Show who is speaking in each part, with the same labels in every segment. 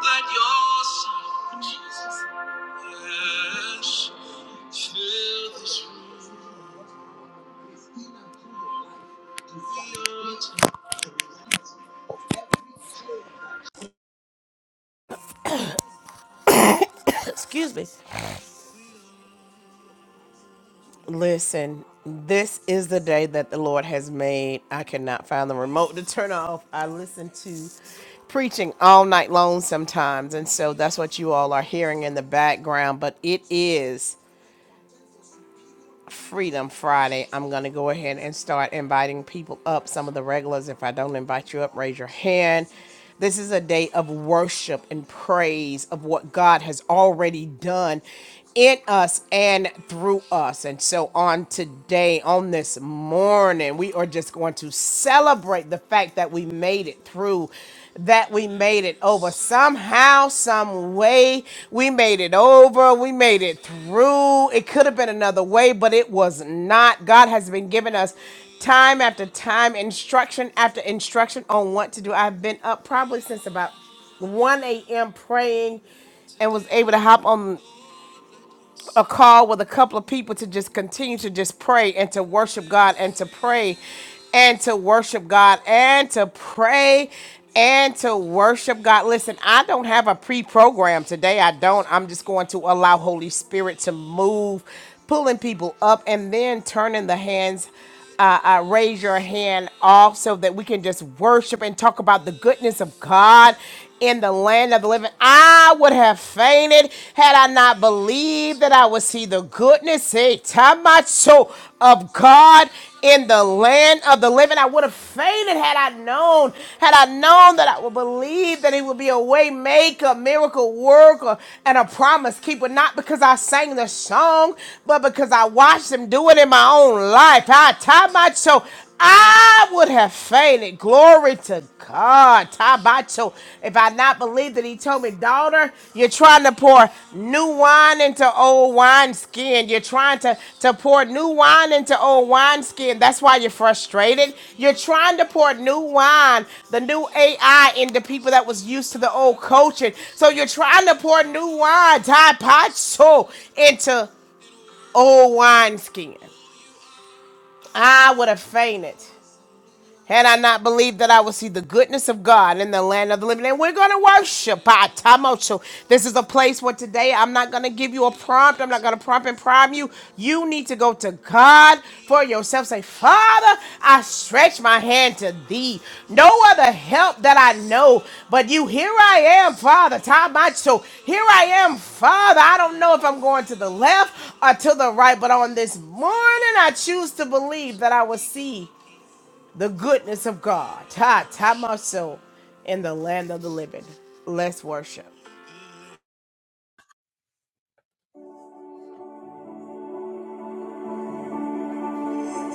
Speaker 1: Let your son, Jesus, yes, fill this room. Excuse me. Listen, this is the day that the Lord has made. I cannot find the remote to turn off. I listen to preaching all night long sometimes, and so that's what you all are hearing in the background. But it is. Freedom Friday, I'm going to go ahead and start inviting people up. Some of the regulars, if I don't invite you up, raise your hand. This is a day of worship and praise of what God has already done in us and through us. And so on today, on this morning, we are just going to celebrate the fact that we made it made it through, that we made it over somehow, some way. We made it over, we made it through. It could have been another way, but it was not. God has been giving us time after time, instruction after instruction on what to do. I've been up probably since about 1 a.m. praying and was able to hop on a call with a couple of people to just continue to just pray and to worship God and to pray and to worship God and to pray and to worship God. Listen, I don't have a pre-program today. I don't. I'm just going to allow Holy Spirit to move, pulling people up and then turning the hands uh, uh, raise your hand off so that we can just worship and talk about the goodness of God in the land of the living. I would have fainted had I not believed that I would see the goodness eh, tamacho, of God in the land of the living. I would have fainted had I known, had I known that I would believe that He would be a way maker, miracle worker, and a promise keeper. Not because I sang the song, but because I watched Him do it in my own life. I tamacho. I would have fainted. Glory to God. Tabacho. If I not believed that he told me, daughter, you're trying to pour new wine into old wineskin. You're trying to, to pour new wine into old wineskin. That's why you're frustrated. You're trying to pour new wine, the new AI into people that was used to the old culture. So you're trying to pour new wine, Tabacho, into old wineskin. I would have fainted. Had I not believed that I would see the goodness of God in the land of the living, and we're going to worship. Atamocho. This is a place where today I'm not going to give you a prompt. I'm not going to prompt and prime you. You need to go to God for yourself. Say, Father, I stretch my hand to thee. No other help that I know but you. Here I am, Father. Tamacho. Here I am, Father. I don't know if I'm going to the left or to the right, but on this morning I choose to believe that I will see the goodness of God. Ta ta my soul in the land of the living. Let's worship.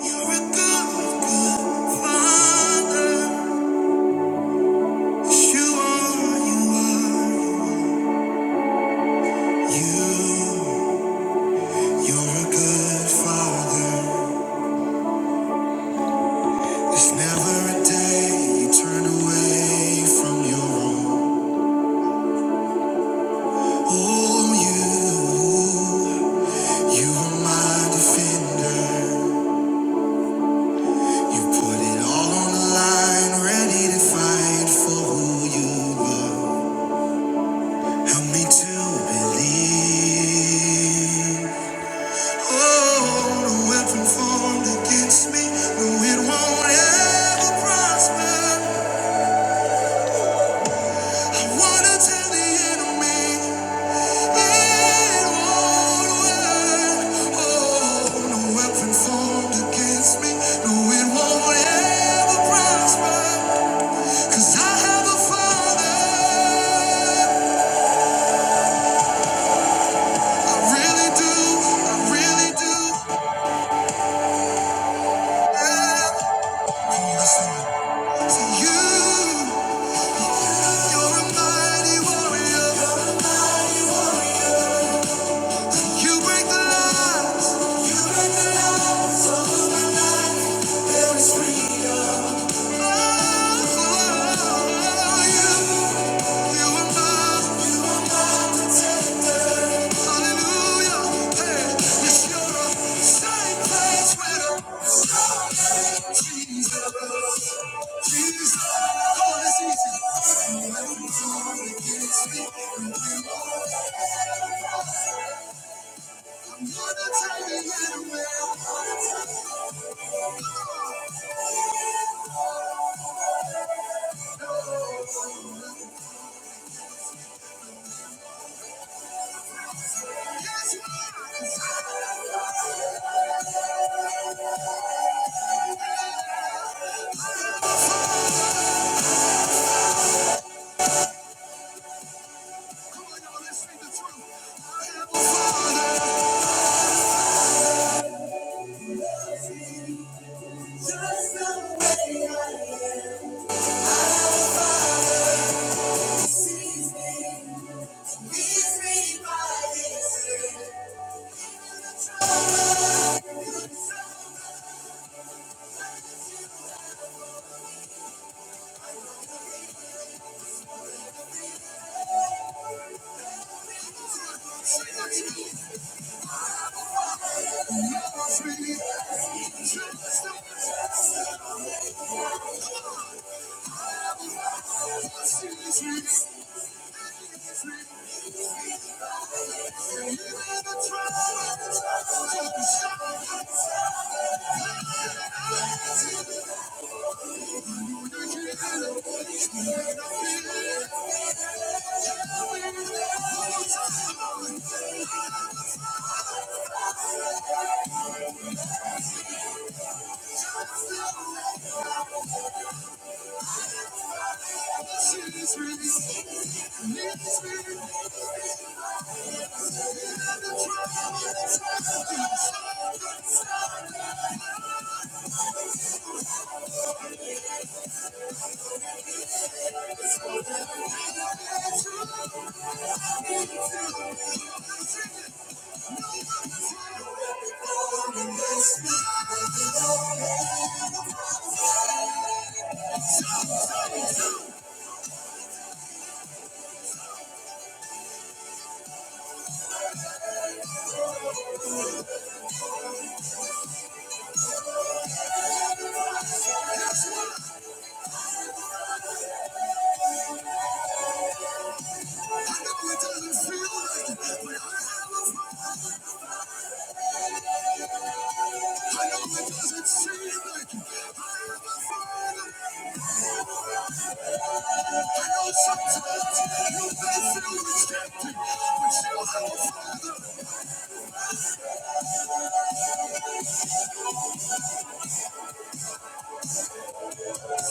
Speaker 2: You're a good, good father. Yes, you you are. You, you're a good father. There's never a day you turn away from your own. Oh, you, you are my defender. You put it all on the line, ready to fight for who you are. Help me to believe. Oh, no weapon formed against me, no, it won't ever prosper. I wanna tell the enemy it won't work. Oh, no weapon formed against me, no, it won't ever prosper. 'Cause I have a father, I really do, I really do. Yeah. I'm listening to you. You're a mighty warrior. You break the lines. Oh, you, you are mine. Hallelujah. Hey, yes, you're a same place Jesus, Jesus, Come on, let's sing the I am a father. Jesus,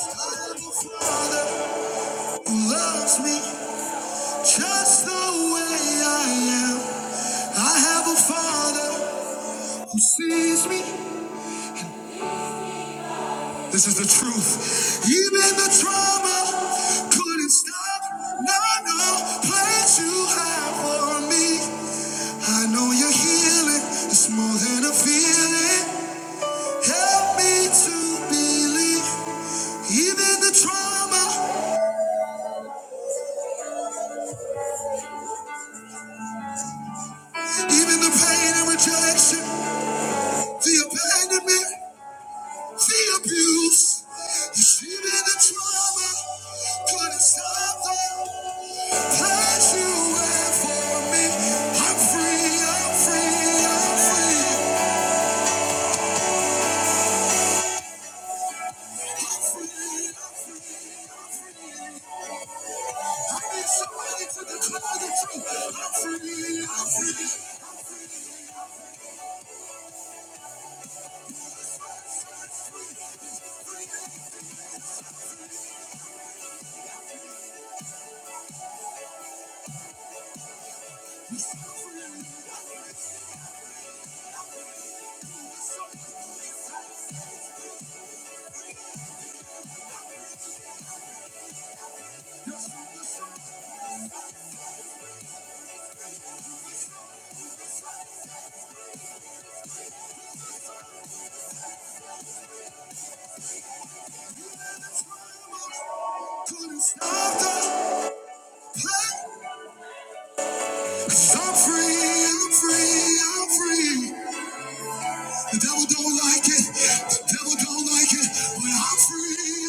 Speaker 2: I am a father who loves me. Just the way I am. I have a father who sees me. This is the truth. Even the trauma couldn't stop. No, no place you have for me. I know you're healing. It's more than a feeling. Help me to believe. Even the trauma, even the pain and rejection, the abandonment. See abuse, you see it in the trauma, couldn't stop the passion you have for me. I'm free, I'm free, I'm free. I am free. I need somebody to declare the truth. I'm free, I'm free. Couldn't stop the pain. 'Cause I'm free, I'm free, I'm free. The devil don't like it, the devil don't like it, but I'm free.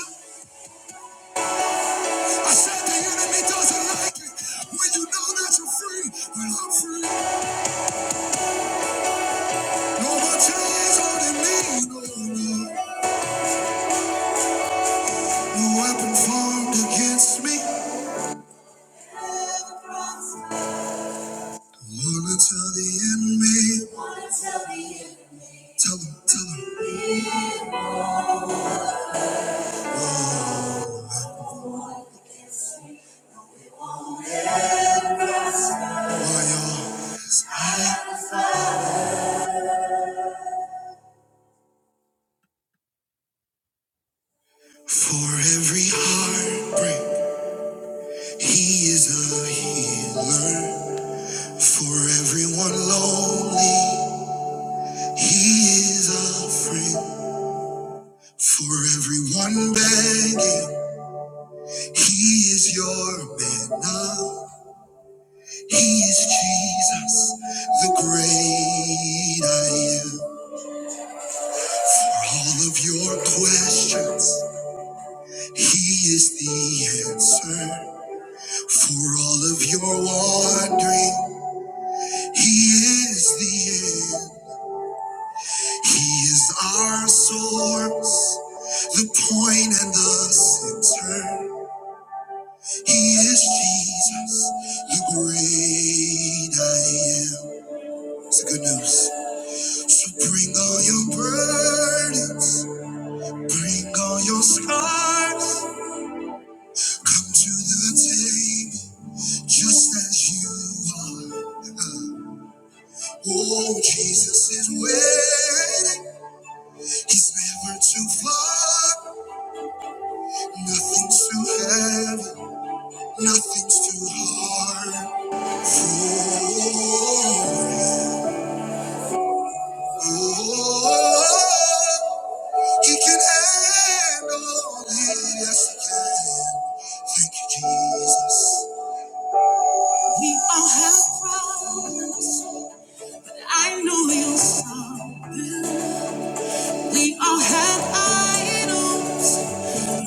Speaker 2: I said the enemy doesn't like it when you know that you're free, but I'm free. No more chains holding me, no, no, no weapon formed against me. Wanna tell the enemy, tell him, tell him why y'all. For every heartbreak, he is a healer. For everyone lonely, he is a friend. For everyone begging. He is your man now. He is Jesus, the great I am. For all of your questions, He is the answer. For all of your wandering, He is the end. He is our source, the point and the center. He is Jesus, the great I am. It's the good news. So bring all your burdens, bring all your scars, come to the table just as you are. Oh, Jesus is waiting, he's never too far. Nothing's too heavy, nothing's too hard. Oh, oh, oh, oh, oh. He can handle it. Yes, he can. Thank you, Jesus. We all have problems. I know you'll solve. We all have idols.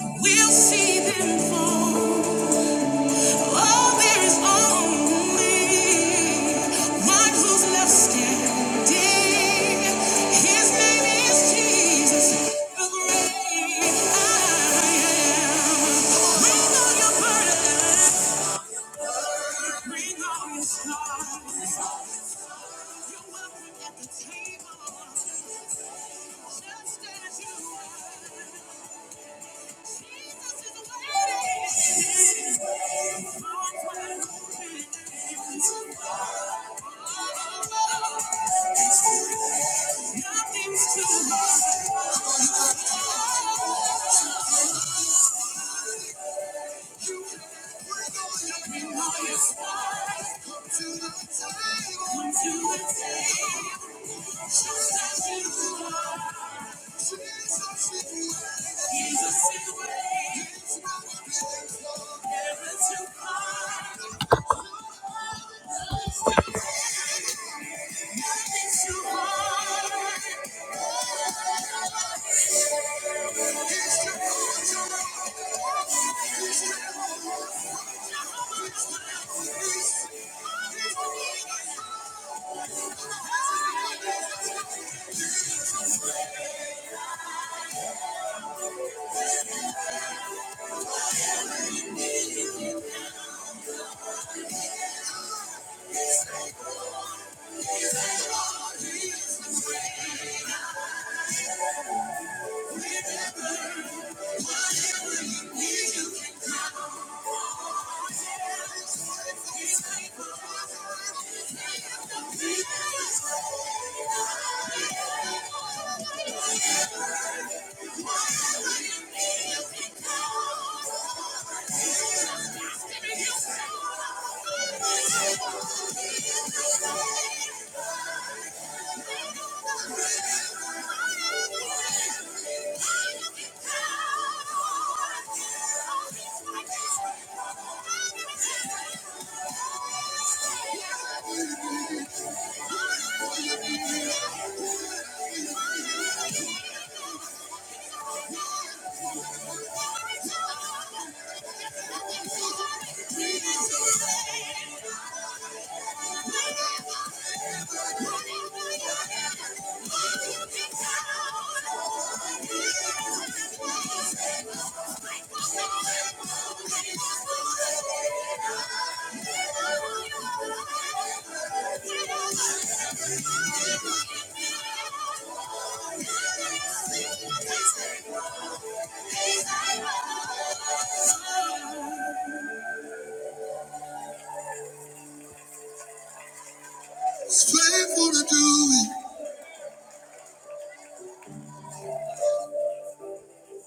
Speaker 2: We'll see them fall. Oh, there is only one who's left standing. His name is Jesus, the great I am. Bring all your burdens, bring all your scars. You're welcome at the table, just as you are. It's faithful to do it.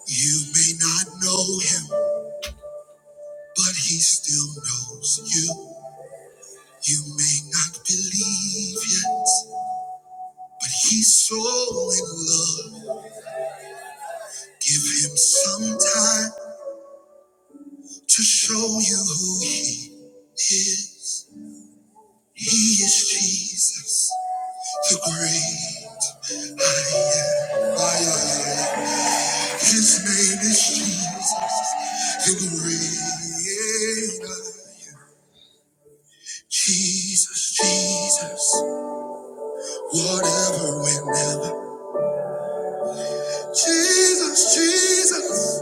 Speaker 2: You may not know him, but he still knows you. You may not believe yet, but he's so in love. Give him some time to show you who he is. He is Jesus. The great I am. I am. His name is Jesus. The great I am. Jesus, Jesus, whatever, whenever. Jesus, Jesus,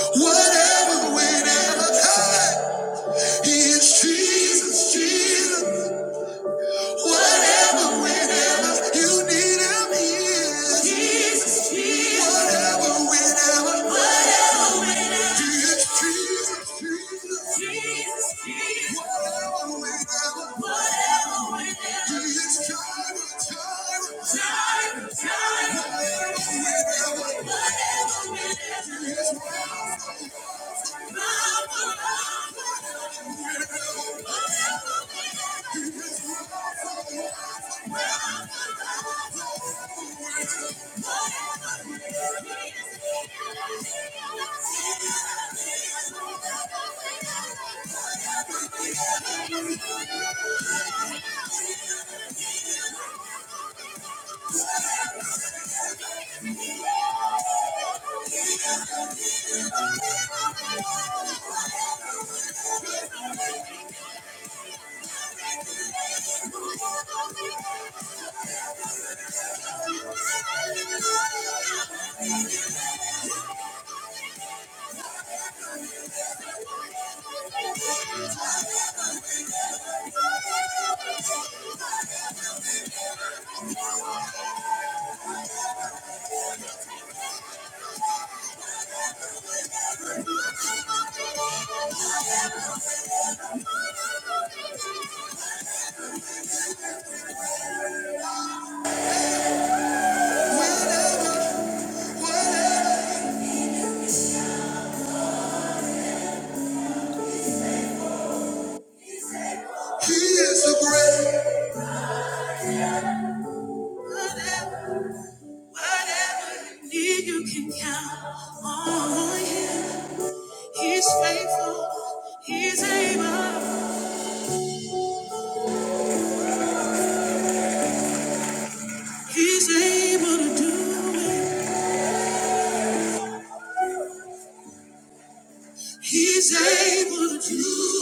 Speaker 2: whatever, whenever. Hey, he is Jesus, Jesus, whatever, whenever. You need him, he is. Jesus, Jesus, whatever, whenever. He is the great. Whatever, you need, you can count on him. He's faithful. He's able. He's able to do it. He's able to do.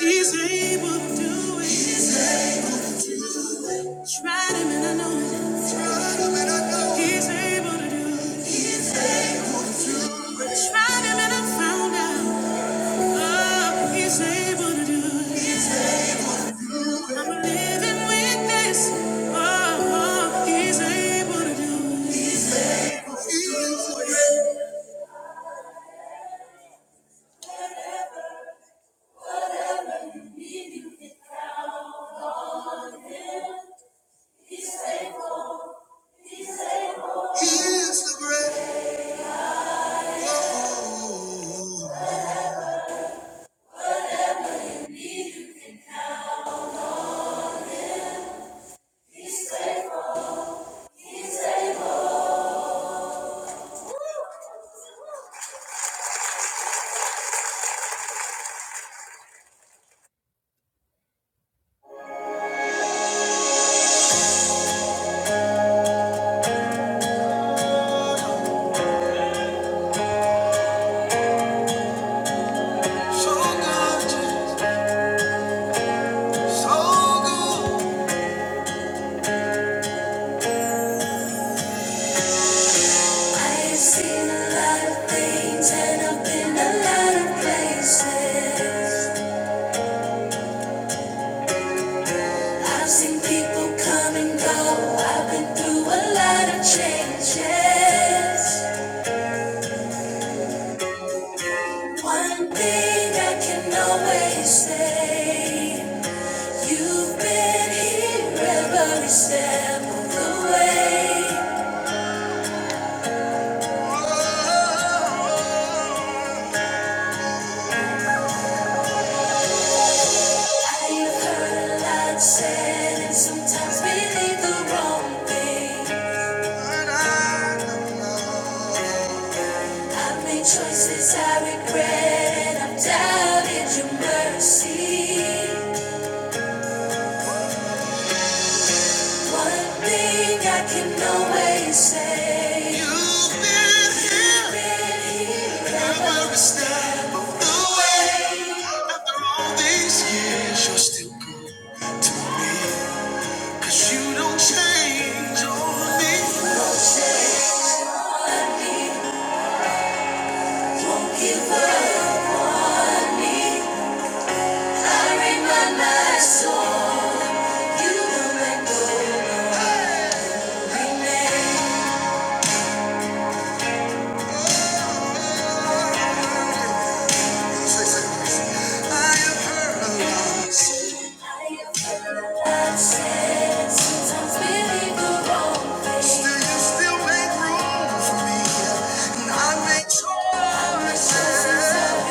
Speaker 2: He's able to do it. Tried him and I know it. Tried him and I know it. He's able to do it. Tried him and I found out. Oh, he's able to do it. I'm a living witness. Oh, oh, he's able to do it. He is the great. He is the great. Oh. I have seen a lot of things and I've been a lot of places. I've seen people come and go. I've been through a lot of changes. One thing I can always say, you've been here every step of the way. I've heard a lot said and sometimes believe the wrong thing. I've made choices I regret and I've doubted your mercy. One thing I can always say. You have been every step of the way. After all these years, you're still good to me. 'Cause you don't change on me. Won't give up. I remind my soul you will let go remain. I have heard a lot. Do you still make room for me? And I make choices I did.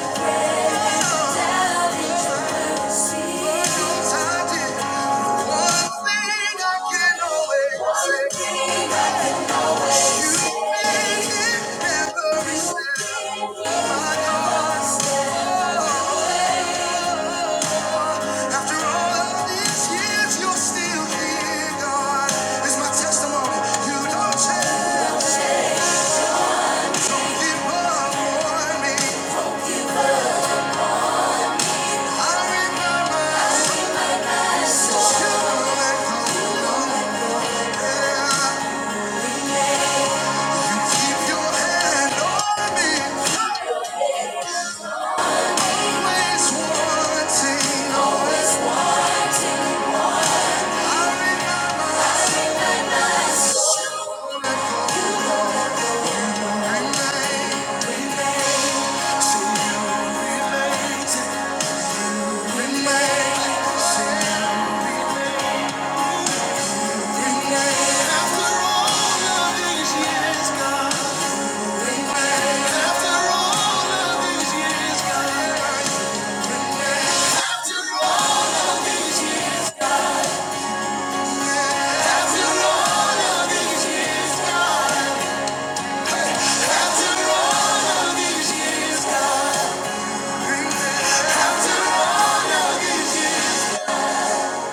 Speaker 2: One thing I keep thinking every step I go. After all of these years, you're still here, God. It's my testimony. You don't change. It won't warn me. I remember you let No Yeah.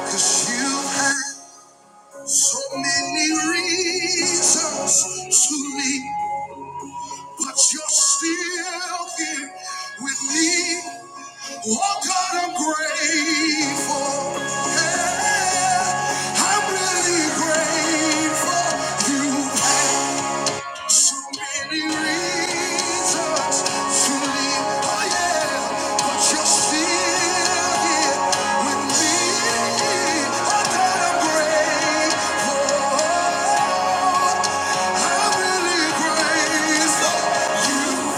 Speaker 2: Cause you had so many reasons to leave. But you're still here with me. Oh God, I'm grateful. Yeah, I'm really grateful. You have so many reasons to leave. Oh yeah, but you're still here with me. Oh God, I'm grateful. I'm really grateful. You.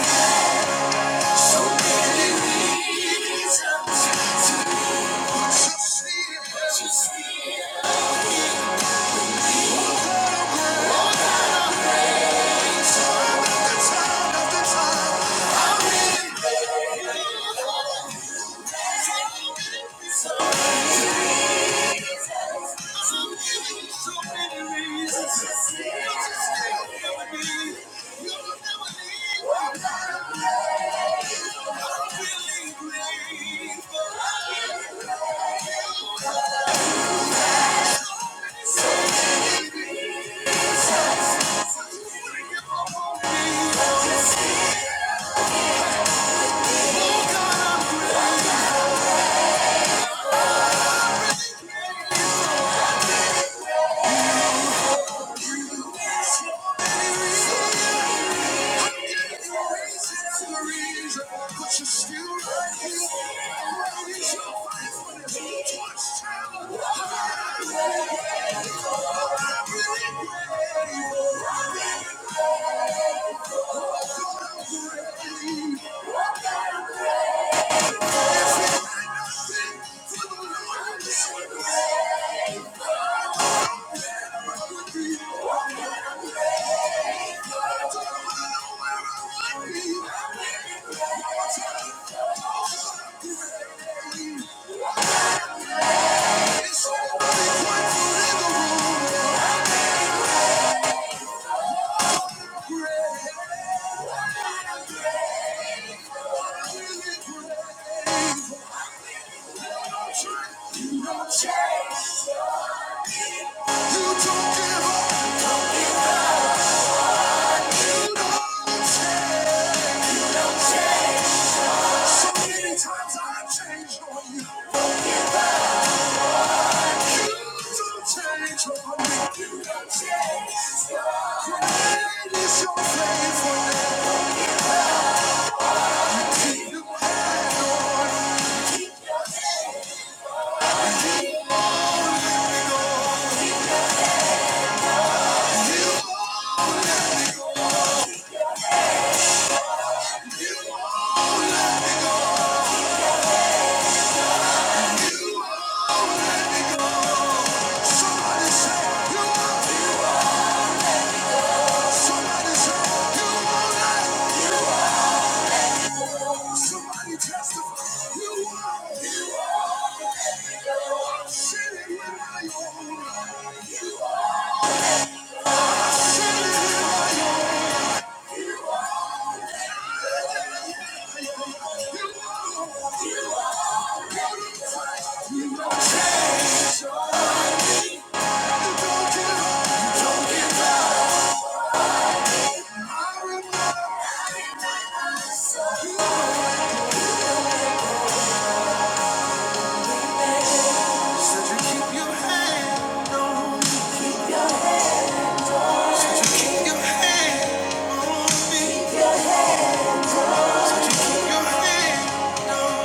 Speaker 2: So many reasons to steal. The time after time, reason after reason, but you still right here. It's only grateful in the room. You don't change. So many times I changed on you. You don't change on me. You don't change. Great is your faithfulness. You keep Keep your hand on me. Keep your hand on me.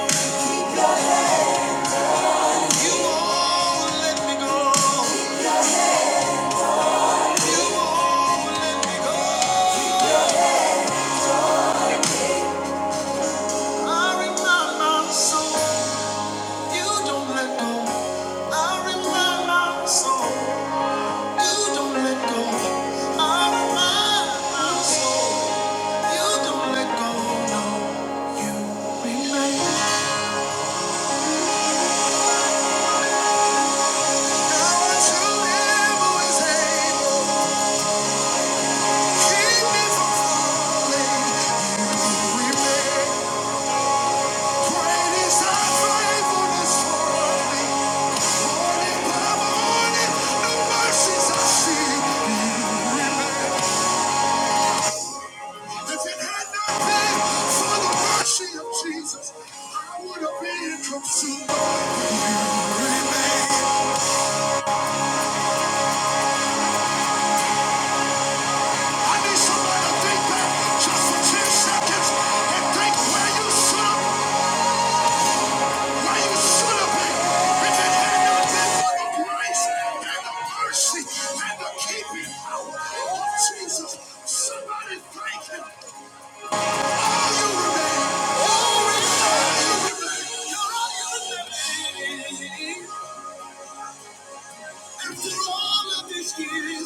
Speaker 2: You won't let me go. You won't let me go. I remind my soul, you don't let go. I remind my soul, you don't let go. I remind my soul, you don't let go. No, you remain. Now that you live always able, keep me falling. You remain. Great is thy faithfulness toward Morning by morning, new mercies I see. If it had not been for the mercy of Jesus, I would have been consumed. You remain. I need somebody to think back just for 10 seconds and think where you should have been. Why you should have been if it had not been for the grace and the mercy and the keeping power Jesus. Somebody thank him. All you remain, all you remain, all you remain. After all of these years,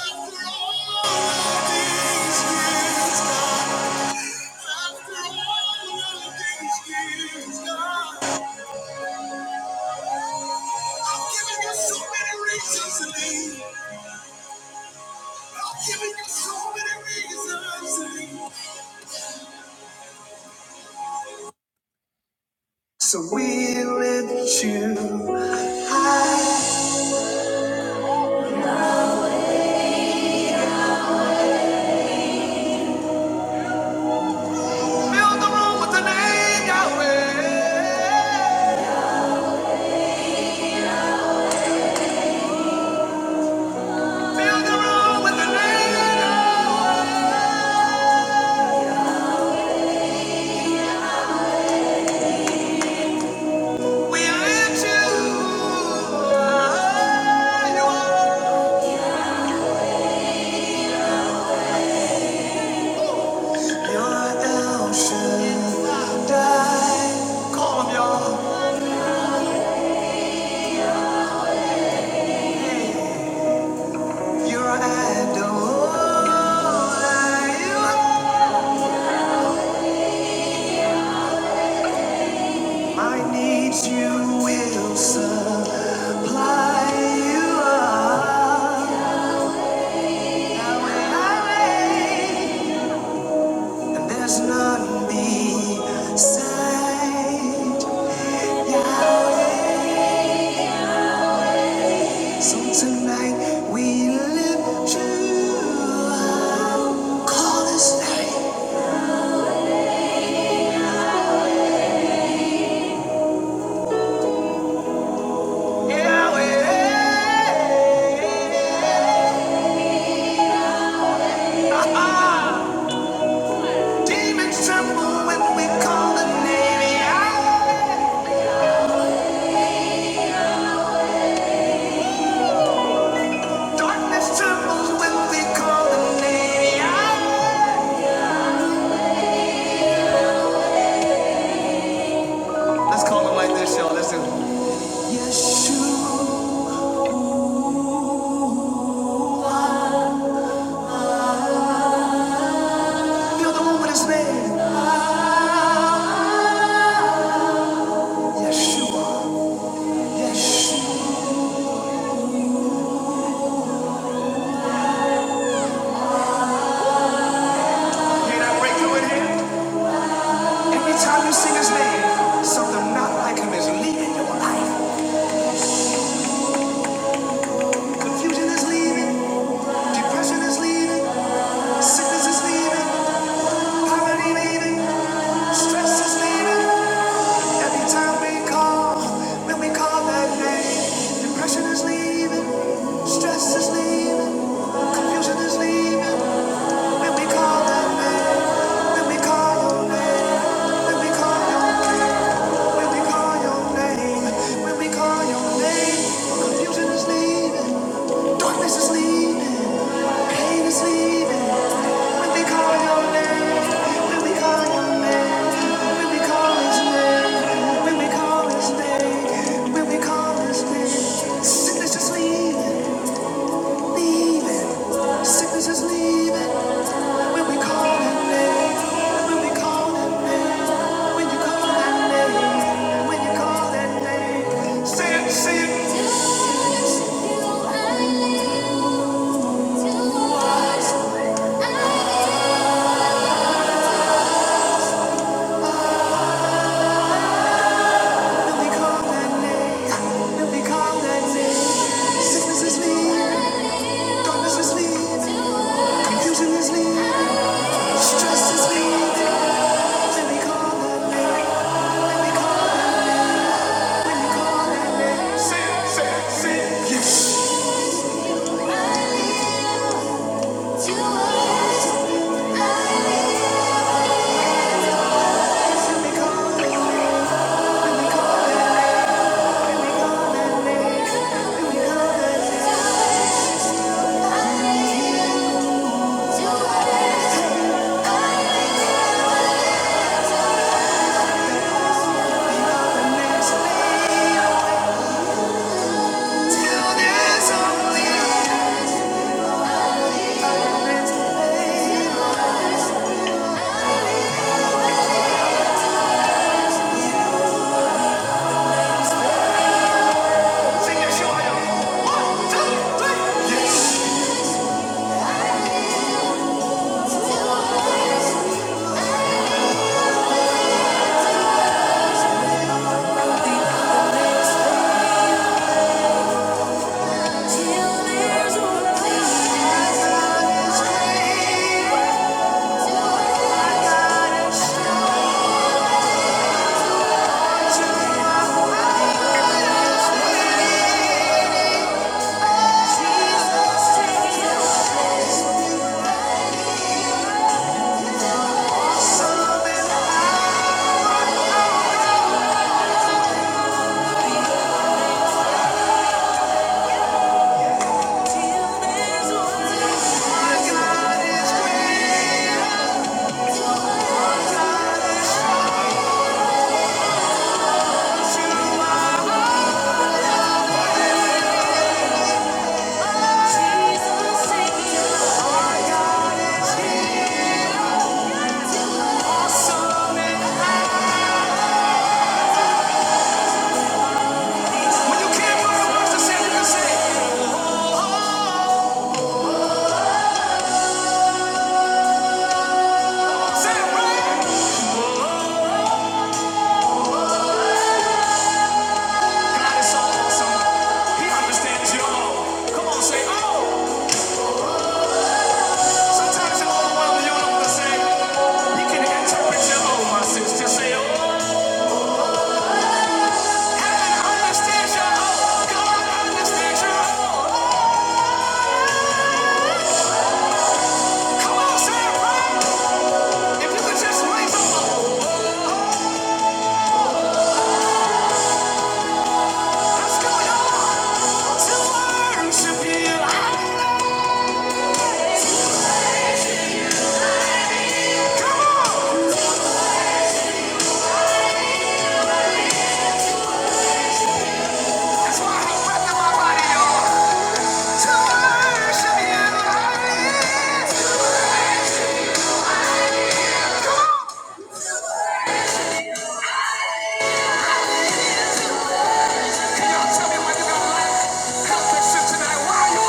Speaker 2: after all of these years, I've given you so many, I've given you so many reasons. So we lift you. You will supply you are. there's none beside. Tonight we live. Let's call him like this, y'all. Listen. Yeshua. Feel the room with his name. Yeshua. Yeshua. Can I break through in here? Every time you sing his name, something not like him is leaving your life. Confusion is leaving. Depression is leaving. Sickness is leaving. Poverty leaving. Stress is leaving. Every time we call, when we call that name, depression is leaving, stress is leaving, confusion is leaving. When we call that name, when we call your name, when we call your king, when we call your name, when we call your name, confusion is leaving, darkness is leaving, pain is leaving. When we call your name, when we call your name, when we call his name, when we call his name, when we call his name, sickness is leaving, leaving, sickness is leaving. When we call his name, when we call his name, when you call that name, when you call that name, say it, say it. When we call that name, when we call that name, sickness is leaving, darkness is leaving, confusion is leaving. When you can you say it right. God is so awesome. He understands you all. Come on, say, oh. Sometimes you're all alone. You don't know what can interpret your own, my sis. say, oh. Heaven understands your own. God understands your own. Come on, say it right. If you could just raise up, what's going on? To worship you. Come on. That's why I have breath my body, y'all. To worship you. I am. Y'all listen tonight. Why you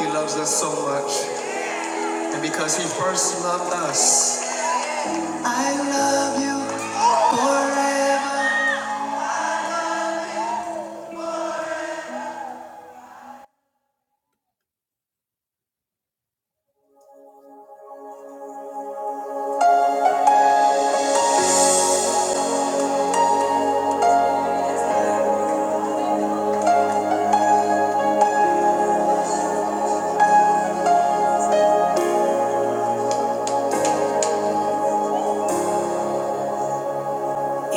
Speaker 2: He loves us so much, and because he first loved us, I love you.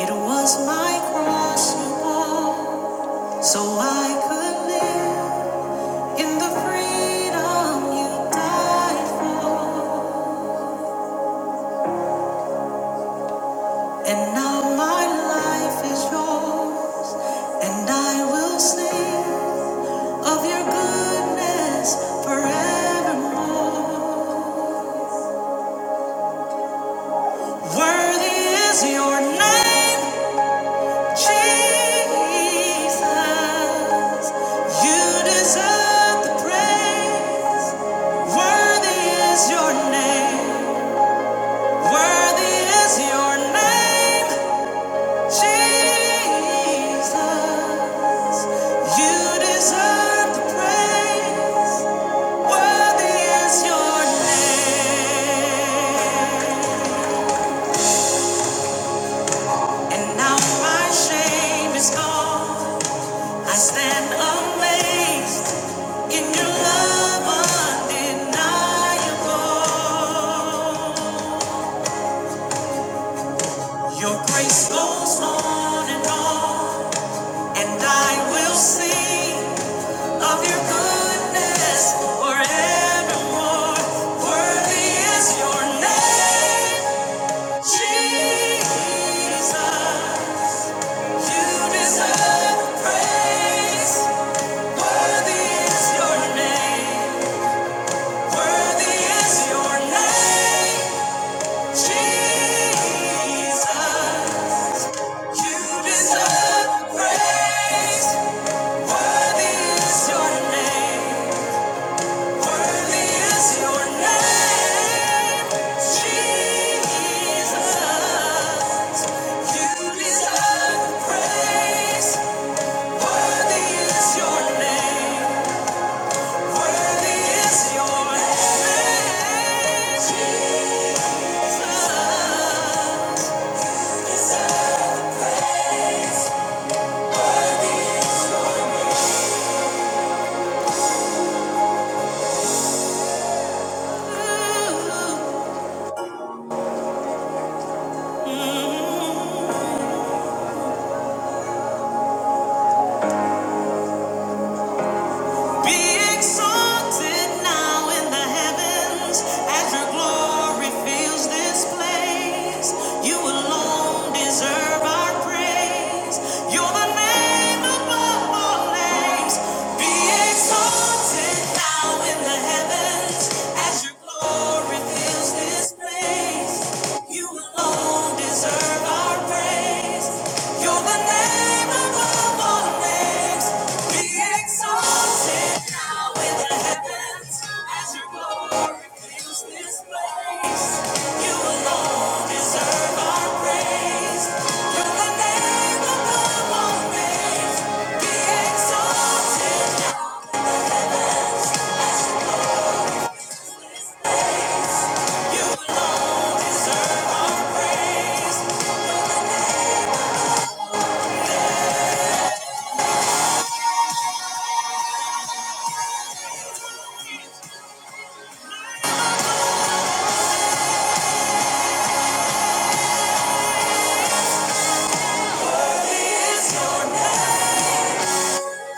Speaker 2: It was my cross you bore, so I could live. In the freedom you died for, and now my life is yours, and I will sing of your goodness forevermore. Worthy is your name, Jesus. You deserve the praise. Worthy is your name. Worthy is your name. Jesus, you deserve the praise. Worthy is your name. And now my shame is gone. I stand amazed in your love undeniable. Your grace goes on and on, and I will sing. Of your goodness forevermore, worthy is your name, Jesus. You deserve praise. Worthy is your name. Worthy is your name, Jesus. You deserve praise. Worthy is your name. Thank you Be exalted now in the heavens as your glory fills this place. You alone deserve our praise. You're the name above all names. Be exalted now in the heavens as your glory fills this place. You alone you alone deserve our praise.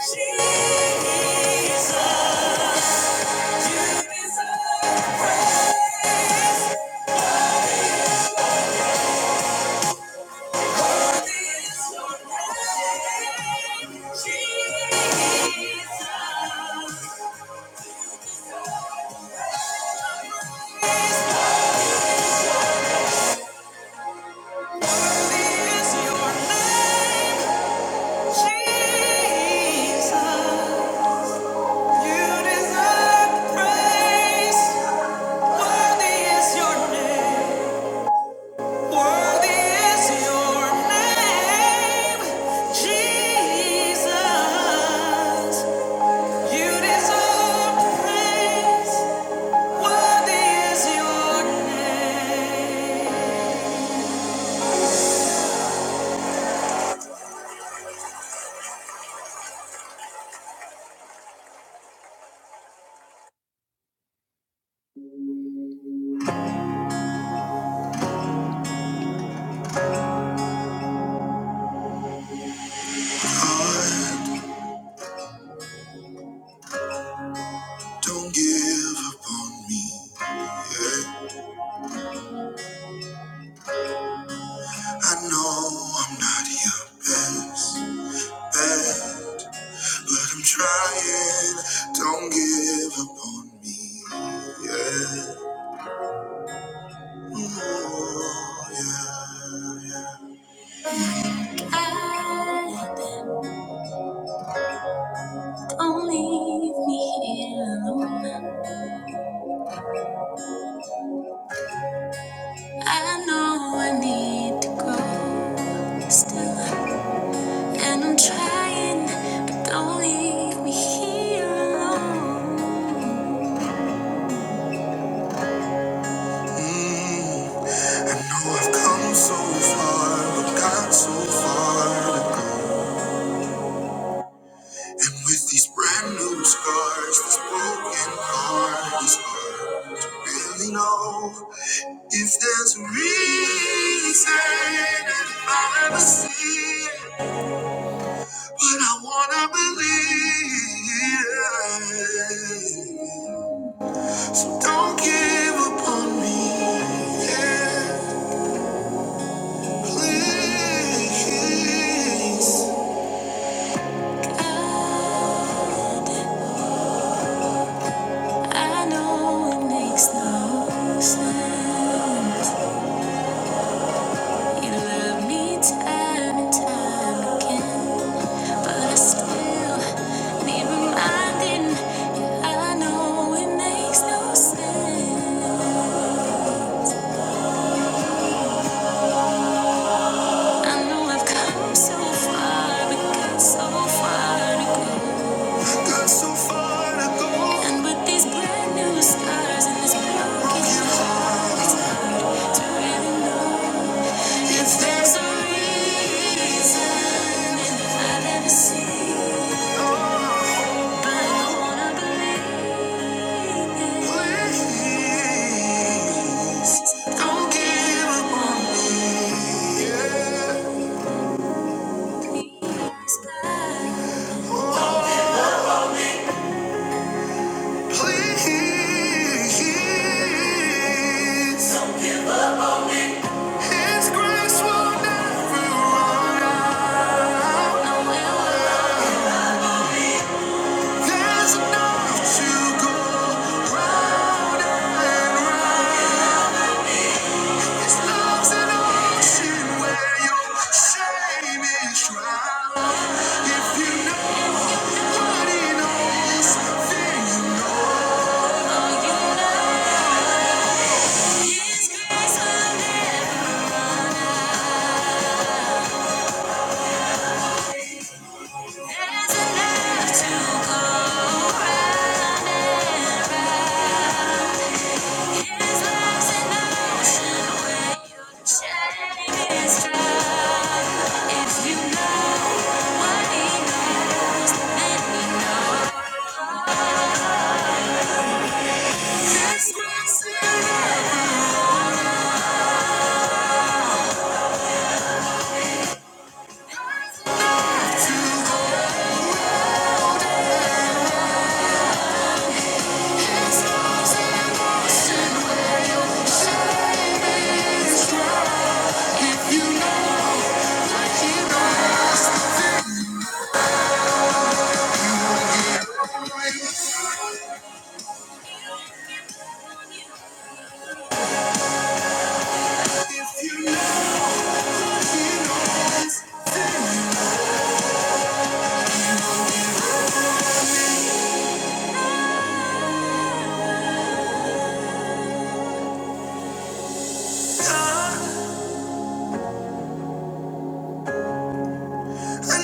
Speaker 2: Jesus. You deserve praise. Worthy is your name. don't give up on me. I know I'm not your best, best, but I'm trying. Don't give up on me. Yeah. Oh, yeah, yeah. Don't leave me here alone. I know I need to go. grow. And I'm trying, but don't leave me here alone. Mm, I know I've come so far, but got so far to go. And with these brand new scars, this broken heart is hard to really know if there's a reason, if I ever see it. But I wanna believe. Don't give up on me, yeah, please. I know it makes no sense. You love me time and time again, but I still need reminding. I know it makes no sense. I know I've come so far, but got so far so And with these brand new scars and this broken heart, it's hard to really know if there's a reason I've ever But I wanna believe in Please, there's a way your shame is drowned. If you nobody knows, then you know. Oh, you know. I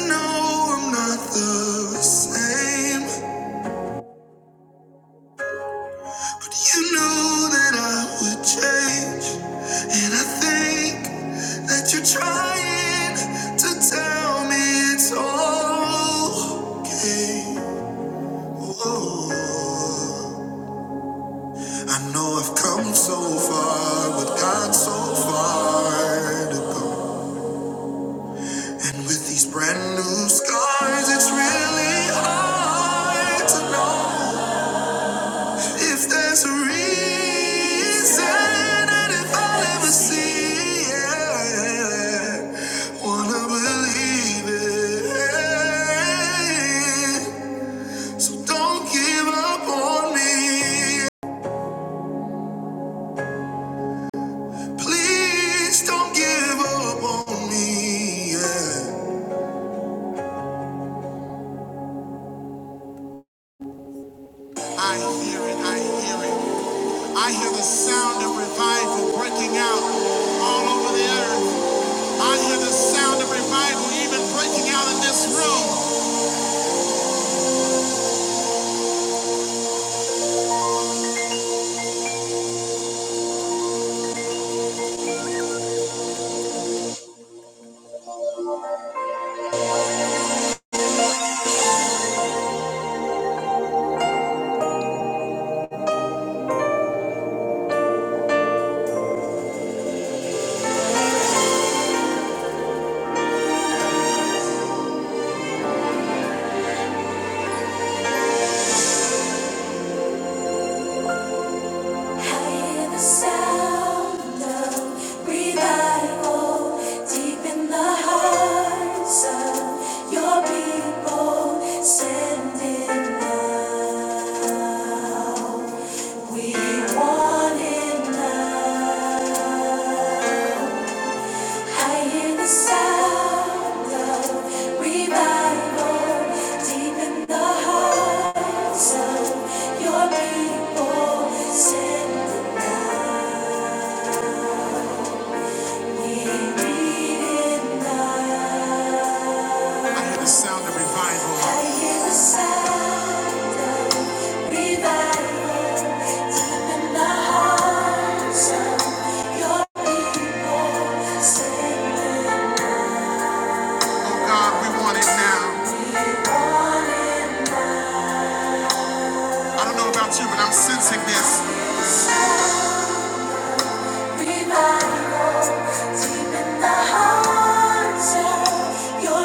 Speaker 2: know I'm not the same. You knew that I would change, and I think that you're trying to tell me it's all okay. Whoa. I know I've come so far, but got so far to go. And with these brand new scars, it's really hard to know. If there's a reason, and if I'll ever see it, wanna believe it. So don't give up on me. Please don't give up on me. yeah. I hear it, I hear it. I hear the sound of revival breaking out all Your people send it now. I hear the sound of revival deep in the hearts of the saints. Wanting revival deep in the hearts of your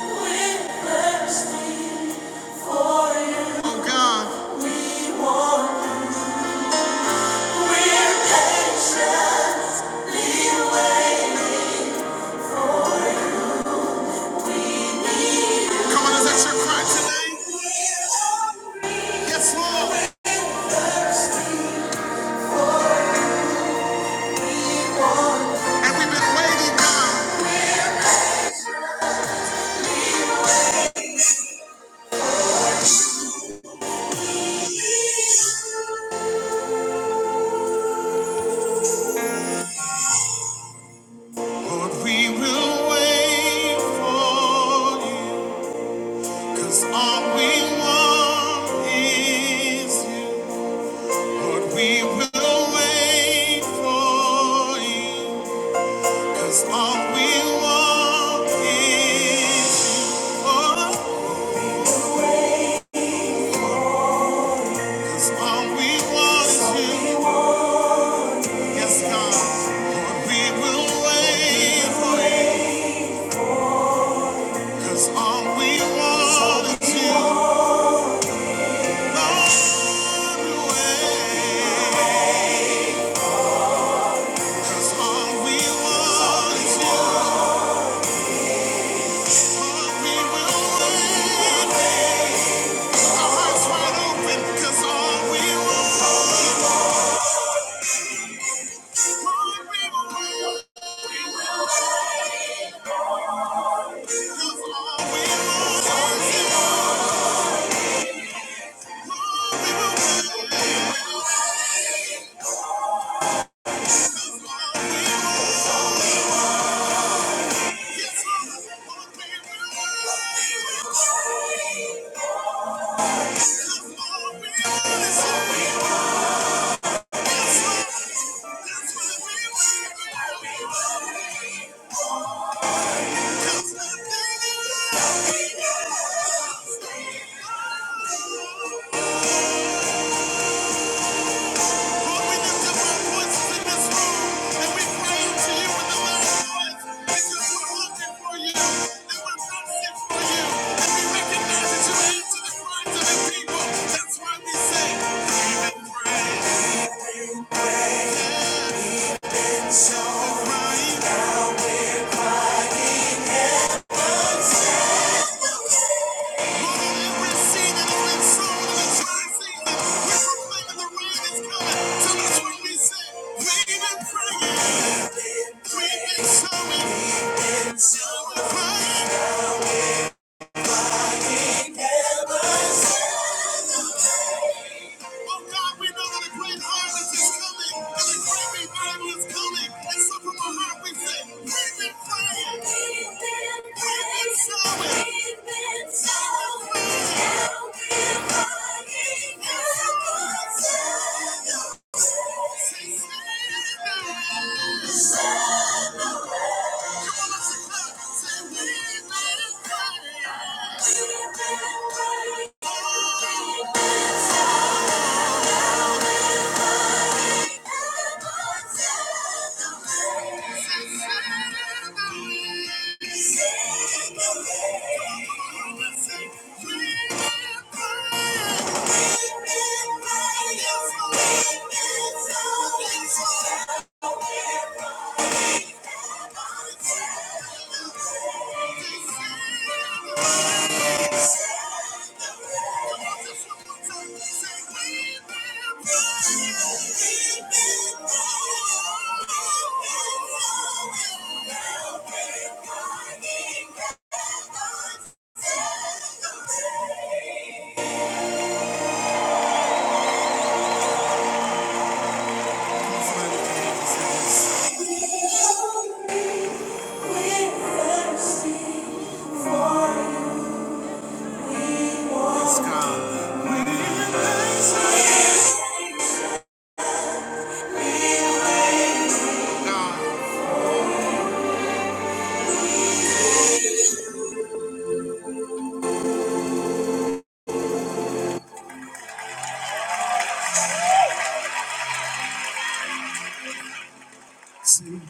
Speaker 2: We're We will, that's all- but we will wait for. That's all we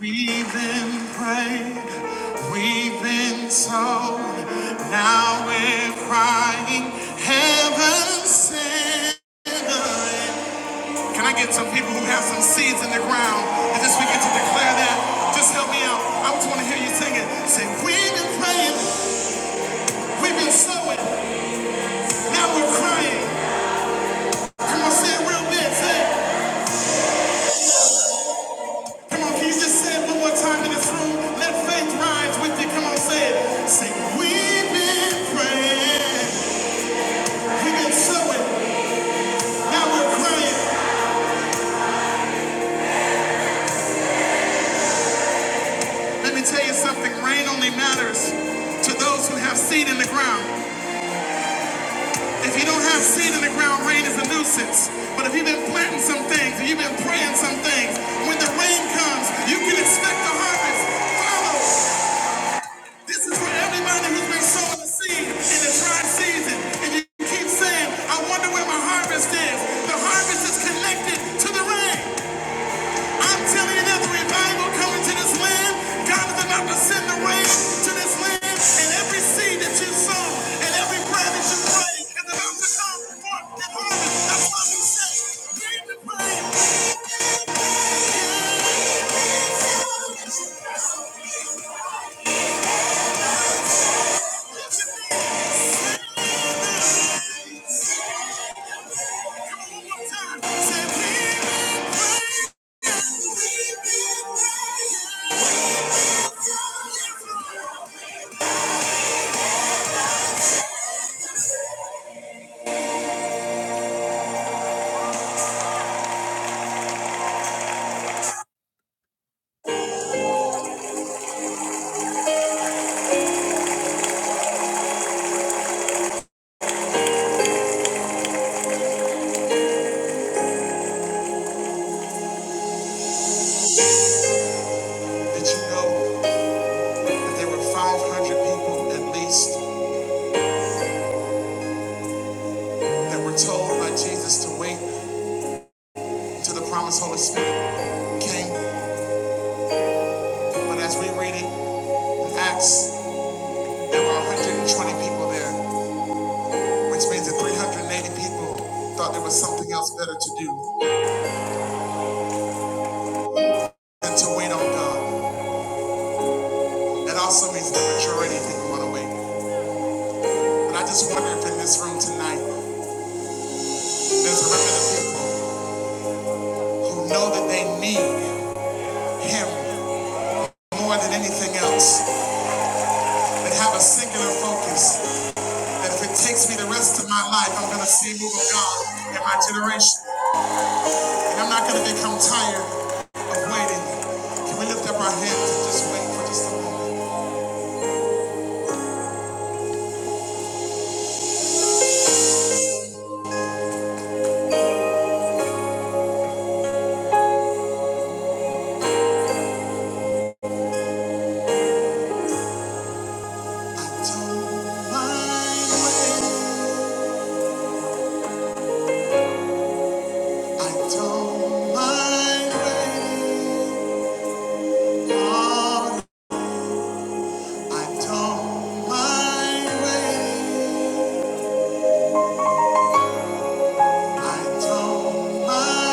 Speaker 2: We've been prayed, we've been told, now we're crying, heaven sent. Can I get some people who have some seeds in the ground and just begin to declare that? Just help me out. I just want to hear you sing it. Say, we've been praying, we've been sowing, now we're crying. Come on, say it real big, say Come on, can just say one more time in this room? Let faith rise with you. Come on, say it. Say, we've been praying. We've been sowing. Now we're crying. Let me tell you something. Rain only matters to those who have seed in the ground. If you don't have seed in the ground, rain is a nuisance. But if you've been planting some things, if you've been praying some things, when the rain comes, you can expect the harvest. Follow. This is for everybody who's been sowing the seed in the dry season. And you keep saying, I wonder where my harvest is. The harvest is connected to the rain. I'm telling you, there's a revival coming to this land. God is about to send the rain to this land. And every seed that you sow and every prayer that you pray is about to come forth in harvest. That's why we say, "Bring the rain." Did you know that there were 500 people at least that were told by Jesus to wait to the promised Holy Spirit came. But as we read it in Acts, there were 120 people there, which means that 380 people thought there was something else better to do than to wait on God. That also means the majority didn't want to wait. But I just wonder if in this room tonight, there's a remnant of people who know that they need Him more than anything else, that have a singular focus, that if it takes me the rest of my life, I'm going to see a move of God in my generation. And I'm not going to become tired waiting. Can we lift up our hands and just wait for just a moment? Don't mind waiting. I don't mind waiting. Don't mind, Don't mind.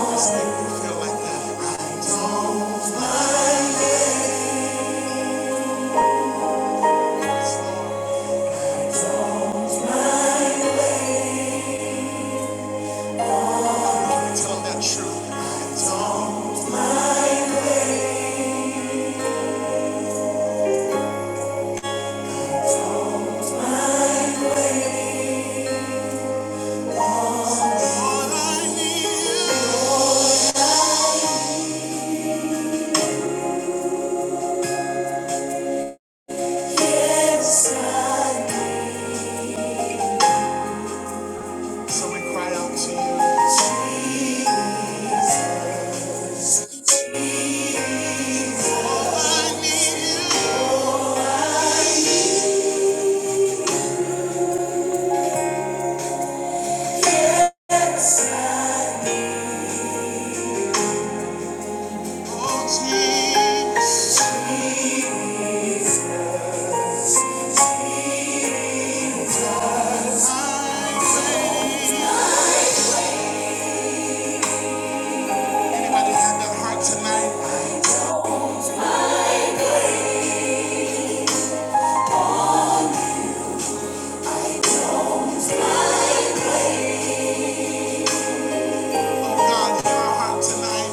Speaker 2: Just make me feel like that. Tell 'em that truth. Anybody have that heart tonight? Oh God, hear our heart tonight.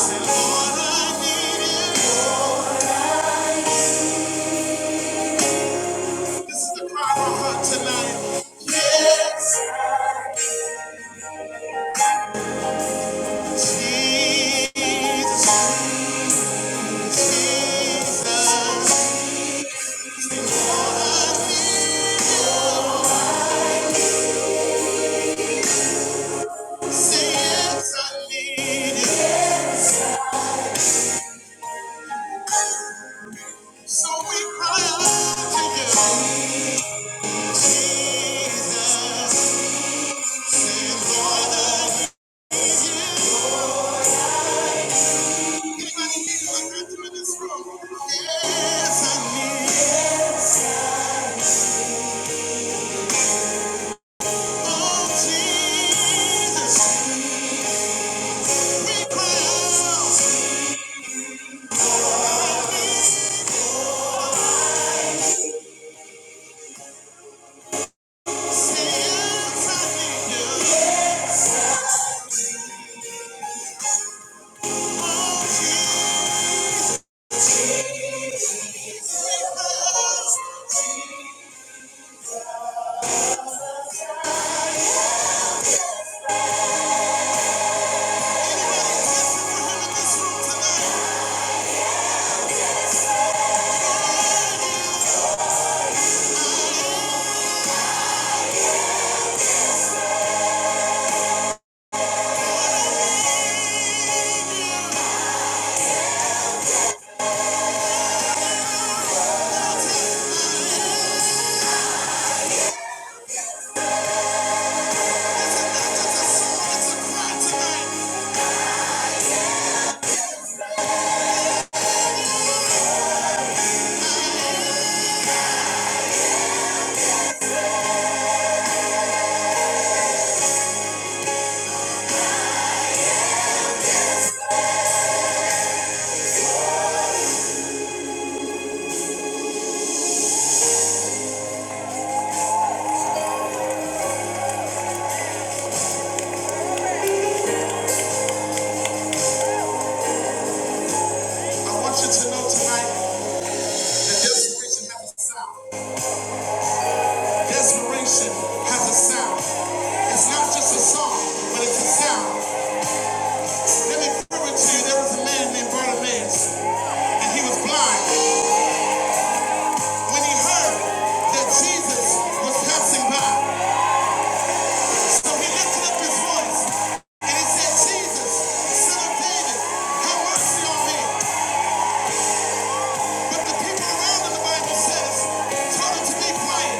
Speaker 2: Say, Lord, I need you. This is the cry of our heart tonight. Jesus, Jesus, yes. I want you to know tonight. desperation has a sound. Desperation has a sound. It's not just a song, but it's a sound. Let me prove it to you. There was a man named Bartimaeus, and he was blind. When he heard that Jesus was passing by, so he lifted up his voice and he said, Jesus, son of David, have mercy on me. But the people around him, the Bible says, told him to be quiet.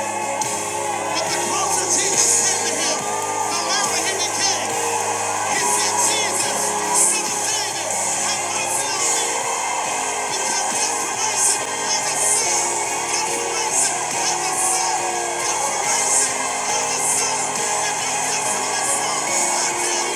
Speaker 2: you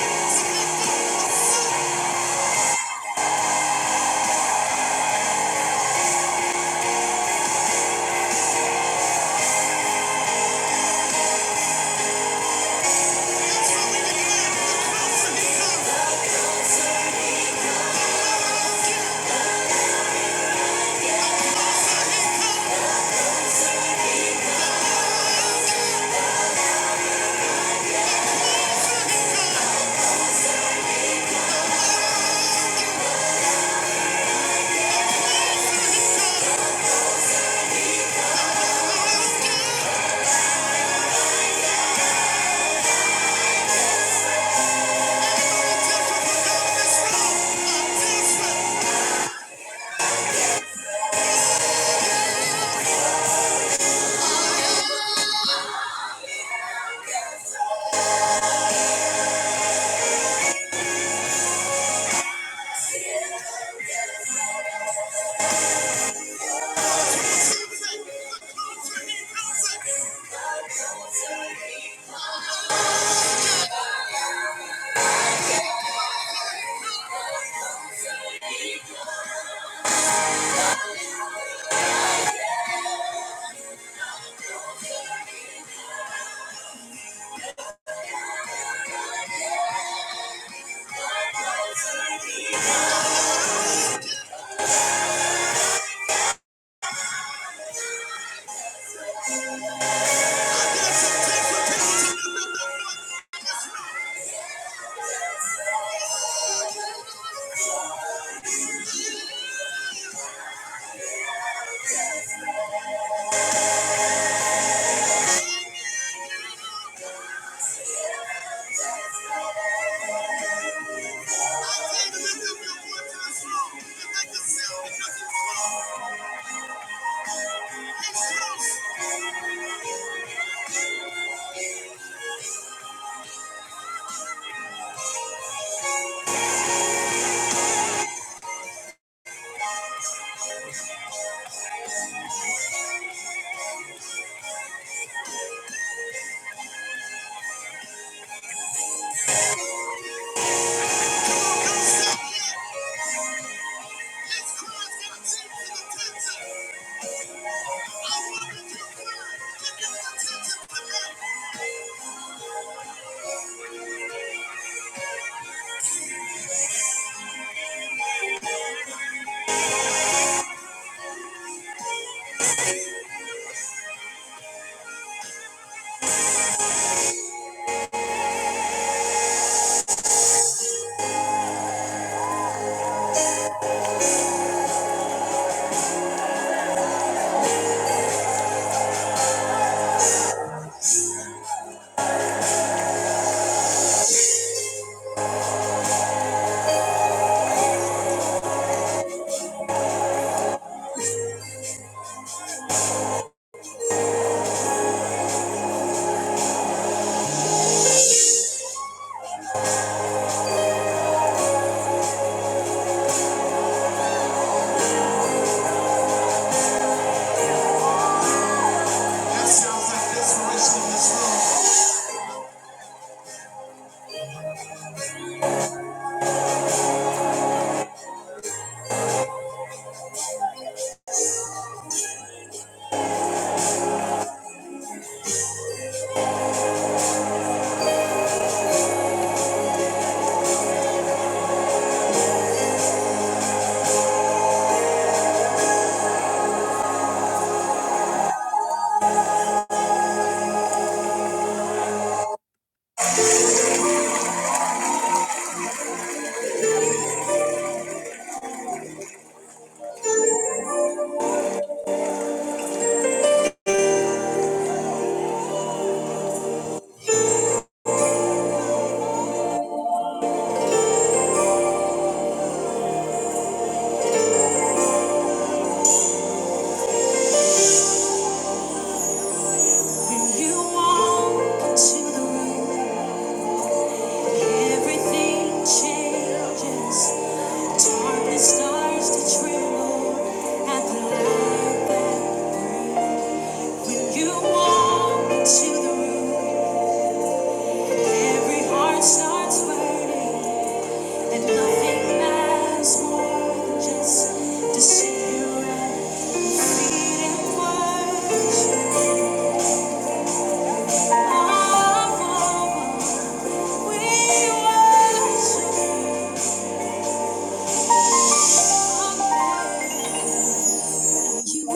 Speaker 2: like When you walk into the room, everything changes. Taught the to tremble at the light that when you walk into the room, every heart starts waiting, and nothing matters more than just to sit here at feet and worship. Oh, we worship. You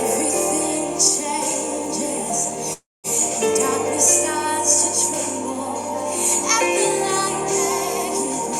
Speaker 2: everything changes. Darkness starts to tremble at the light that you-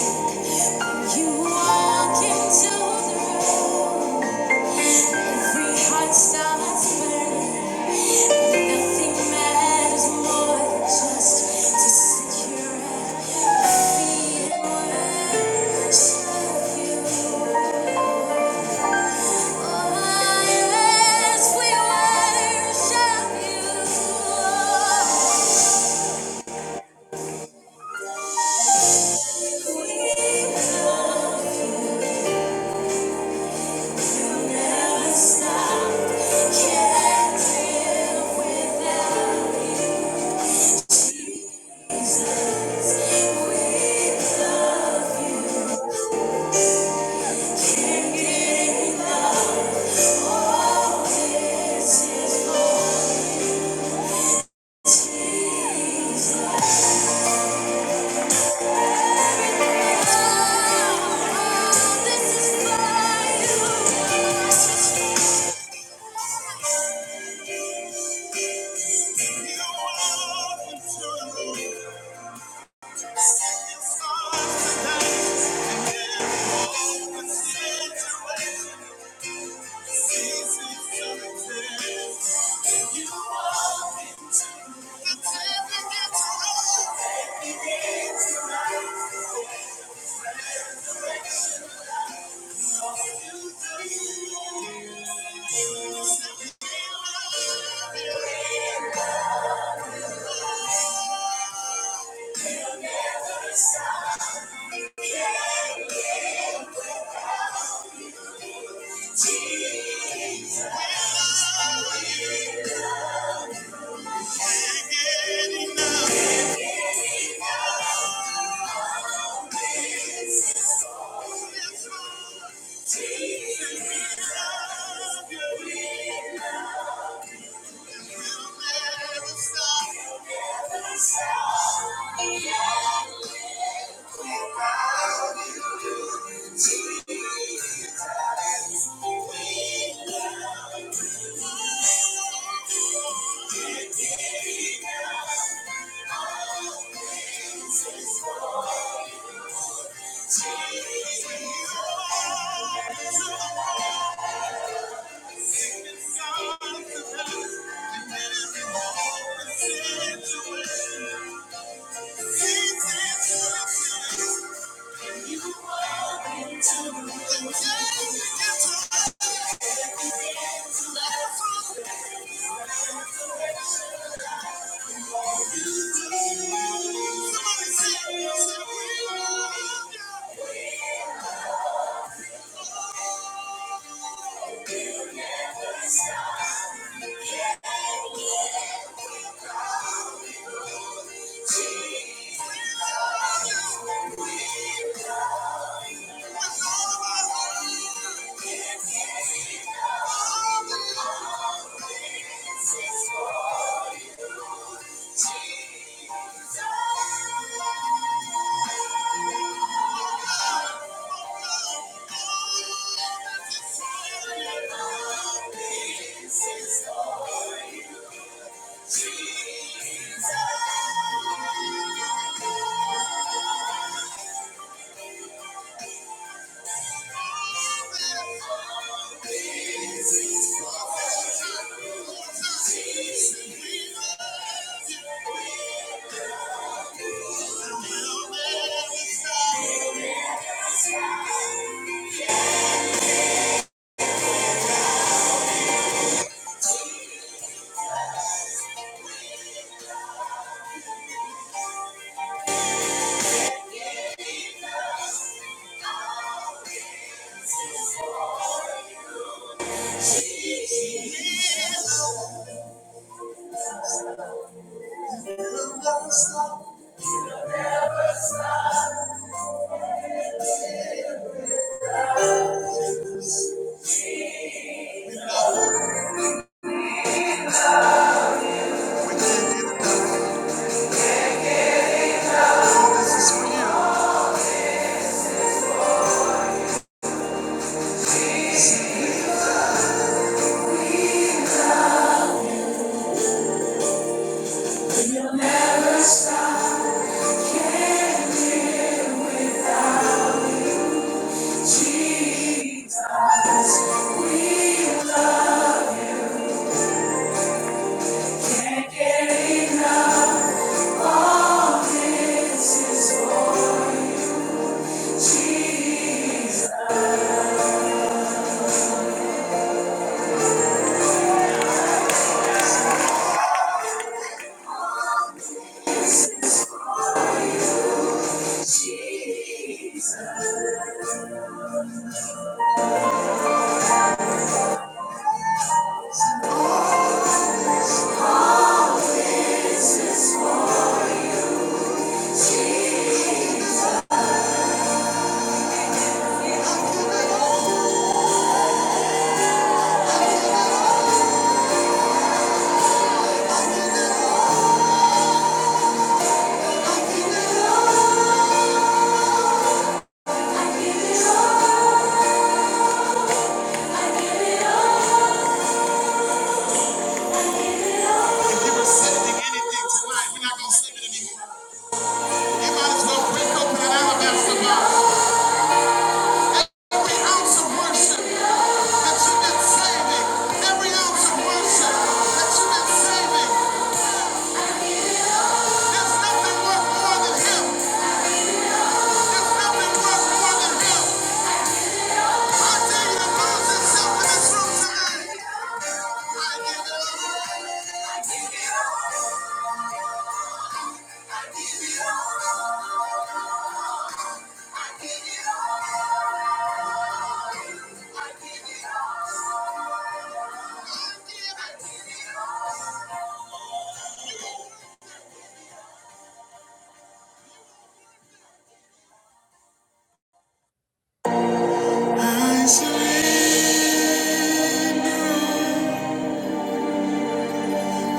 Speaker 2: I surrender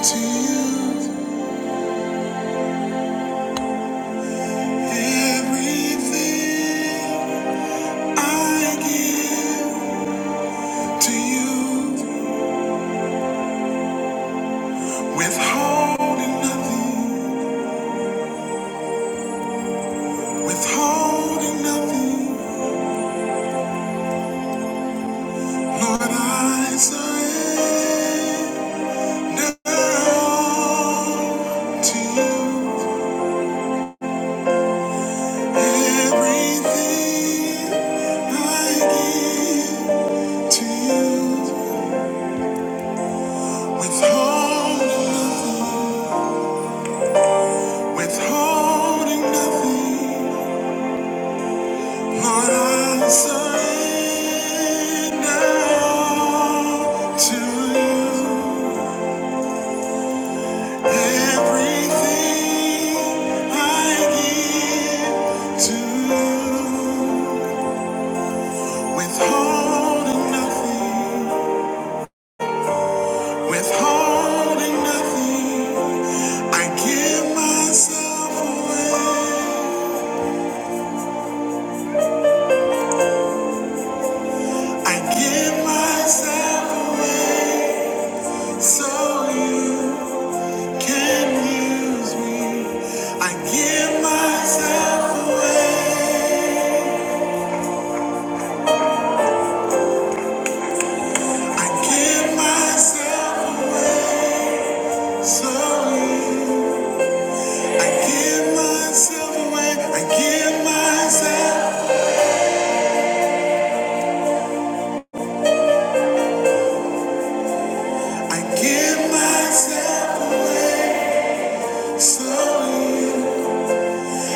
Speaker 2: to you everything I give to you, withholding nothing. Withholding nothing, Lord, I surrender all to you. Everything I give to you. Withholding, withholding nothing, Lord, I surrender all to you. Everything I give to withholding nothing, withholding nothing. I give myself away, I give myself away so you can use me. I give myself away, I give myself away so you give myself away. I give myself. I give myself away. Slowly,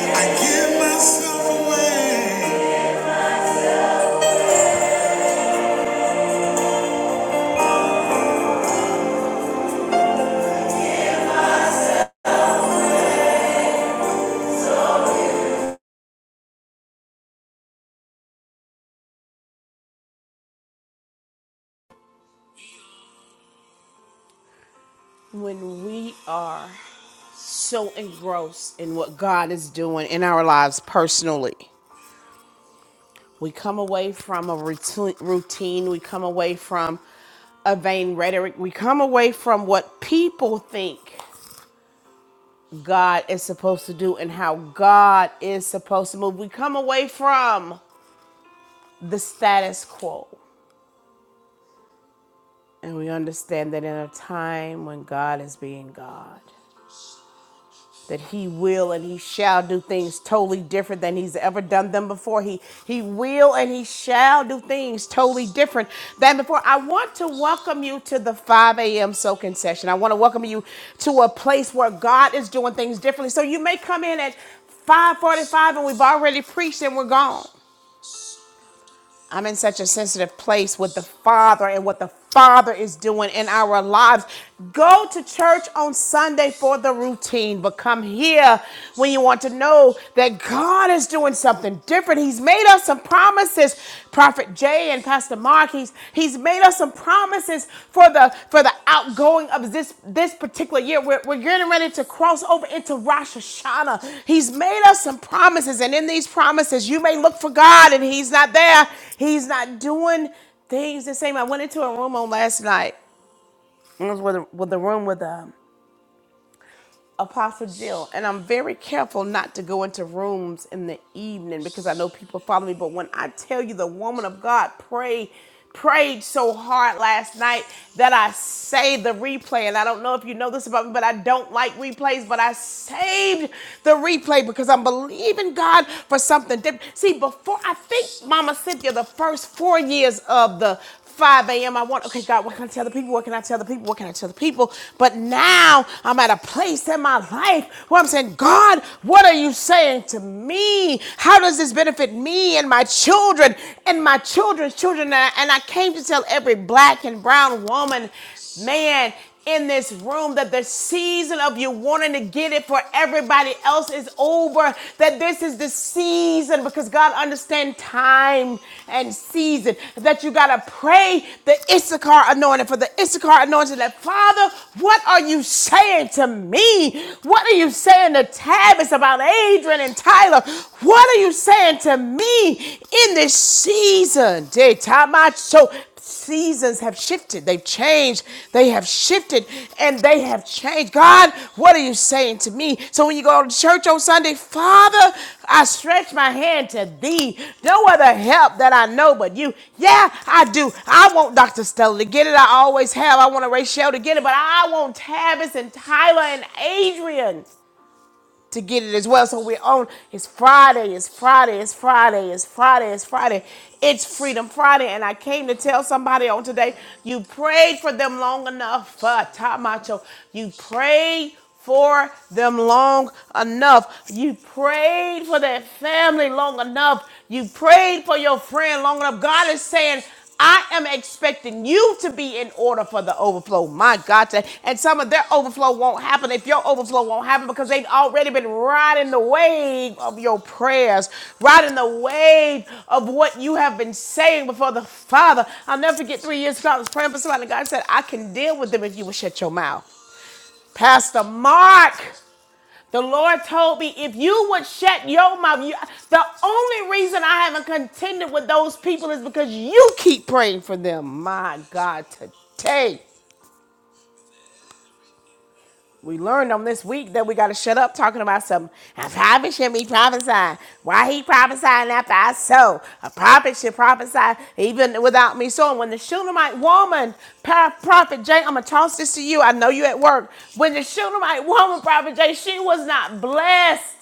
Speaker 2: I give myself away.
Speaker 1: When we are so engrossed in what God is doing in our lives personally, we come away from a routi- routine, we come away from a vain rhetoric, we come away from what people think God is supposed to do and how God is supposed to move. We come away from the status quo. And we understand that in a time when God is being God, that he will and he shall do things totally different than he's ever done them before. He he will and he shall do things totally different than before. I want to welcome you to the 5 a.m. soaking session. I want to welcome you to a place where God is doing things differently. So you may come in at 545 and we've already preached and we're gone. I'm in such a sensitive place with the Father and what the Father is doing in our lives. Go to church on Sunday for the routine, but come here when you want to know that God is doing something different. He's made us some promises. Prophet Jay and Pastor Mark, he's, He's made us some promises for the for the outgoing of this this particular year. We're, we're getting ready to cross over into Rosh Hashanah. He's made us some promises, and in these promises, you may look for God, and He's not there. He's not doing things the same. I went into a room on last night. It was with, with the room with um Apostle Jill, and I'm very careful not to go into rooms in the evening because I know people follow me. But when I tell you the woman of God prayed, prayed so hard last night that I saved the replay. And I don't know if you know this about me, but I don't like replays, but I saved the replay because I'm believing God for something different. See, before I think Mama Cynthia, the first four years of the 5 a.m. I want, okay, God, what can I tell the people? What can I tell the people? What can I tell the people? But now I'm at a place in my life where I'm saying, God, what are you saying to me? How does this benefit me and my children and my children's children? And I and I came to tell every black and brown woman man in this room that the season of you wanting to get it for everybody else is over that this is the season because god understands time and season that you got to pray the issachar anointing for the issachar anointing that father what are you saying to me what are you saying to tabitha about adrian and tyler what are you saying to me in this season Day so Seasons have shifted. They've changed. They have shifted and they have changed. God, what are you saying to me? So when you go to church on Sunday, Father, I stretch my hand to thee. No other help that I know but you. Yeah, I do. I want Dr. Stella to get it. I always have. I want Rachel to get it, but I want Tavis and Tyler and Adrian to get it as well. So we're on. It's Friday. It's Friday. It's Friday. It's Friday. It's Friday. It's Freedom Friday, and I came to tell somebody on today. You prayed for them long enough, uh, top macho. You prayed for them long enough. You prayed for that family long enough. You prayed for your friend long enough. God is saying. I am expecting you to be in order for the overflow. My God. to- And some of their overflow won't happen if your overflow won't happen because they've already been riding the wave of your prayers, riding the wave of what you have been saying before the Father. I'll never forget three years ago, I was praying for somebody. and God said, I can deal with them if you will shut your mouth. Pastor Mark. The Lord told me if you would shut your mouth, you, the only reason I haven't contended with those people is because you keep praying for them. My God, today we learned on this week that we got to shut up talking about something. A prophet should be prophesying. Why he prophesying after I sow? A prophet should prophesy even without me sowing. When the Shunammite woman, Prophet Jay, I'm going to toss this to you. I know you at work. When the Shunammite woman, Prophet Jay, she was not blessed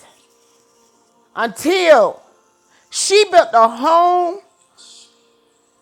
Speaker 1: until She built a home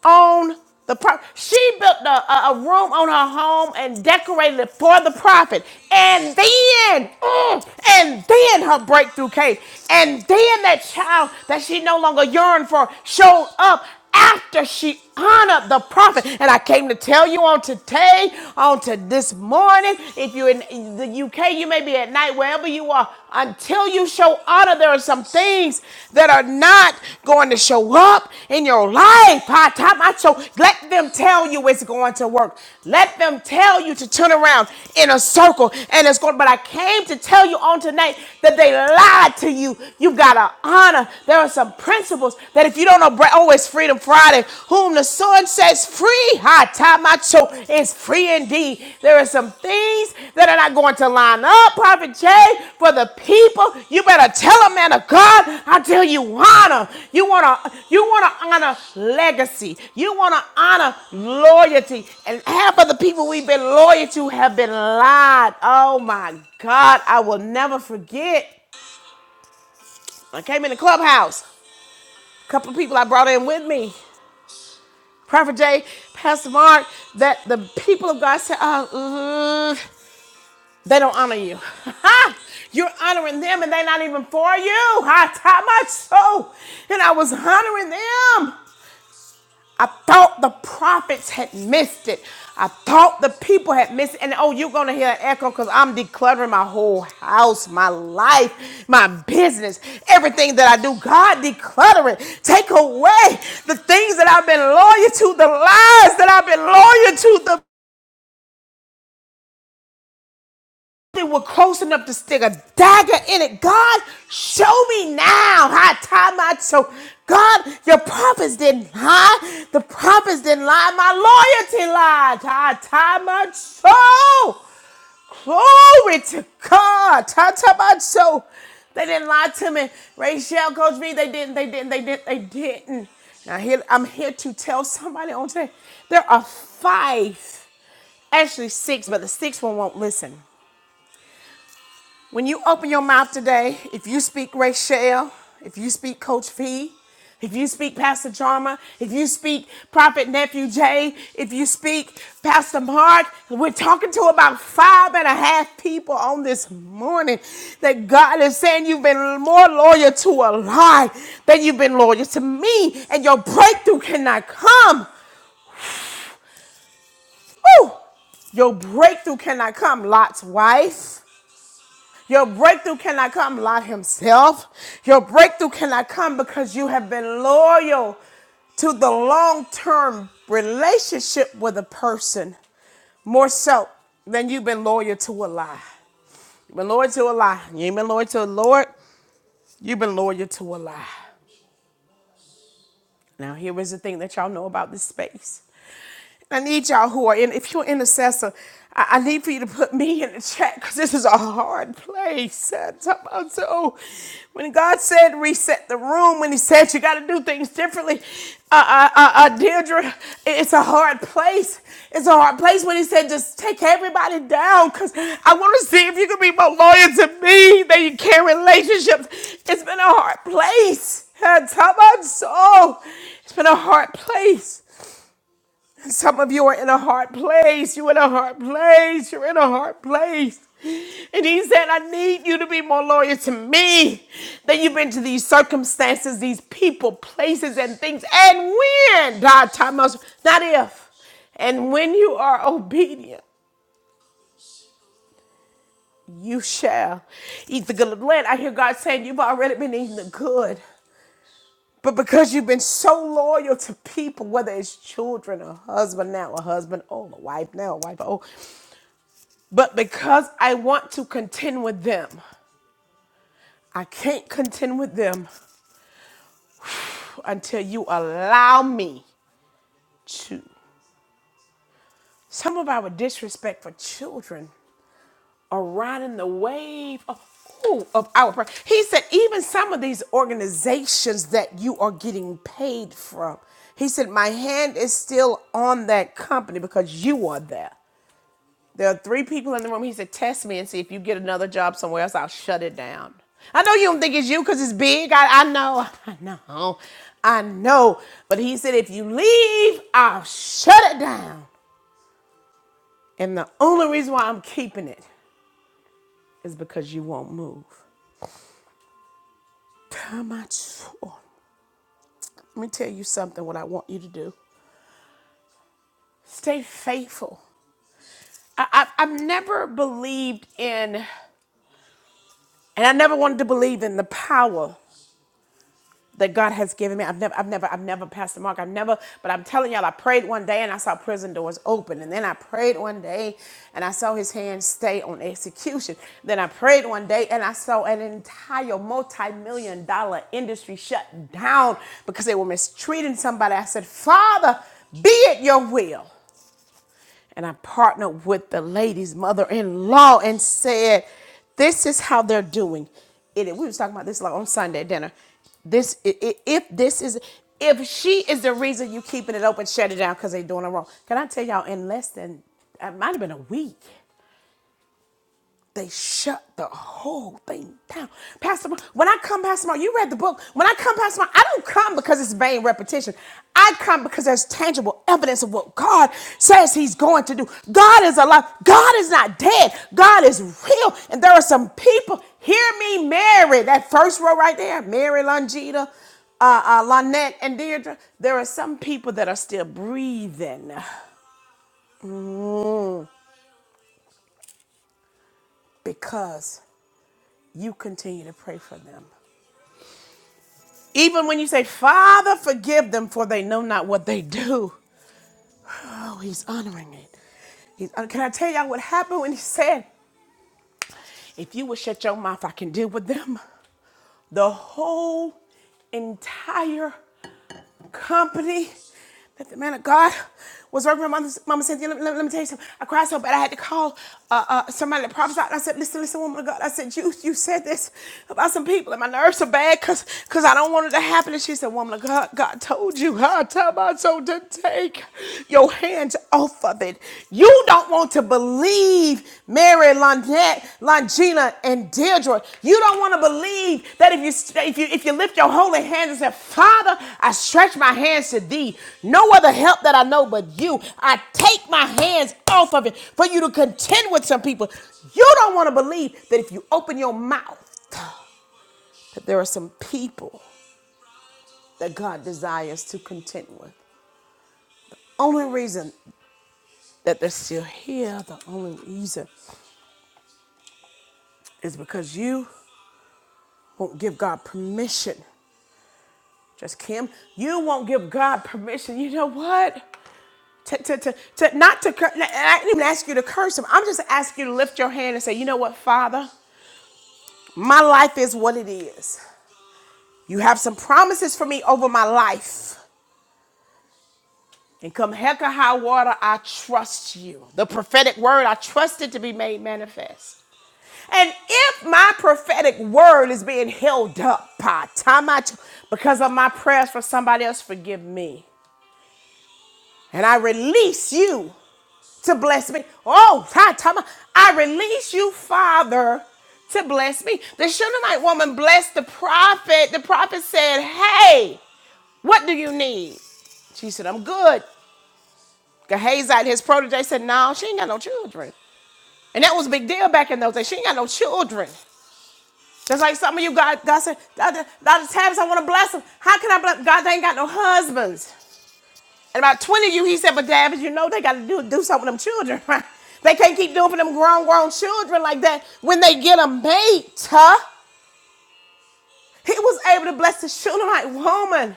Speaker 1: on the prophet. She built a, a, a room on her home and decorated it for the prophet. And then, mm, and then her breakthrough came. And then that child that she no longer yearned for showed up after she honor the prophet. And I came to tell you on today, on to this morning, if you're in the UK, you may be at night, wherever you are, until you show honor, there are some things that are not going to show up in your life. Ha, ta, So let them tell you it's going to work. Let them tell you to turn around in a circle and it's going, but I came to tell you on tonight that they lied to you. You've got to honor. There are some principles that if you don't know, oh, it's Freedom Friday. Whom the Son sets free, ha, tamacho, is free indeed. There are some things that are not going to line up, Prophet Jay, for the people. You better tell a man of God until you honor. You want to you want to honor legacy. You want to honor loyalty. And half of the people we've been loyal to have been lied. Oh my God, I will never forget. I came in the clubhouse a couple of people I brought in with me, Prophet Jay, Pastor Mark, that the people of God said, oh, mm, they don't honor you. You're honoring them and they're not even for you. I taught my soul and I was honoring them. I thought the prophets had missed it. I thought the people had missed it. And oh, you're going to hear an echo because I'm decluttering my whole house, my life, my business, everything that I do. God, declutter it. Take away the things that I've been loyal to, the lies that I've been loyal to, the They were close enough to stick a dagger in it. God, show me now how I tie my choke. God, your prophets didn't lie. The prophets didn't lie. My loyalty lied. I tie my choke. Glory to God. Tie, tie my choke. They didn't lie to me. Rachel, Coach B, they didn't. They didn't. They didn't. They didn't. Now here, I'm here to tell somebody on today. There are five, actually six, but the sixth one won't listen when you open your mouth today, if you speak Rachel, if you speak Coach P, if you speak Pastor Jarma, if you speak Prophet Nephew Jay, if you speak Pastor Mark, we're talking to about five and a half people on this morning that God is saying you've been more loyal to a lie than you've been loyal to me, and your breakthrough cannot come. Woo! Your breakthrough cannot come, Lot's wife. Your breakthrough cannot come, Lot himself. Your breakthrough cannot come because you have been loyal to the long term relationship with a person more so than you've been loyal to a lie. You've been loyal to a lie. You ain't been loyal to the Lord. You've been loyal to a lie. Now, here is the thing that y'all know about this space. I need y'all who are in, if you're an intercessor, I, I need for you to put me in the chat because this is a hard place. That's about So when God said reset the room, when He said you got to do things differently, uh, uh, uh, uh, Deirdre, it's a hard place. It's a hard place when He said just take everybody down because I want to see if you can be more loyal to me than you can relationships. It's been a hard place. That's how much so. It's been a hard place. Some of you are in a hard place. You're in a hard place. You're in a hard place. And he said, I need you to be more loyal to me than you've been to these circumstances, these people, places, and things. And when, God, time us, not if. And when you are obedient, you shall eat the good of the land. I hear God saying, You've already been eating the good. But because you've been so loyal to people, whether it's children, a husband now, a husband, oh, a wife now, a wife, oh. But because I want to contend with them, I can't contend with them until you allow me to. Some of our disrespect for children are riding the wave of, ooh, of our. pro- He said, even some of these organizations that you are getting paid from, he said, my hand is still on that company because you are there. There are three people in the room. He said, Test me and see if you get another job somewhere else, I'll shut it down. I know you don't think it's you because it's big. I, I know. I know. I know. But he said, If you leave, I'll shut it down. And the only reason why I'm keeping it is because you won't move. How much? oh, Let me tell you something what I want you to do. Stay faithful. I, I, I've never believed in, and I never wanted to believe in the power that God has given me. I've never, I've never, I've never passed the mark. I've never, but I'm telling y'all, I prayed one day and I saw prison doors open. And then I prayed one day and I saw his hand stay on execution. Then I prayed one day and I saw an entire multi-million dollar industry shut down because they were mistreating somebody. I said, Father, be it your will and I partnered with the lady's mother-in-law and said, "This is how they're doing it." We was talking about this like on Sunday at dinner. This i- i- if this is if she is the reason you keeping it open, shut it down because they doing it wrong. Can I tell y'all? In less than it might have been a week, they shut the whole thing down. Pastor, Mar- when I come, Pastor Mark, you read the book. When I come, Pastor Mark, I don't come because it's vain repetition. I come because there's tangible evidence of what God says He's going to do. God is alive. God is not dead. God is real. And there are some people, hear me, Mary, that first row right there, Mary Longita, uh, uh, Lynette, and Deirdre. There are some people that are still breathing because you continue to pray for them. Even when you say, Father, forgive them, for they know not what they do. Oh, he's honoring it. He's, uh, can I tell y'all what happened when he said, If you would shut your mouth, I can deal with them? The whole entire company that the man of God was working with Mama, Mama Cynthia. Let, let- let me tell you something. I cried so bad I had to call uh, uh, somebody that prophesied. I said, listen, listen, woman of God. I said, you you said this about some people and my nerves are bad because because I don't want it to happen. And she said, woman of God, God told you, God told me so to take your hands off of it. You don't want to believe Mary, Lynette, Longina, and Deirdre. You don't want to believe that if you if you if you lift your holy hands and say, Father, I stretch my hands to thee. No other help that I know but you. I take my hands off of it for you to contend with some people. You don't want to believe that if you open your mouth, that there are some people that God desires to contend with. Only reason that they're still here, the only reason is because you won't give God permission. Just Kim, you won't give God permission. You know what? To, to, to, to not to curse. I didn't even ask you to curse him. I'm just asking you to lift your hand and say, you know what, Father? My life is what it is. You have some promises for me over my life. And come heck or high water, I trust you. The prophetic word, I trust it to be made manifest. And if my prophetic word is being held up by time I t- because of my prayers for somebody else, forgive me. and I release you to bless me. Oh, hi, Tama. I release you, Father, to bless me. The Shunammite woman blessed the prophet. The prophet said, Hey, what do you need? She said, I'm good. Gehazi, his protege, said, No, she ain't got no children. And that was a big deal back in those days. She ain't got no children. Just like some of you God, God said, Dr. Dr. I want to bless them. How can I bless? God, they ain't got no husbands. And about 20 of you, he said, but David, you know they got to do, do something with them children, right? They can't keep doing for them grown, grown children like that. When they get a mate, huh? He was able to bless his children like, woman.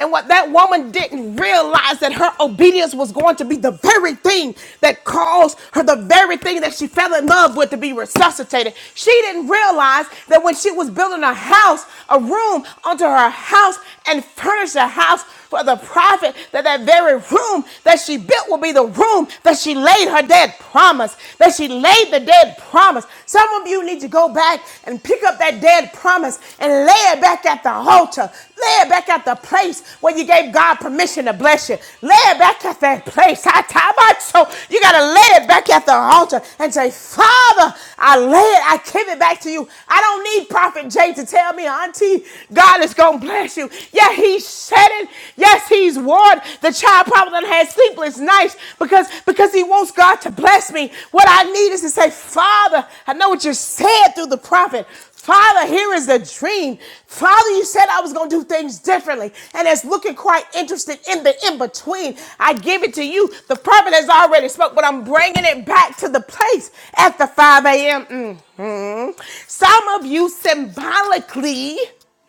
Speaker 1: And what that woman didn't realize that her obedience was going to be the very thing that caused her the very thing that she fell in love with to be resuscitated. She didn't realize that when she was building a house, a room onto her house and furnished a house for the prophet, that that very room that she built will be the room that she laid her dead promise, that she laid the dead promise. Some of you need to go back and pick up that dead promise and lay it back at the altar. Lay it back at the place where you gave God permission to bless you. Lay it back at that place. I tie my So you got to lay it back at the altar and say, Father, I lay it. I give it back to you. I don't need Prophet Jay to tell me, Auntie, God is going to bless you. Yeah, he said it. Yes, he's warned. The child probably done had sleepless nights because, because he wants God to bless me. What I need is to say, Father, I know what you said through the prophet. Father, here is the dream. Father, you said I was going to do things differently, and it's looking quite interesting in the in between. I give it to you. The prophet has already spoke, but I'm bringing it back to the place at the 5 a.m. Mhm. Some of you symbolically,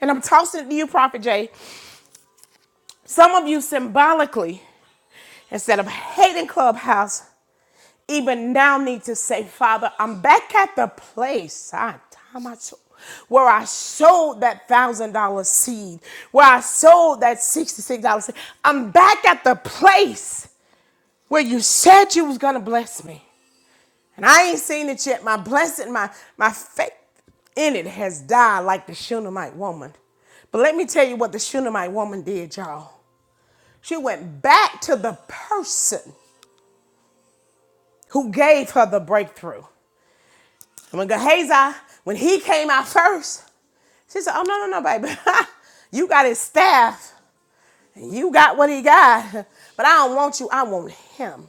Speaker 1: and I'm tossing it to you, Prophet Jay. Some of you symbolically, instead of hating Clubhouse, even now need to say, Father, I'm back at the place I, time I sold- where I sold that $1,000 seed, where I sold that $66 seed. I'm back at the place where you said you was going to bless me. And I ain't seen it yet. My blessing, my, my faith in it has died like the Shunammite woman. But let me tell you what the Shunammite woman did, y'all. She went back to the person who gave her the breakthrough. And when Gehazi, when he came out first, she said, Oh, no, no, no, baby. you got his staff. You got what he got. But I don't want you. I want him.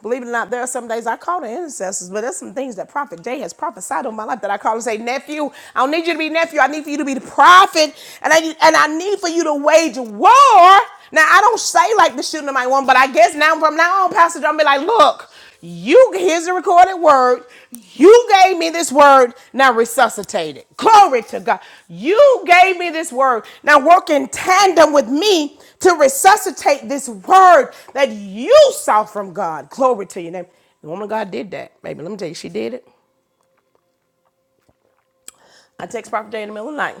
Speaker 1: Believe it or not, there are some days I call the intercessors, but there's some things that Prophet Jay has prophesied on my life that I call and say, nephew, I don't need you to be nephew. I need for you to be the prophet, and I need, and I need for you to wage war. Now I don't say like the shooting of my one, but I guess now from now on, Pastor John be like, look. You here's the recorded word. You gave me this word. Now resuscitate it. Glory to God. You gave me this word. Now work in tandem with me to resuscitate this word that you saw from God. Glory to your name. The woman of God did that. Baby, let me tell you, she did it. I text Prophet Day in the middle of the night.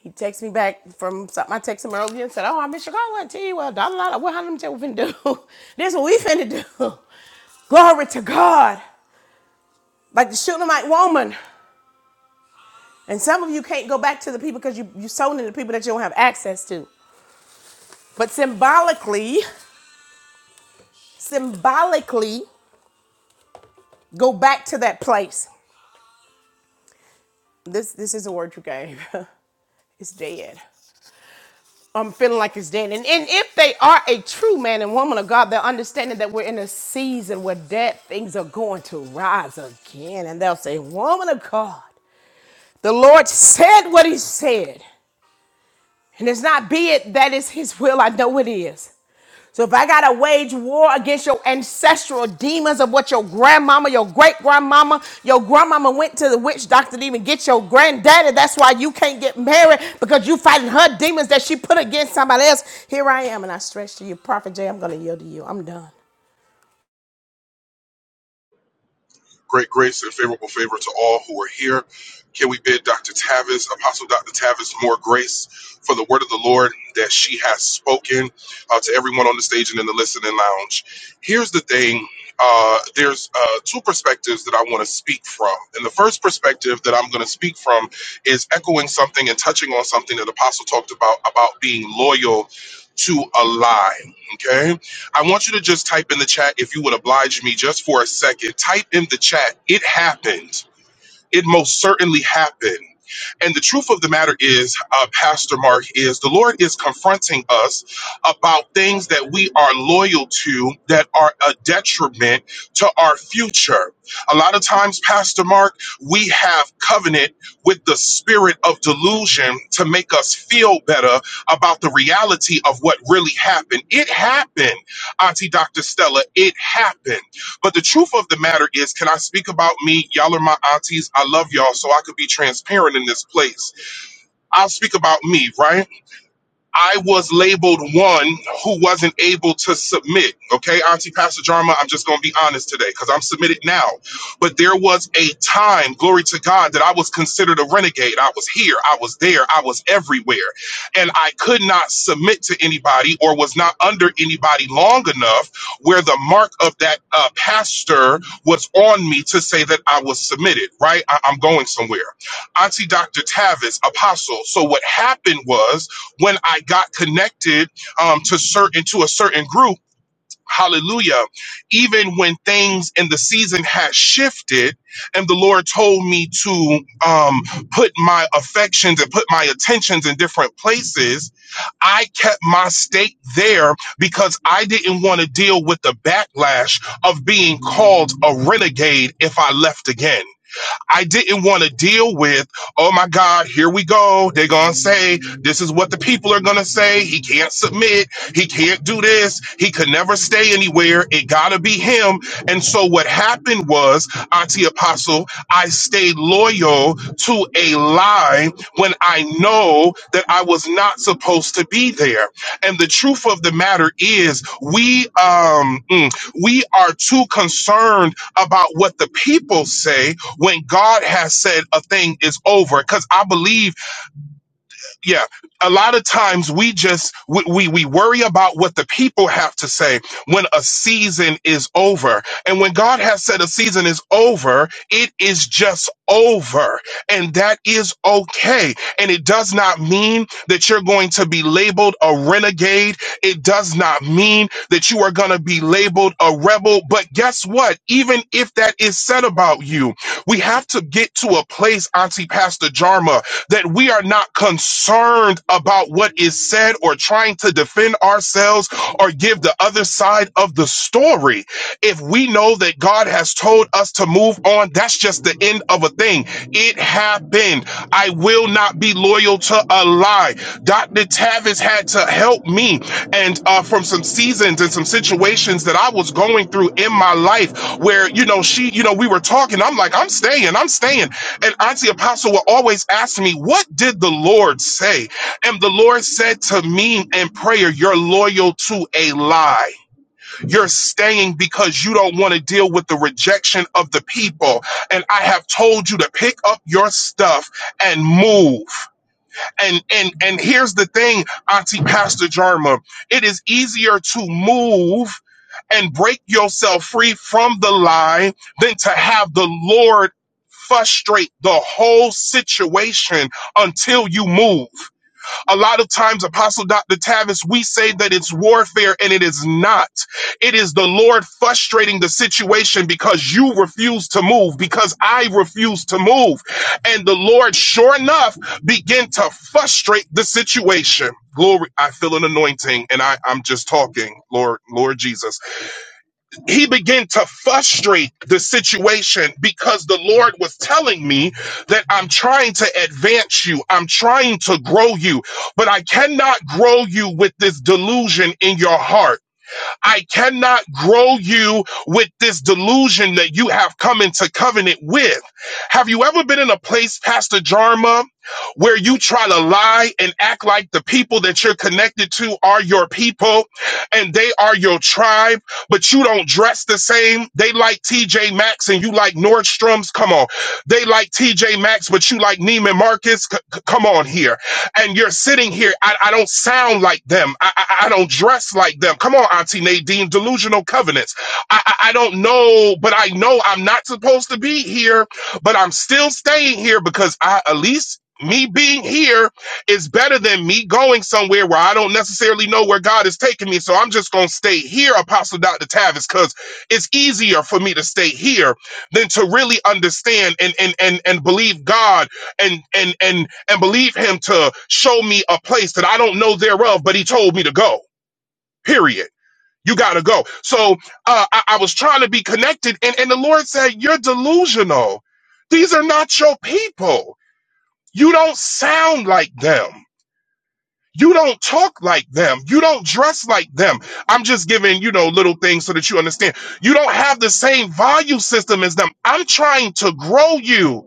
Speaker 1: He texts me back from something. I text him earlier and said, Oh, I'm in Chicago. I tell you what, dollar, dollar, what how them tell we finna do? this is what we finna do. Glory to God. like the Shunammite woman. And some of you can't go back to the people because you, you're sown into people that you don't have access to. But symbolically, symbolically, go back to that place. This this is a word you gave. it's dead. I'm feeling like it's dead. And, and if they are a true man and woman of God, they're understanding that we're in a season where dead things are going to rise again. And they'll say, Woman of God, the Lord said what he said. And it's not be it that is his will. I know it is. So if I gotta wage war against your ancestral demons of what your grandmama, your great grandmama, your grandmama went to the witch doctor to even get your granddaddy. That's why you can't get married because you fighting her demons that she put against somebody else. Here I am, and I stretch to you, Prophet Jay. I'm gonna yield to you. I'm done.
Speaker 3: Great grace and favorable favor to all who are here. Can we bid Dr. Tavis, Apostle Dr. Tavis, more grace for the word of the Lord that she has spoken uh, to everyone on the stage and in the listening lounge? Here's the thing uh, there's uh, two perspectives that I want to speak from. And the first perspective that I'm going to speak from is echoing something and touching on something that Apostle talked about, about being loyal to a lie. Okay? I want you to just type in the chat if you would oblige me just for a second. Type in the chat. It happened. It most certainly happened. And the truth of the matter is, uh, Pastor Mark, is the Lord is confronting us about things that we are loyal to that are a detriment to our future. A lot of times, Pastor Mark, we have covenant with the spirit of delusion to make us feel better about the reality of what really happened. It happened, Auntie Dr. Stella. It happened. But the truth of the matter is, can I speak about me? Y'all are my aunties. I love y'all, so I could be transparent in this place. I'll speak about me, right? I was labeled one who wasn't able to submit. Okay, Auntie Pastor Jarma, I'm just going to be honest today because I'm submitted now. But there was a time, glory to God, that I was considered a renegade. I was here, I was there, I was everywhere. And I could not submit to anybody or was not under anybody long enough where the mark of that uh, pastor was on me to say that I was submitted, right? I- I'm going somewhere. Auntie Dr. Tavis, apostle. So what happened was, when I got connected um, to certain to a certain group. Hallelujah. Even when things in the season had shifted and the Lord told me to um, put my affections and put my attentions in different places, I kept my stake there because I didn't want to deal with the backlash of being called a renegade if I left again. I didn't want to deal with, oh my God, here we go. They're going to say, this is what the people are going to say. He can't submit. He can't do this. He could never stay anywhere. It got to be him. And so what happened was, Auntie Apostle, I stayed loyal to a lie when I know that I was not supposed to be there. And the truth of the matter is, we, um, mm, we are too concerned about what the people say when God has said a thing is over. Because I believe yeah a lot of times we just we, we we worry about what the people have to say when a season is over and when god has said a season is over it is just over and that is okay and it does not mean that you're going to be labeled a renegade it does not mean that you are going to be labeled a rebel but guess what even if that is said about you we have to get to a place, Auntie Pastor Jarma, that we are not concerned about what is said or trying to defend ourselves or give the other side of the story if we know that God has told us to move on, that's just the end of a thing. It happened. I will not be loyal to a lie. Dr. Tavis had to help me and uh, from some seasons and some situations that I was going through in my life where, you know, she, you know, we were talking. I'm like, I'm staying, I'm staying. And Auntie Apostle will always ask me, What did the Lord say? And the Lord said to me in prayer, You're loyal to a lie. You're staying because you don't want to deal with the rejection of the people. And I have told you to pick up your stuff and move. And and and here's the thing, Auntie Pastor Jarma, it is easier to move and break yourself free from the lie than to have the Lord frustrate the whole situation until you move. A lot of times, Apostle Dr. Tavis, we say that it's warfare and it is not. It is the Lord frustrating the situation because you refuse to move, because I refuse to move. And the Lord, sure enough, begin to frustrate the situation. Glory. I feel an anointing and I, I'm just talking. Lord, Lord Jesus he began to frustrate the situation because the Lord was telling me that I'm trying to advance you, I'm trying to grow you, but I cannot grow you with this delusion in your heart. I cannot grow you with this delusion that you have come into covenant with. Have you ever been in a place, Pastor Jarma, where you try to lie and act like the people that you're connected to are your people and they are your tribe, but you don't dress the same? They like TJ Maxx and you like Nordstrom's. Come on. They like TJ Maxx, but you like Neiman Marcus. C- c- come on here and you're sitting here. I, I don't sound like them. I, I, I don't dress like them. Come on, Auntie Nadine, delusional covenants. I, I, I don't know, but I know I'm not supposed to be here, but I'm still staying here because I, at least me being here is better than me going somewhere where I don't necessarily know where God is taking me. So I'm just going to stay here, Apostle Dr. Tavis, because it's easier for me to stay here than to really understand and, and, and, and believe God and and and and believe him to show me a place that I don't know thereof, but he told me to go. Period. You gotta go. So uh, I, I was trying to be connected, and and the Lord said, "You're delusional. These are not your people. You don't sound like them." You don't talk like them. You don't dress like them. I'm just giving, you know, little things so that you understand. You don't have the same value system as them. I'm trying to grow you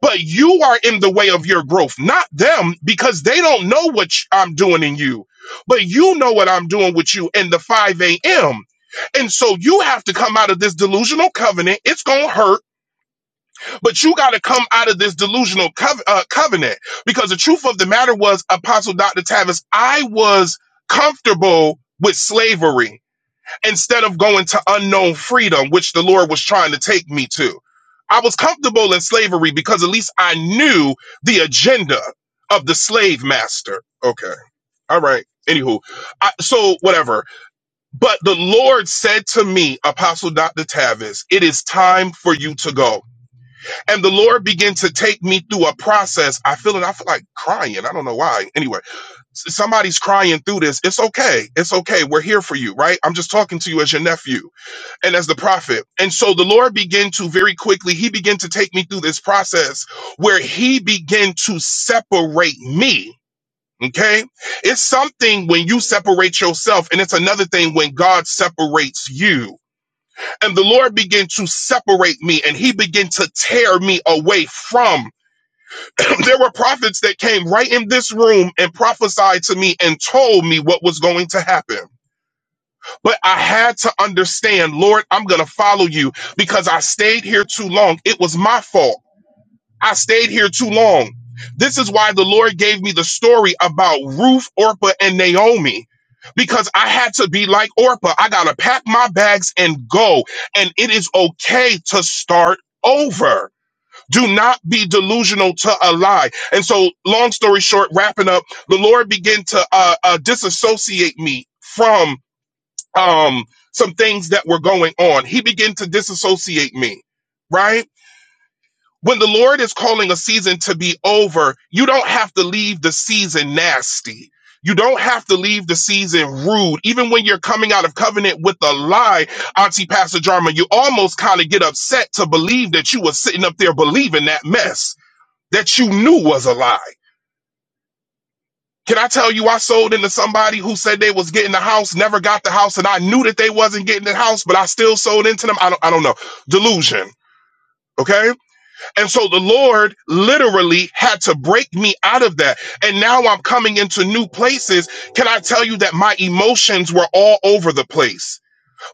Speaker 3: but you are in the way of your growth, not them, because they don't know what sh- I'm doing in you, but you know what I'm doing with you in the 5 a.m. And so you have to come out of this delusional covenant. It's going to hurt, but you got to come out of this delusional cov- uh, covenant because the truth of the matter was, Apostle Dr. Tavis, I was comfortable with slavery instead of going to unknown freedom, which the Lord was trying to take me to. I was comfortable in slavery because at least I knew the agenda of the slave master. Okay. All right. Anywho, I, so whatever. But the Lord said to me, Apostle Dr. Tavis, it is time for you to go. And the Lord began to take me through a process. I feel it. I feel like crying. I don't know why. Anyway, s- somebody's crying through this. It's okay. It's okay. We're here for you, right? I'm just talking to you as your nephew and as the prophet. And so the Lord began to very quickly, he began to take me through this process where he began to separate me. Okay. It's something when you separate yourself, and it's another thing when God separates you. And the Lord began to separate me and he began to tear me away from. there were prophets that came right in this room and prophesied to me and told me what was going to happen. But I had to understand, Lord, I'm going to follow you because I stayed here too long. It was my fault. I stayed here too long. This is why the Lord gave me the story about Ruth, Orpah, and Naomi. Because I had to be like Orpah. I got to pack my bags and go. And it is okay to start over. Do not be delusional to a lie. And so, long story short, wrapping up, the Lord began to uh, uh, disassociate me from um, some things that were going on. He began to disassociate me, right? When the Lord is calling a season to be over, you don't have to leave the season nasty. You don't have to leave the season rude. Even when you're coming out of covenant with a lie, Auntie Pastor Jarma, you almost kind of get upset to believe that you were sitting up there believing that mess that you knew was a lie. Can I tell you, I sold into somebody who said they was getting the house, never got the house, and I knew that they wasn't getting the house, but I still sold into them. I don't, I don't know. Delusion. Okay. And so the Lord literally had to break me out of that. And now I'm coming into new places. Can I tell you that my emotions were all over the place?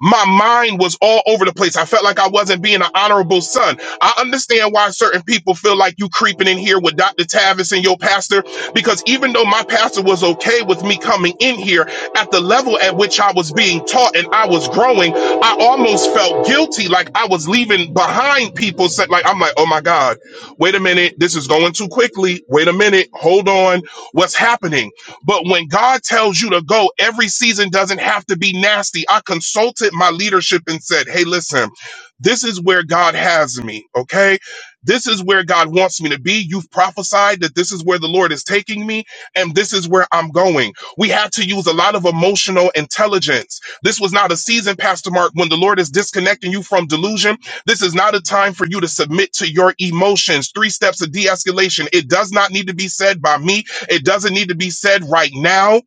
Speaker 3: My mind was all over the place. I felt like I wasn't being an honorable son. I understand why certain people feel like you creeping in here with Dr. Tavis and your pastor, because even though my pastor was okay with me coming in here at the level at which I was being taught and I was growing, I almost almost felt guilty, like I was leaving behind people. sa- Like I'm like, oh my god, wait a minute, this is going too quickly. Wait a minute, hold on, what's happening? But when God tells you to go, every season doesn't have to be nasty. I consulted my leadership and said, hey, listen, this is where God has me. Okay, this is where God wants me to be. You've prophesied that this is where the Lord is taking me, and this is where I'm going. We had to use a lot of emotional intelligence this was not a season, Pastor Mark, when the Lord is disconnecting you from delusion. This is not a time for you to submit to your emotions. Three steps of de escalation. It does not need to be said by me, it doesn't need to be said right now.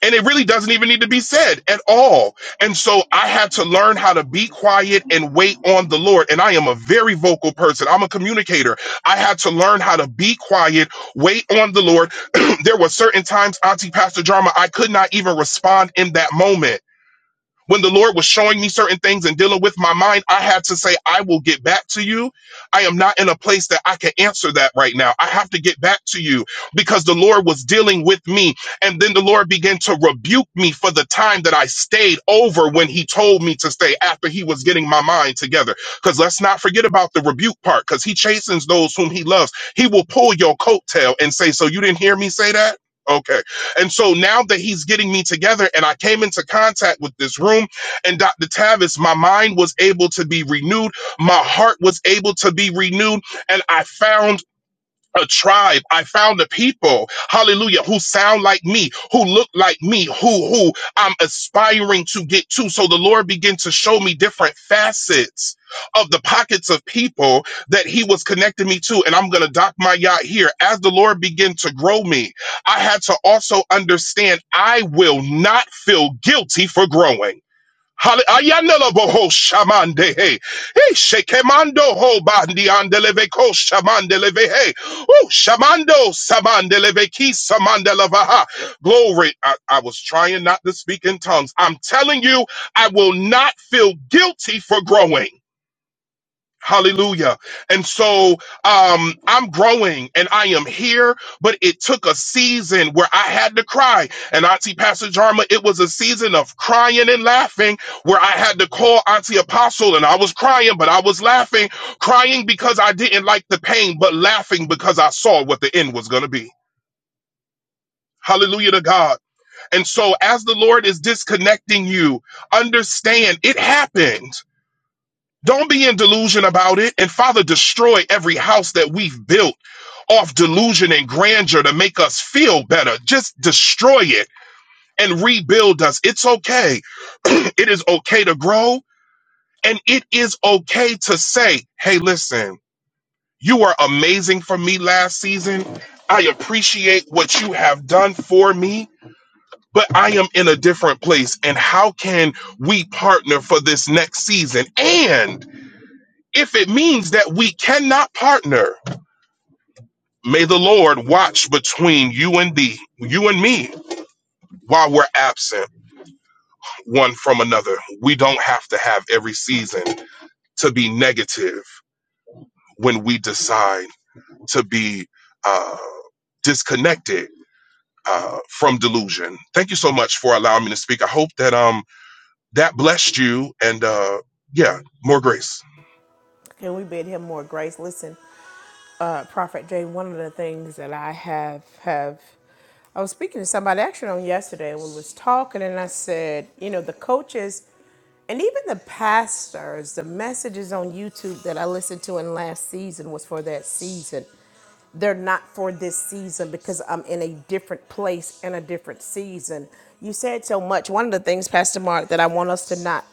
Speaker 3: And it really doesn't even need to be said at all. And so I had to learn how to be quiet and wait on the Lord. And I am a very vocal person. I'm a communicator. I had to learn how to be quiet, wait on the Lord. there were certain times, Auntie Pastor Drama, I could not even respond in that moment when the Lord was showing me certain things and dealing with my mind, I had to say, I will get back to you. I am not in a place that I can answer that right now. I have to get back to you because the Lord was dealing with me. And then the Lord began to rebuke me for the time that I stayed over when he told me to stay after he was getting my mind together. Because let's not forget about the rebuke part because he chastens those whom he loves. He will pull your coattail and say, So you didn't hear me say that? Okay and so now that he's getting me together and I came into contact with this room and Dr. Tavis, my mind was able to be renewed. My heart was able to be renewed. And I found a tribe. I found a people, hallelujah, who sound like me, who look like me, who who I'm aspiring to get to. So the Lord began to show me different facets of the pockets of people that he was connecting me to. And I'm gonna dock my yacht here. As the Lord began to grow me, I had to also understand I will not feel guilty for growing. Hall- Ayanela boho shamande he. He shekemando ho bandi andeleve ko shamandeleve he. Oh, shamando samandeleve ki samandelevaha. Glory. I, I was trying not to speak in tongues. I'm telling you, I will not feel guilty for growing. Hallelujah. And so um, I'm growing and I am here, but it took a season where I had to cry. And Auntie Pastor Jarma, it was a season of crying and laughing where I had to call Auntie Apostle and I was crying, but I was laughing, crying because I didn't like the pain, but laughing because I saw what the end was going to be. Hallelujah to God. And so as the Lord is disconnecting you, understand it happened. Don't be in delusion about it. And Father, destroy every house that we've built off delusion and grandeur to make us feel better. Just destroy it and rebuild us. It's okay. it is okay to grow. And it is okay to say, hey, listen, you were amazing for me last season. I appreciate what you have done for me, but I am in a different place. And how can we partner for this next season? and if it means that we cannot partner, may the Lord watch between you and thee, you and me, while we're absent one from another. We don't have to have every season to be negative when we decide to be uh, disconnected uh, from delusion. Thank you so much for allowing me to speak. I hope that um that blessed you and uh, yeah, more grace.
Speaker 1: Can we bid him more grace? Listen, uh, Prophet Jay, one of the things that I have have I was speaking to somebody actually on yesterday and we was talking and I said, you know, the coaches And even the pastors, the messages on YouTube that I listened to in last season was for that season. They're not for this season because I'm in a different place and a different season. You said so much. One of the things, Pastor Mark, that I want us to not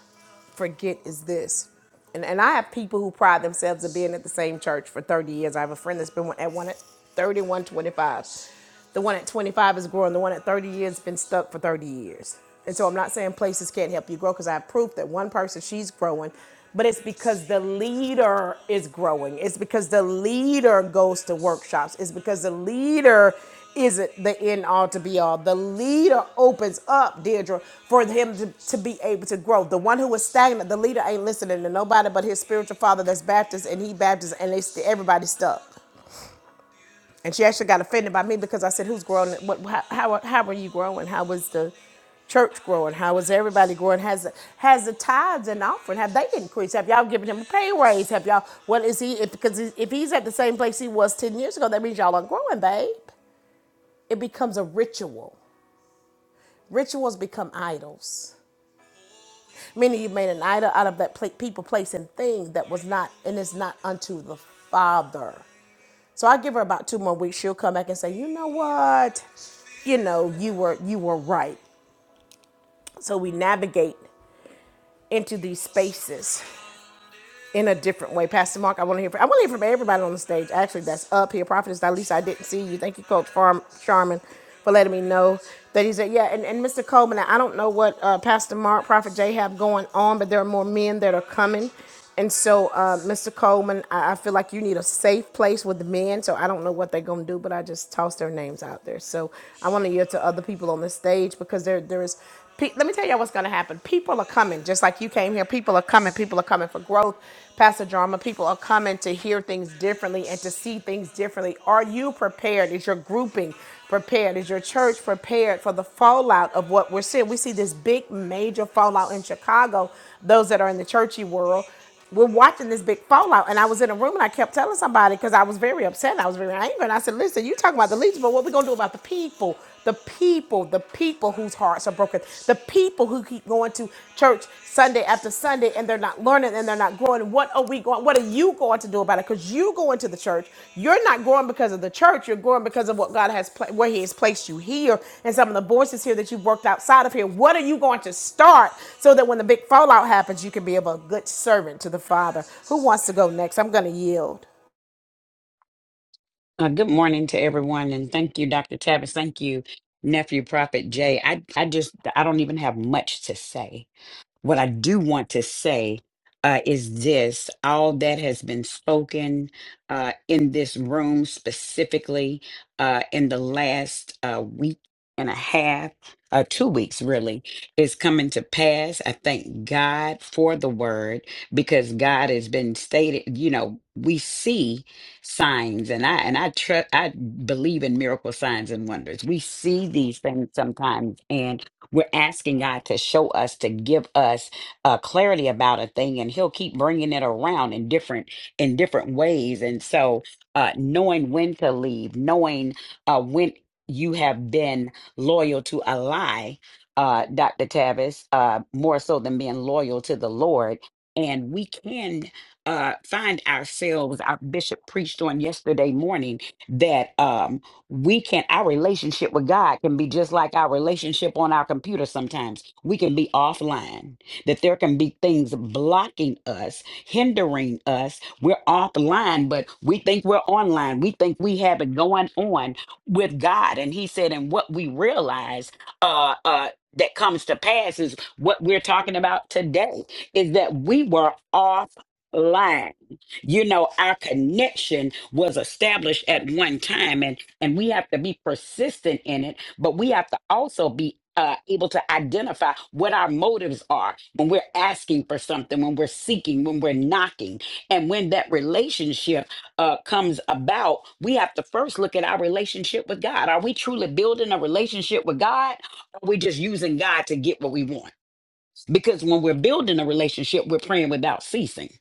Speaker 1: forget is this. And, and I have people who pride themselves of being at the same church for 30 years. I have a friend that's been at one at 31 25. The one at 25 is growing. The one at 30 years has been stuck for 30 years. And so I'm not saying places can't help you grow because I have proof that one person, she's growing, but it's because the leader is growing. It's because the leader goes to workshops. It's because the leader isn't the end all to be all. The leader opens up, Deirdre, for him to, to be able to grow. The one who was stagnant, the leader ain't listening to nobody but his spiritual father that's Baptist and he Baptist and they st- everybody's stuck. And she actually got offended by me because I said, "Who's growing? What? How? How, are you growing? How was the church growing? How was everybody growing? Has has the tithes and offering have they increased? Have y'all given him a pay raise? Have y'all? What is he? If, because if he's at the same place he was ten years ago, that means y'all are not growing, babe. It becomes a ritual. Rituals become idols. Meaning you made an idol out of that pla- people, place, and thing that was not and is not unto the Father. So I give her about two more weeks. She'll come back and say, you know what? you know you were you were right so we navigate into these spaces in a different way. Pastor Mark, I want to hear from, I want to hear from everybody on the stage. Actually, that's up here. Prophetess Dalisa, I didn't see you. Thank you, Coach Farm Charmin, for letting me know that he's there. Yeah, and, and Mr. Coleman, I don't know what uh, Pastor Mark, Prophet Jay have going on, but there are more men that are coming. And so, uh, Mr. Coleman, I, I feel like you need a safe place with the men. So I don't know what they're gonna do, but I just toss their names out there. So I want to hear to other people on the stage because there there is Pe- let me tell you what's going to happen. People are coming, just like you came here. People are coming. People are coming for growth, Pastor Drama. People are coming to hear things differently and to see things differently. Are you prepared? Is your grouping prepared? Is your church prepared for the fallout of what we're seeing? We see this big, major fallout in Chicago. Those that are in the churchy world we're watching this big fallout. And I was in a room and I kept telling somebody because I was very upset and I was very angry. And I said, listen, you talking about the leaders, but what we going to do about the people? The people, the people whose hearts are broken, the people who keep going to church Sunday after Sunday and they're not learning and they're not growing. What are we going? What what are you going to do about it? Because you go into the church, you're not going because of the church. You're going because of what God has pla- where He has placed you here, and some of the voices here that you've worked outside of here. What are you going to start so that when the big fallout happens, you can be of a good servant to the Father? Who wants to go next? I'm going to yield.
Speaker 4: Uh, good morning to everyone, and thank you, Dr. Tavis. Thank you, nephew Prophet Jay. I, I just, I don't even have much to say what I do want to say uh, is this all that has been spoken uh, in this room, specifically uh, in the last uh, week and a half, uh, two weeks really, is coming to pass. I thank God for the word because God has been stated, you know. We see signs, and I and I trust. I believe in miracle signs and wonders. We see these things sometimes, and we're asking God to show us, to give us uh, clarity about a thing, and He'll keep bringing it around in different in different ways. And so, uh, knowing when to leave, knowing uh, when you have been loyal to a lie, uh, Doctor Tavis, uh, more so than being loyal to the Lord, and we can uh, find ourselves. Our bishop preached on yesterday morning that. Um, we can our relationship with God can be just like our relationship on our computer sometimes. We can be offline. That there can be things blocking us, hindering us. We're offline, but we think we're online. We think we have it going on with God. And he said, and what we realize uh uh that comes to pass is what we're talking about today is that we were offline. You know, our connection was established at one time. And and we have to be persistent in it, but we have to also be. Uh, able to identify what our motives are when we're asking for something, when we're seeking, when we're knocking. And when that relationship uh, comes about, we have to first look at our relationship with God. Are we truly building a relationship with God? Or are we just using God to get what we want? Because when we're building a relationship, we're praying without ceasing.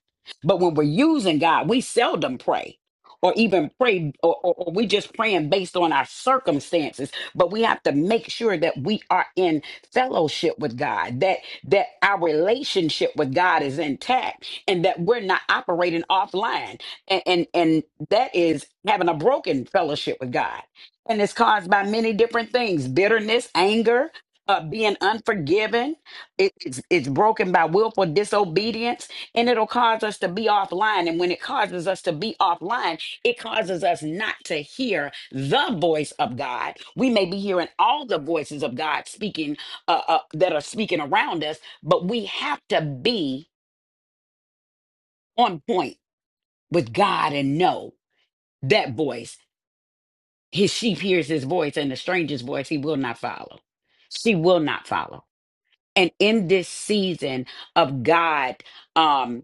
Speaker 4: But when we're using God, we seldom pray or even pray, or, or, or we just praying based on our circumstances. But we have to make sure that we are in fellowship with God, that that our relationship with God is intact and that we're not operating offline. And and, and that is having a broken fellowship with God. And it's caused by many different things bitterness, anger, uh, being unforgiven, it- it's, it's broken by willful disobedience and it'll cause us to be offline and when it causes us to be offline it causes us not to hear the voice of god we may be hearing all the voices of god speaking uh, uh, that are speaking around us but we have to be on point with god and know that voice his sheep hears his voice and the stranger's voice he will not follow she will not follow and in this season of god um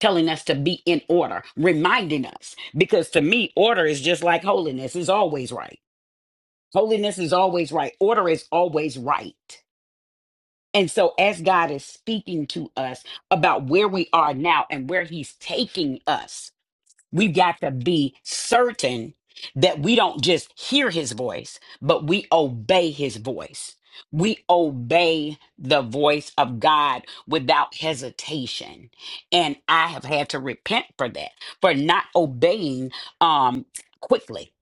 Speaker 4: telling us to be in order, reminding us. Because to me, order is just like holiness, is always right. Holiness is always right. Order is always right. And so, as God is speaking to us about where we are now and where He's taking us, We've got to be certain that we don't just hear his voice, but we obey his voice. We obey the voice of God without hesitation. And I have had to repent for that, for not obeying um, quickly,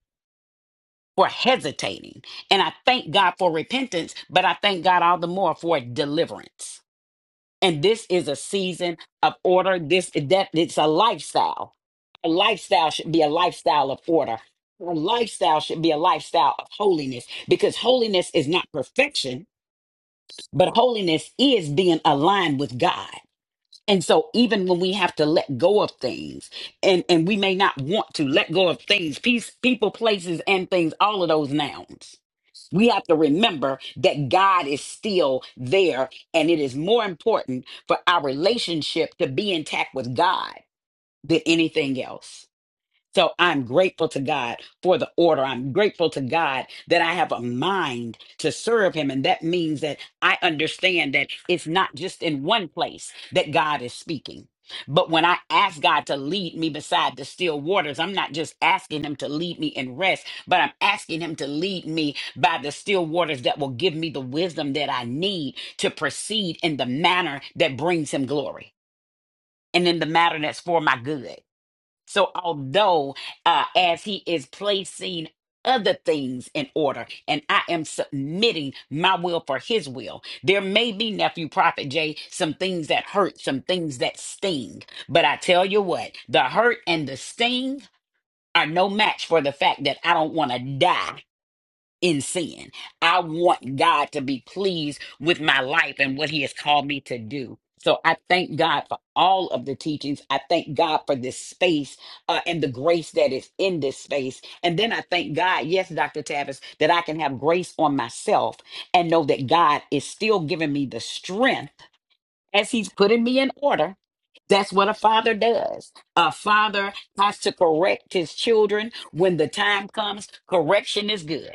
Speaker 4: for hesitating. And I thank God for repentance, but I thank God all the more for deliverance. And this is a season of order. This that it's a lifestyle. A lifestyle should be a lifestyle of order. A lifestyle should be a lifestyle of holiness because holiness is not perfection, but holiness is being aligned with God. And so even when we have to let go of things and and we may not want to let go of things, peace, people, places and things, all of those nouns. We have to remember that God is still there, and it is more important for our relationship to be intact with God than anything else. So I'm grateful to God for the order. I'm grateful to God that I have a mind to serve Him. And that means that I understand that it's not just in one place that God is speaking. But when I ask God to lead me beside the still waters, I'm not just asking Him to lead me in rest, but I'm asking Him to lead me by the still waters that will give me the wisdom that I need to proceed in the manner that brings Him glory and in the manner that's for my good. So, although uh, as he is placing other things in order, and I am submitting my will for his will, there may be, nephew Prophet Jay, some things that hurt, some things that sting. But I tell you what, the hurt and the sting are no match for the fact that I don't want to die in sin. I want God to be pleased with my life and what He has called me to do. So I thank God for all of the teachings. I thank God for this space uh, and the grace that is in this space. And then I thank God, yes, Dr. Tavis, that I can have grace on myself and know that God is still giving me the strength as He's putting me in order. That's what a father does. A father has to correct his children when the time comes. Correction is good.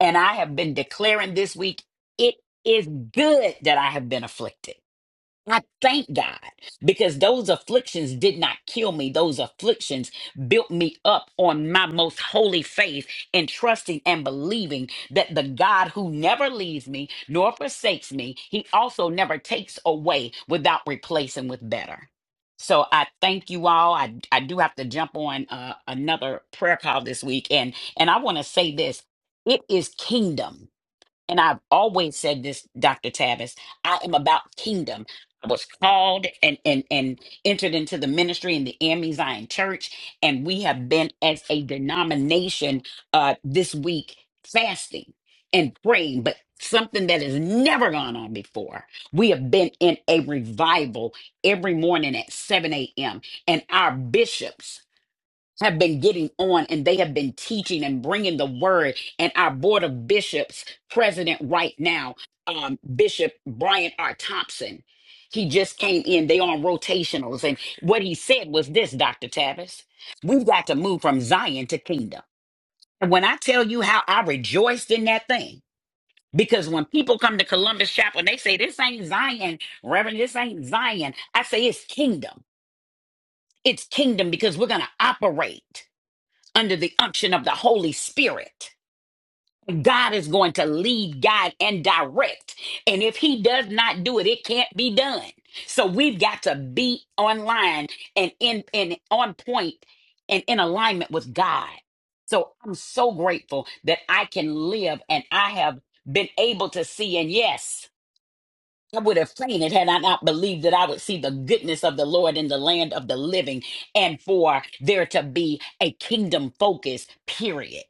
Speaker 4: And I have been declaring this week, it is good that I have been afflicted. I thank God because those afflictions did not kill me. Those afflictions built me up on my most holy faith and trusting and believing that the God who never leaves me nor forsakes me, he also never takes away without replacing with better. So I thank you all. I, I do have to jump on uh, another prayer call this week. And, and I want to say this it is kingdom and I've always said this, Dr. Tavis, I am about kingdom. I was called and and and entered into the ministry in the Ami Zion Church, and we have been as a denomination uh this week fasting and praying, but something that has never gone on before. We have been in a revival every morning at 7 a.m. And our bishops have been getting on and they have been teaching and bringing the word. And our board of bishops, president right now, um, Bishop Brian R. Thompson, he just came in. They on rotationals, and what he said was this, Doctor Tavis: We've got to move from Zion to kingdom. And when I tell you how I rejoiced in that thing. Because when people come to Columbus Chapel and they say, This ain't Zion, Reverend, this ain't Zion, I say, It's kingdom. It's kingdom because we're going to operate under the unction of the Holy Spirit. God is going to lead, guide, and direct. And if He does not do it, it can't be done. So we've got to be online and in and on point and in alignment with God. So I'm so grateful that I can live and I have been able to see. And yes, I would have fainted had I not believed that I would see the goodness of the Lord in the land of the living and for there to be a kingdom focus, period.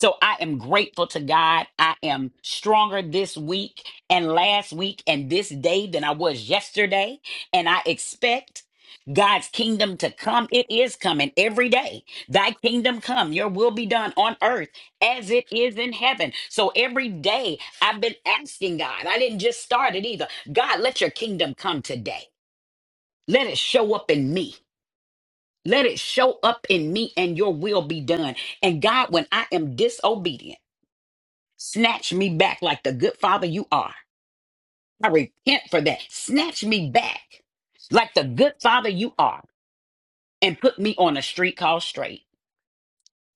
Speaker 4: So I am grateful to God. I am stronger this week and last week and this day than I was yesterday. And I expect God's kingdom to come. It is coming every day. Thy kingdom come, your will be done on earth as it is in heaven. So every day I've been asking God, I didn't just start it either. God, let your kingdom come today. Let it show up in me. Let it show up in me and your will be done. And God, when I am disobedient, Snatch me back like the good father you are. I repent for that. Snatch me back like the good father you are and put me on a street called straight.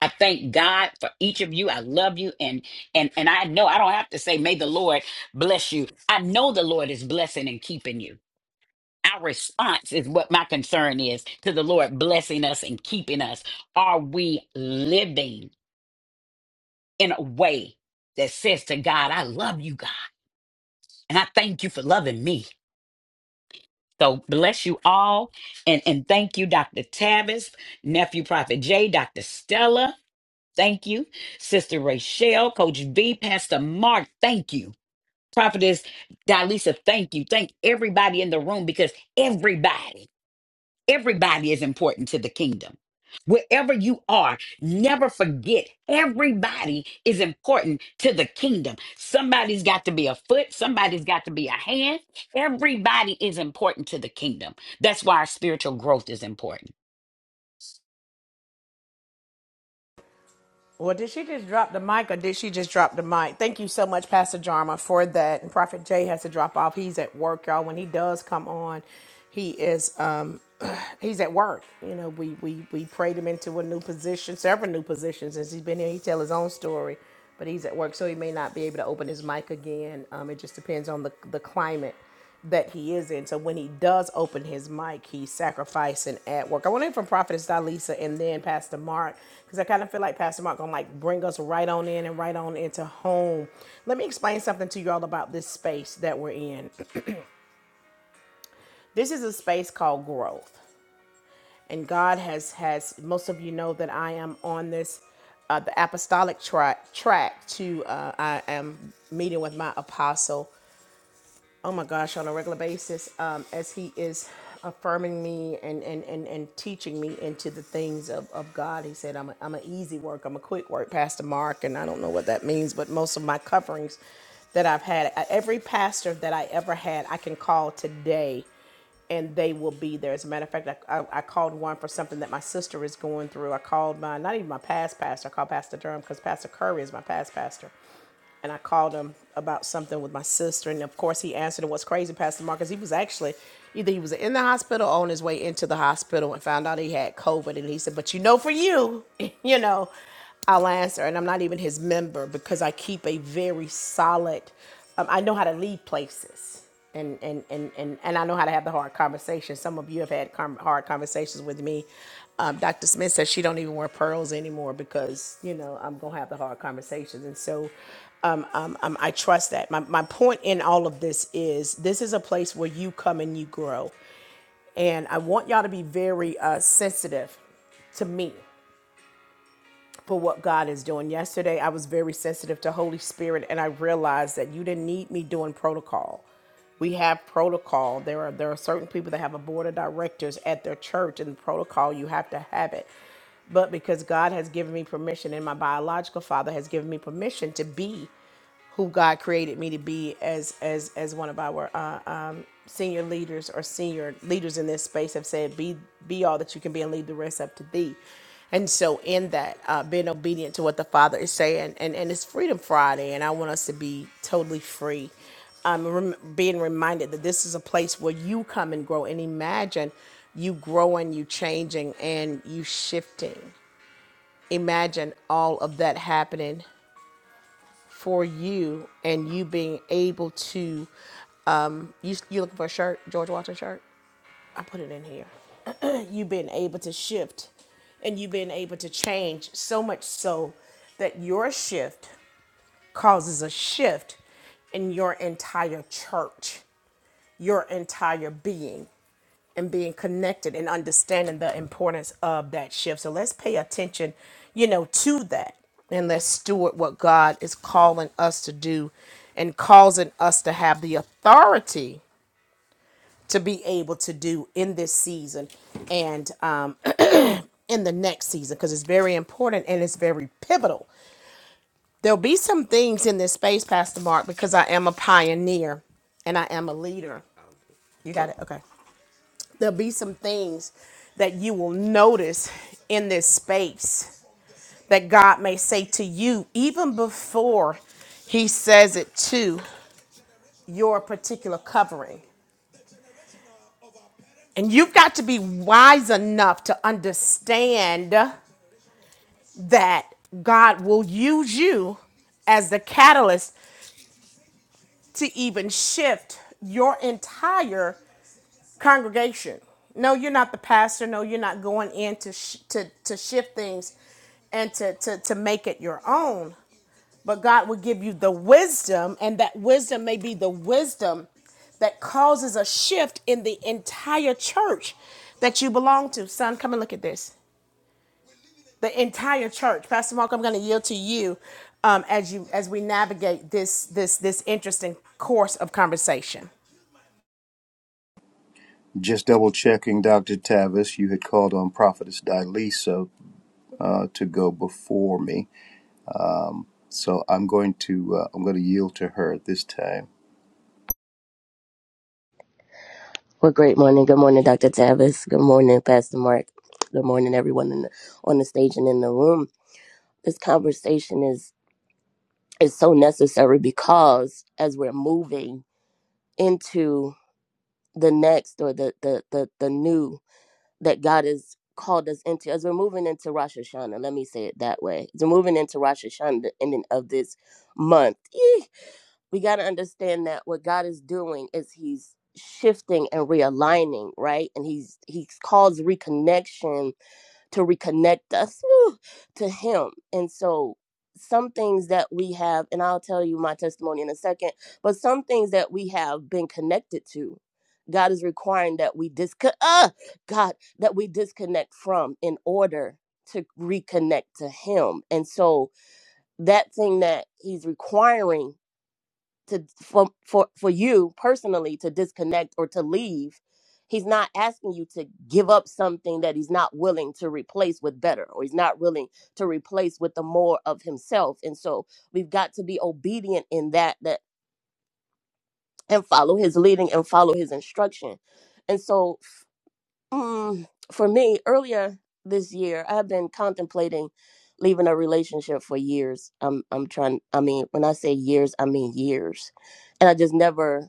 Speaker 4: I thank God for each of you. I love you and and and I know I don't have to say may the Lord bless you. I know the Lord is blessing and keeping you. Our response is what my concern is to the Lord blessing us and keeping us. Are we living in a way that says to God, I love you, God, and I thank you for loving me? So bless you all. And, and thank you, Dr. Tavis, Nephew Prophet J, Dr. Stella. Thank you. Sister Rachelle, Coach V, Pastor Mark. Thank you. Prophetess Dalisa, thank you. Thank everybody in the room because everybody. Everybody is important to the kingdom. Wherever you are, never forget everybody is important to the kingdom. Somebody's got to be a foot, somebody's got to be a hand. Everybody is important to the kingdom. That's why our spiritual growth is important.
Speaker 1: Well, did she just drop the mic or did she just drop the mic? Thank you so much, Pastor Jarma, for that. And Prophet Jay has to drop off. He's at work, y'all. When he does come on, he is um he's at work. You know, we we we prayed him into a new position, several new positions since he's been here. He tell his own story, but he's at work, so he may not be able to open his mic again. Um, it just depends on the the climate that he is in. So when he does open his mic, he's sacrificing at work. I want to hear from Prophetess Dalisa and then Pastor Mark because I kind of feel like Pastor Mark gonna like bring us right on in and right on into home. Let me explain something to you all about this space that we're in. This is a space called growth, and God has has most of you know that I am on this uh, the apostolic track track to uh, I am meeting with my apostle oh my gosh, on a regular basis, um, as he is affirming me and, and, and, and teaching me into the things of, of God. He said, I'm a, I'm an easy work. I'm a quick work, Pastor Mark. And I don't know what that means, but most of my coverings that I've had, uh, every pastor that I ever had, I can call today and they will be there. As a matter of fact, I, I, I called one for something that my sister is going through. I called my, not even my past pastor, I called Pastor Durham because Pastor Curry is my past pastor and I called him about something with my sister. And of course, he answered. And what's crazy, Pastor Marcus, he was actually either he was in the hospital or on his way into the hospital and found out he had COVID. And he said, But you know, for you, you know, I'll answer. And I'm not even his member because I keep a very solid, um, I know how to lead places. And, and, and, and, and I know how to have the hard conversation. Some of you have had com- hard conversations with me. Um, Dr. Smith says she don't even wear pearls anymore because, you know, I'm going to have the hard conversations. And so um, um, um, I trust that. My, my point in all of this is this is a place where you come and you grow. And I want y'all to be very uh, sensitive to me for what God is doing. Yesterday, I was very sensitive to Holy Spirit, and I realized that you didn't need me doing protocol. We have protocol. There are there are certain people that have a board of directors at their church, and protocol you have to have it. But because God has given me permission, and my biological father has given me permission to be who God created me to be as as as one of our uh, um, senior leaders or senior leaders in this space have said, "Be be all that you can be, and leave the rest up to thee." And so, in that, uh, being obedient to what the Father is saying, and and it's Freedom Friday, and I want us to be totally free. Um, rem- being reminded that this is a place where you come and grow, and imagine you growing, you changing, and you shifting. Imagine all of that happening for you and you being able to um you you looking for a shirt george washington shirt i put it in here you being able to shift and you being able to change so much so that your shift causes a shift in your entire church your entire being and being connected and understanding the importance of that shift. So let's pay attention, you know, to that and let's steward what God is calling us to do and causing us to have the authority to be able to do in this season and um, in the next season because it's very important and it's very pivotal. There'll be some things in this space, Pastor Mark, because I am a pioneer and I am a leader. You got it? Okay. there'll be some things that you will notice in this space that God may say to you even before he says it to your particular covering. And you've got to be wise enough to understand that God will use you as the catalyst to even shift your entire congregation. No, you're not the pastor. No, you're not going in to sh- to to shift things and to to to make it your own. But God will give you the wisdom, and that wisdom may be the wisdom that causes a shift in the entire church that you belong to. Son, come and look at this. The entire church, Pastor Mark. I'm going to yield to you um, as you as we navigate this this this interesting course of conversation.
Speaker 5: Just double checking, Dr. Tavis, you had called on Prophetess Dilisa uh, to go before me. Um, so I'm going to uh, I'm going to yield to her at this time.
Speaker 6: Well, great morning. Good morning, Dr. Tavis. Good morning, Pastor Mark. Good morning, everyone in the, on the stage and in the room. This conversation is is so necessary because as we're moving into the next or the the the, the new that God has called us into, as we're moving into Rosh Hashanah, let me say it that way. As we're moving into Rosh Hashanah, the ending of this month. we got to understand that what God is doing is he's shifting and realigning, right? And he's he's calls reconnection to reconnect us whew, to him. And so some things that we have and I'll tell you my testimony in a second, but some things that we have been connected to God is requiring that we disco- uh, God that we disconnect from in order to reconnect to him. And so that thing that he's requiring to for for for you personally to disconnect or to leave he's not asking you to give up something that he's not willing to replace with better or he's not willing to replace with the more of himself and so we've got to be obedient in that that and follow his leading and follow his instruction and so mm, for me earlier this year i've been contemplating leaving a relationship for years i'm i'm trying i mean when i say years i mean years and i just never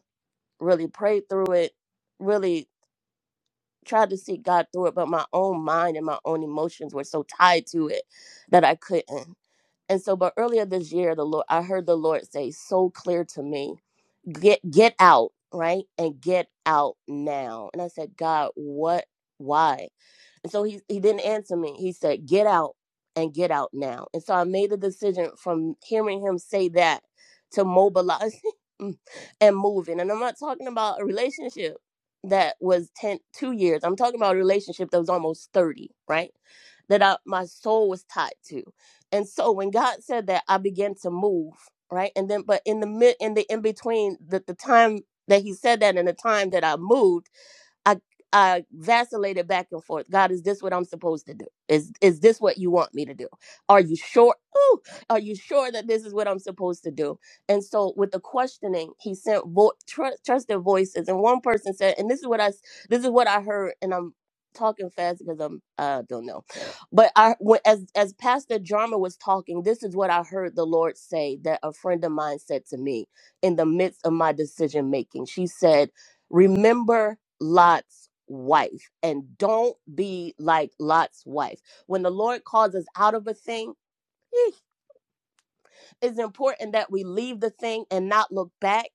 Speaker 6: really prayed through it, really tried to see God through it, but my own mind and my own emotions were so tied to it that I couldn't. And so, but earlier this year, the Lord, I heard the Lord say so clear to me, get get out, right, and get out now. And I said, God, what? Why? And so he he didn't answer me. He said, "Get out and get out now." And so I made the decision from hearing him say that to mobilize and moving. And I'm not talking about a relationship that was 10 2 years. I'm talking about a relationship that was almost 30, right? That I, my soul was tied to. And so when God said that, I began to move, right? And then but in the mid in the in between the, the time that he said that and the time that I moved I I vacillated back and forth. God, is this what I'm supposed to do? Is is this what you want me to do? Are you sure? Ooh, are you sure that this is what I'm supposed to do? And so with the questioning, he sent vo- tr- trusted voices, and one person said, and this is what I s- this is what I heard, and I'm talking fast because I'm uh don't know, but I when- as as Pastor Jarma was talking, this is what I heard the Lord say that a friend of mine said to me in the midst of my decision making. She said Remember Lot's wife and don't be like Lot's wife. When the Lord calls us out of a thing, eh, it's important that we leave the thing and not look back.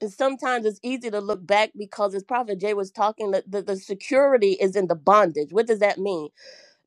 Speaker 6: And sometimes it's easy to look back because, as Prophet Jay was talking, that the, the security is in the bondage. What does that mean?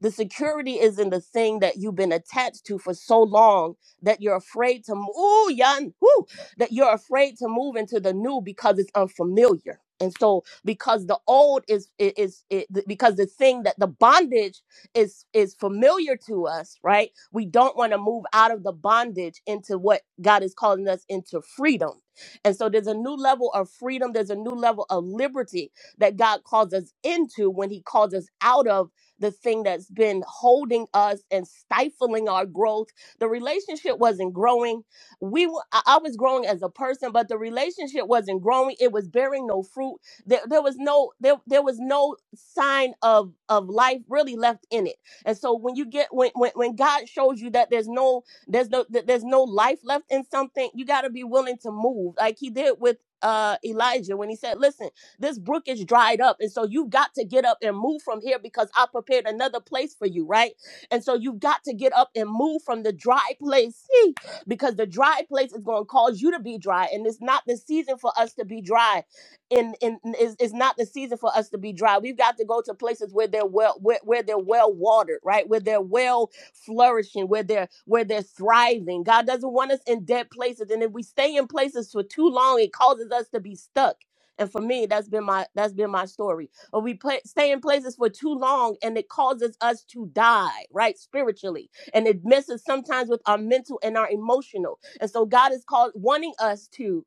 Speaker 6: The security is in the thing that you've been attached to for so long that you're afraid to move. Ooh, yan, woo, that you're afraid to move into the new because it's unfamiliar. And so, because the old is i- is, it, because the thing that the bondage is is familiar to us, right? We don't want to move out of the bondage into what God is calling us into freedom. And so, there's a new level of freedom. There's a new level of liberty that God calls us into when He calls us out of the thing that's been holding us and stifling our growth. The relationship wasn't growing. We were, I was growing as a person, but the relationship wasn't growing. It was bearing no fruit. There, there was no there, there was no sign of of life really left in it. And so when you get when when, when God shows you that there's no there's no that there's no life left in something, you got to be willing to move. Like he did with uh Elijah when he said, "Listen, this brook is dried up. And so you've got to get up and move from here because I prepared another place for you, right? And so you've got to get up and move from the dry place see, because the dry place is going to cause you to be dry. And it's not the season for us to be dry. And in, in- it's, it's not the season for us to be dry. We've got to go to places where they're well, where, where they're well watered, right? Where they're well flourishing, where they're where they're thriving. God doesn't want us in dead places. And if we stay in places for too long, it causes us to be stuck. And for me, that's been my that's been my story. Or we pla stay in places for too long, and it causes us to die, right, spiritually, and it messes sometimes with our mental and our emotional. And so God is called wanting us to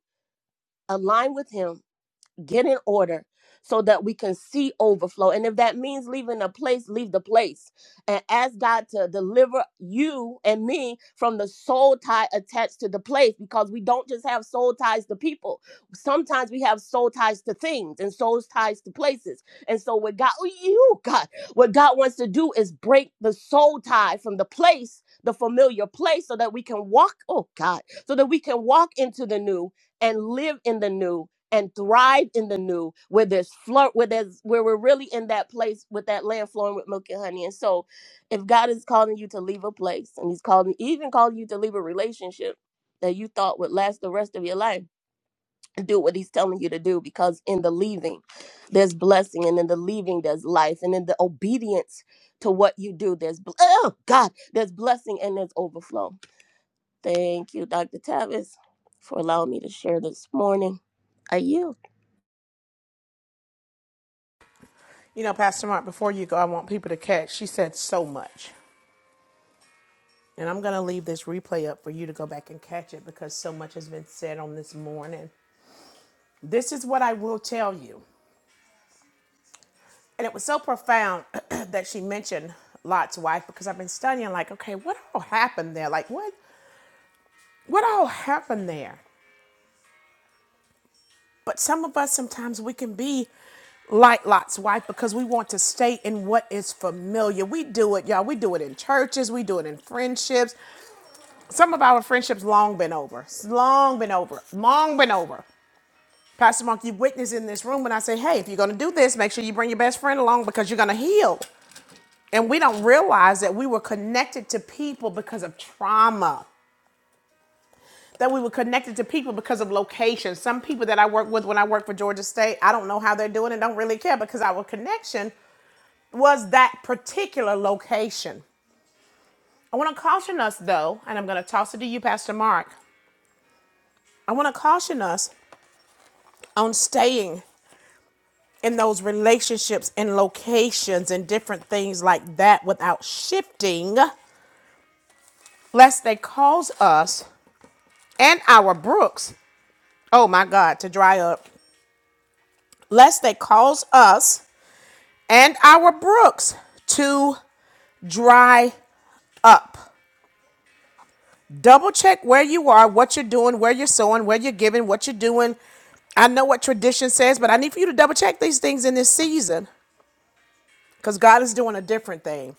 Speaker 6: align with Him get in order so that we can see overflow. And if that means leaving a place, leave the place and ask God to deliver you and me from the soul tie attached to the place because we don't just have soul ties to people. Sometimes we have soul ties to things and soul ties to places. And so what God, you God, what God wants to do is break the soul tie from the place, the familiar place so that we can walk, oh God, so that we can walk into the new and live in the new and thrive in the new where there's flow where there's where we're really in that place with that land flowing with milk and honey and so if god is calling you to leave a place and he's calling even calling you to leave a relationship that you thought would last the rest of your life do what he's telling you to do because in the leaving there's blessing and in the leaving there's life and in the obedience to what you do there's bl- oh god there's blessing and there's overflow thank you dr tavis for allowing me to share this morning are you
Speaker 1: You know, Pastor Mark. Before you go, I want people to catch. She said so much. And I'm going to leave this replay up for you to go back and catch it because so much has been said on this morning. This is what I will tell you. And it was so profound that she mentioned Lot's wife because I've been studying, like, okay, what all happened there? Like, what, what all happened there? But some of us sometimes we can be like Lot's wife because we want to stay in what is familiar. We do it, y'all. We do it in churches. We do it in friendships. Some of our friendships long been over. It's long been over. Long been over. Pastor Mark, you've witnessed in this room when I say, hey, if you're going to do this, make sure you bring your best friend along because you're going to heal. And we don't realize that we were connected to people because of trauma, that we were connected to people because of location. Some people that I work with when I work for Georgia State, I don't know how they're doing and don't really care because our connection was that particular location. I want to caution us, though, and I'm going to toss it to you, Pastor Mark. I want to caution us on staying in those relationships and locations and different things like that without shifting, lest they cause us and our brooks, oh my God, to dry up, lest they cause us and our brooks to dry up. Double check where you are, what you're doing, where you're sowing, where you're giving, what you're doing. I know what tradition says, but I need for you to double check these things in this season because God is doing a different thing.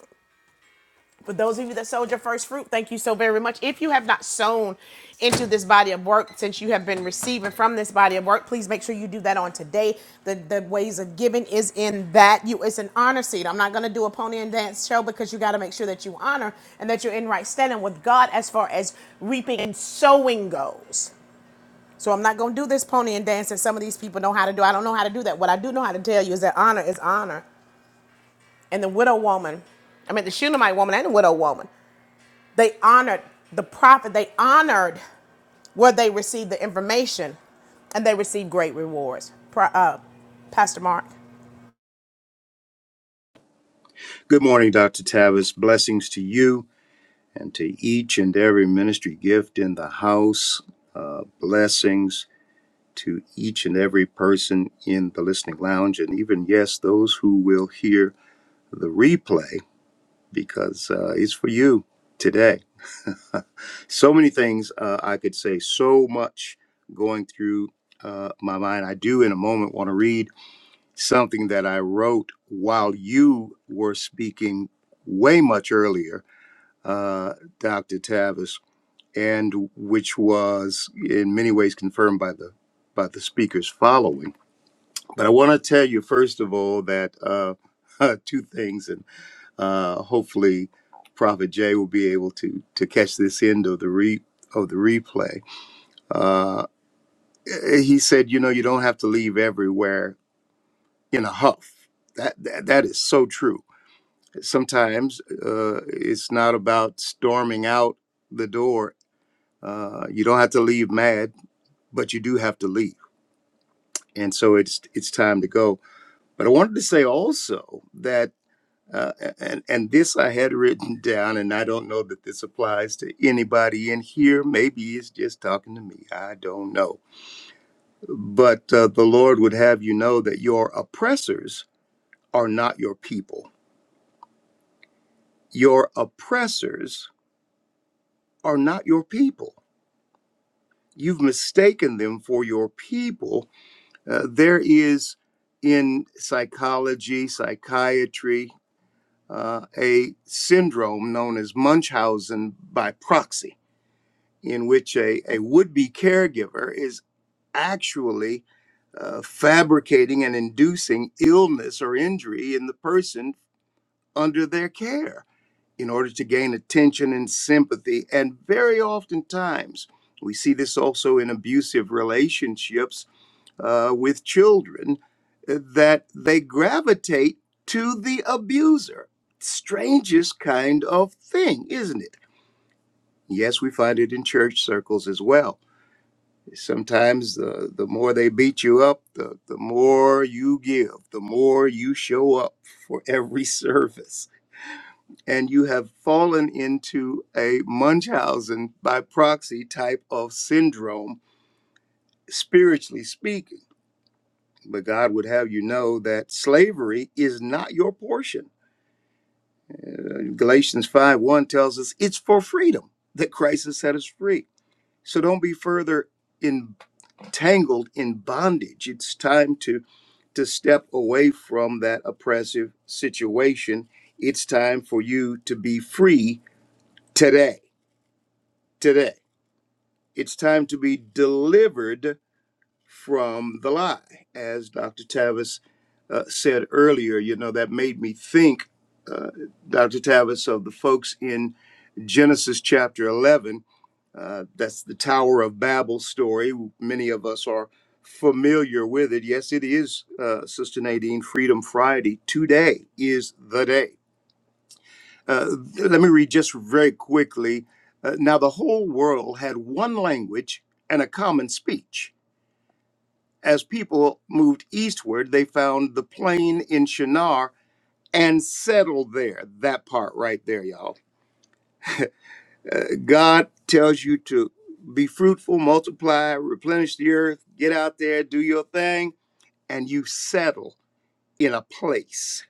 Speaker 1: For those of you that sowed your first fruit, thank you so very much. If you have not sown into this body of work since you have been receiving from this body of work, please make sure you do that on today. The the ways of giving is in that you it's an honor seat. I'm not gonna do a pony and dance show because you gotta make sure that you honor and that you're in right standing with God as far as reaping and sowing goes. So I'm not gonna do this pony and dance that some of these people know how to do. I don't know how to do that. What I do know how to tell you is that honor is honor. And the widow woman, I mean the Shunammite woman and the widow woman. They honored the prophet, they honored where they received the information, and they received great rewards. Pro- uh, Pastor Mark.
Speaker 5: Good morning, Dr. Tavis. Blessings to you and to each and every ministry gift in the house. Uh, blessings to each and every person in the listening lounge, and even yes, those who will hear the replay. because uh, it's for you today. so many things uh, I could say, so much going through uh, my mind. I do, in a moment, want to read something that I wrote while you were speaking way much earlier, uh, Dr. Tavis, and which was in many ways confirmed by the by the speakers following. But I want to tell you first of all that uh, two things, uh, hopefully, Prophet Jay will be able to to catch this end of the re of the replay. Uh, eh, he said, you know, you don't have to leave everywhere in a huff. That that, that is so true. Sometimes uh, it's not about storming out the door. Uh, you don't have to leave mad, but you do have to leave, and so it's it's time to go. But I wanted to say also that Uh, and, and this I had written down, and I don't know that this applies to anybody in here. Maybe it's just talking to me. I don't know. But uh, the Lord would have you know that your oppressors are not your people. Your oppressors are not your people. You've mistaken them for your people. Uh, there is in psychology, psychiatry, uh, a syndrome known as Munchausen by proxy in which a, a would be caregiver is actually uh, fabricating and inducing illness or injury in the person under their care in order to gain attention and sympathy. And very oftentimes, we see this also in abusive relationships uh, with children, uh, that they gravitate to the abuser. Strangest kind of thing, isn't it? Yes, we find it in church circles as well Sometimes the, the more they beat you up, the, the more you give, the more you show up for every service. And you have fallen into a Munchausen by proxy type of syndrome, spiritually speaking. But God would have you know that slavery is not your portion. Uh, Galatians 5 1 tells us it's for freedom that Christ has set us free. So don't be further in. tangled in bondage. It's time to to step away from that oppressive situation. It's time for you to be free today. Today. It's time to be delivered from the lie. As Dr. Tavis uh, said earlier, you know, that made me think, uh, Dr. Tavis, of the folks in Genesis chapter 11 uh, that's the Tower of Babel story. Many of us are familiar with it. Yes, it is, uh, Sister Nadine, Freedom Friday. Today is the day. Uh, let me read just very quickly. Uh, now, the whole world had one language and a common speech. As people moved eastward, they found the plain in Shinar and settled there. That part right there, y'all Uh, God tells you to be fruitful, multiply, replenish the earth, get out there, do your thing, and you settle in a place.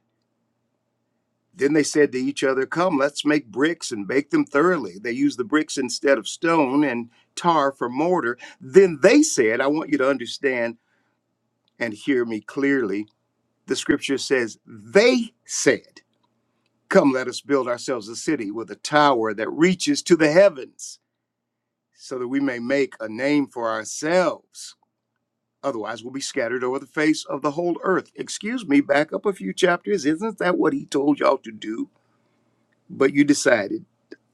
Speaker 5: Then they said to each other, Come, let's make bricks and bake them thoroughly. They used the bricks instead of stone and tar for mortar. Then they said, I want you to understand and hear me clearly. The scripture says, They said, Come, let us build ourselves a city with a tower that reaches to the heavens so that we may make a name for ourselves. Otherwise, we'll be scattered over the face of the whole earth. Excuse me, back up a few chapters. Isn't that what he told y'all to do? But you decided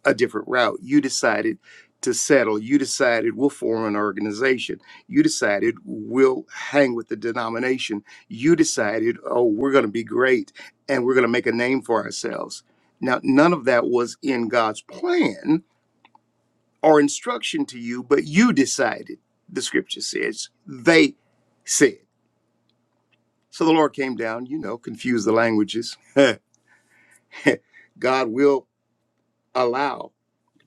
Speaker 5: a different route. You decided to settle. You decided we'll form an organization. You decided we'll hang with the denomination. You decided, oh, we're going to be great and we're going to make a name for ourselves. Now, none of that was in God's plan or instruction to you, but you decided, the scripture says, they said. So the Lord came down, you know, confused the languages. God will allow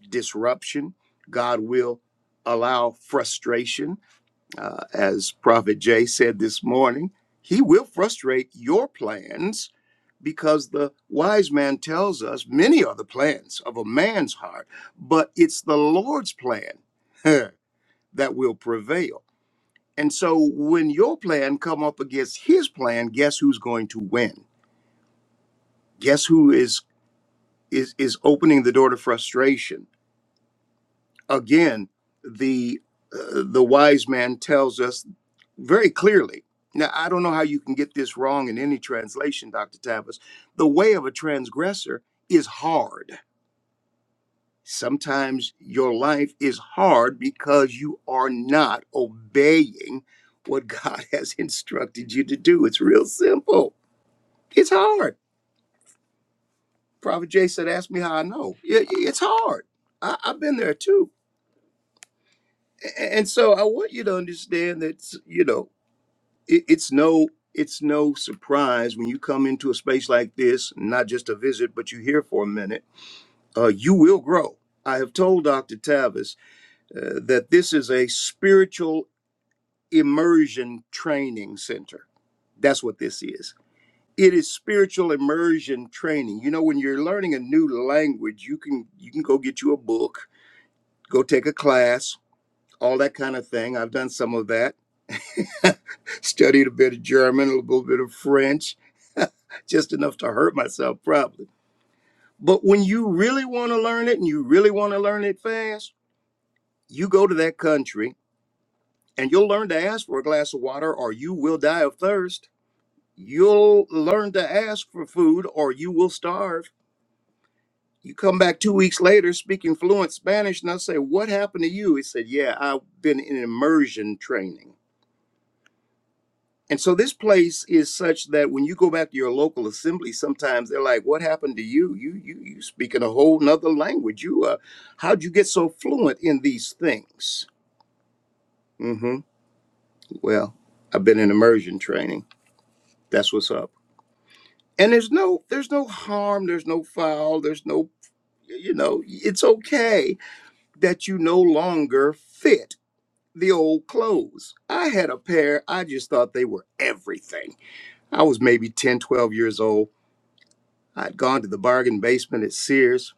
Speaker 5: disruption, God will allow frustration. Uh, as Prophet Jay said this morning, he will frustrate your plans because the wise man tells us many are the plans of a man's heart, but it's the Lord's plan that will prevail. And so when your plan come up against his plan, guess who's going to win? Guess who is is is opening the door to frustration? Again, the uh, the wise man tells us very clearly. Now, I don't know how you can get this wrong in any translation, Dr. Tavis. The way of a transgressor is hard. Sometimes your life is hard because you are not obeying what God has instructed you to do. It's real simple. It's hard. Prophet Jay said, ask me how I know. Yeah, yeah, It's hard. I, I've been there too. A- And so I want you to understand that, you know, it, it's no it's no surprise when you come into a space like this, not just a visit, but you're here for a minute, uh, you will grow. I have told Dr. Tavis uh, that this is a spiritual immersion training center. That's what this is it is spiritual immersion training you know when you're learning a new language you can you can go get you a book go take a class all that kind of thing i've done some of that studied a bit of german a little bit of french just enough to hurt myself probably but when you really want to learn it and you really want to learn it fast you go to that country and you'll learn to ask for a glass of water or you will die of thirst you'll learn to ask for food or you will starve You come back two weeks later speaking fluent Spanish, and I say, What happened to you? He said, Yeah, I've been in immersion training. And so this place is such that when you go back to your local assembly, sometimes they're like, What happened to you? You you you speak in a whole nother language. You uh how'd you get so fluent in these things? Mm-hmm. Well, I've been in immersion training. That's what's up. And there's no there's no harm, there's no foul, there's no you know, it's okay that you no longer fit the old clothes. I had a pair, I just thought they were everything. I was maybe 10, 12 years old. I'd gone to the bargain basement at Sears,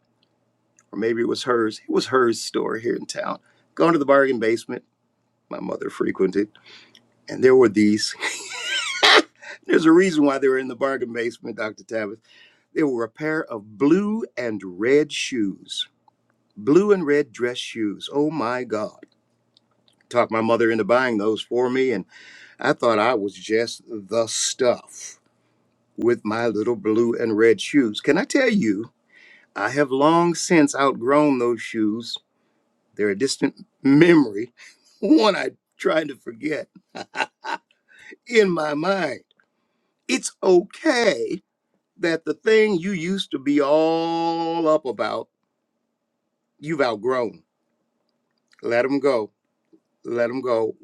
Speaker 5: or maybe it was hers. It was hers store here in town. Gone to the bargain basement my mother frequented, and there were these. There's a reason why they were in the bargain basement, Dr. Tabitha. There were a pair of blue and red shoes, blue and red dress shoes. Oh my God. Talked my mother into buying those for me, and I thought I was just the stuff. with my little blue and red shoes. Can I tell you, I have long since outgrown those shoes. They're a distant memory, one I tried to forget in my mind. It's okay that the thing you used to be all up about, you've outgrown. Let them go. Let them go.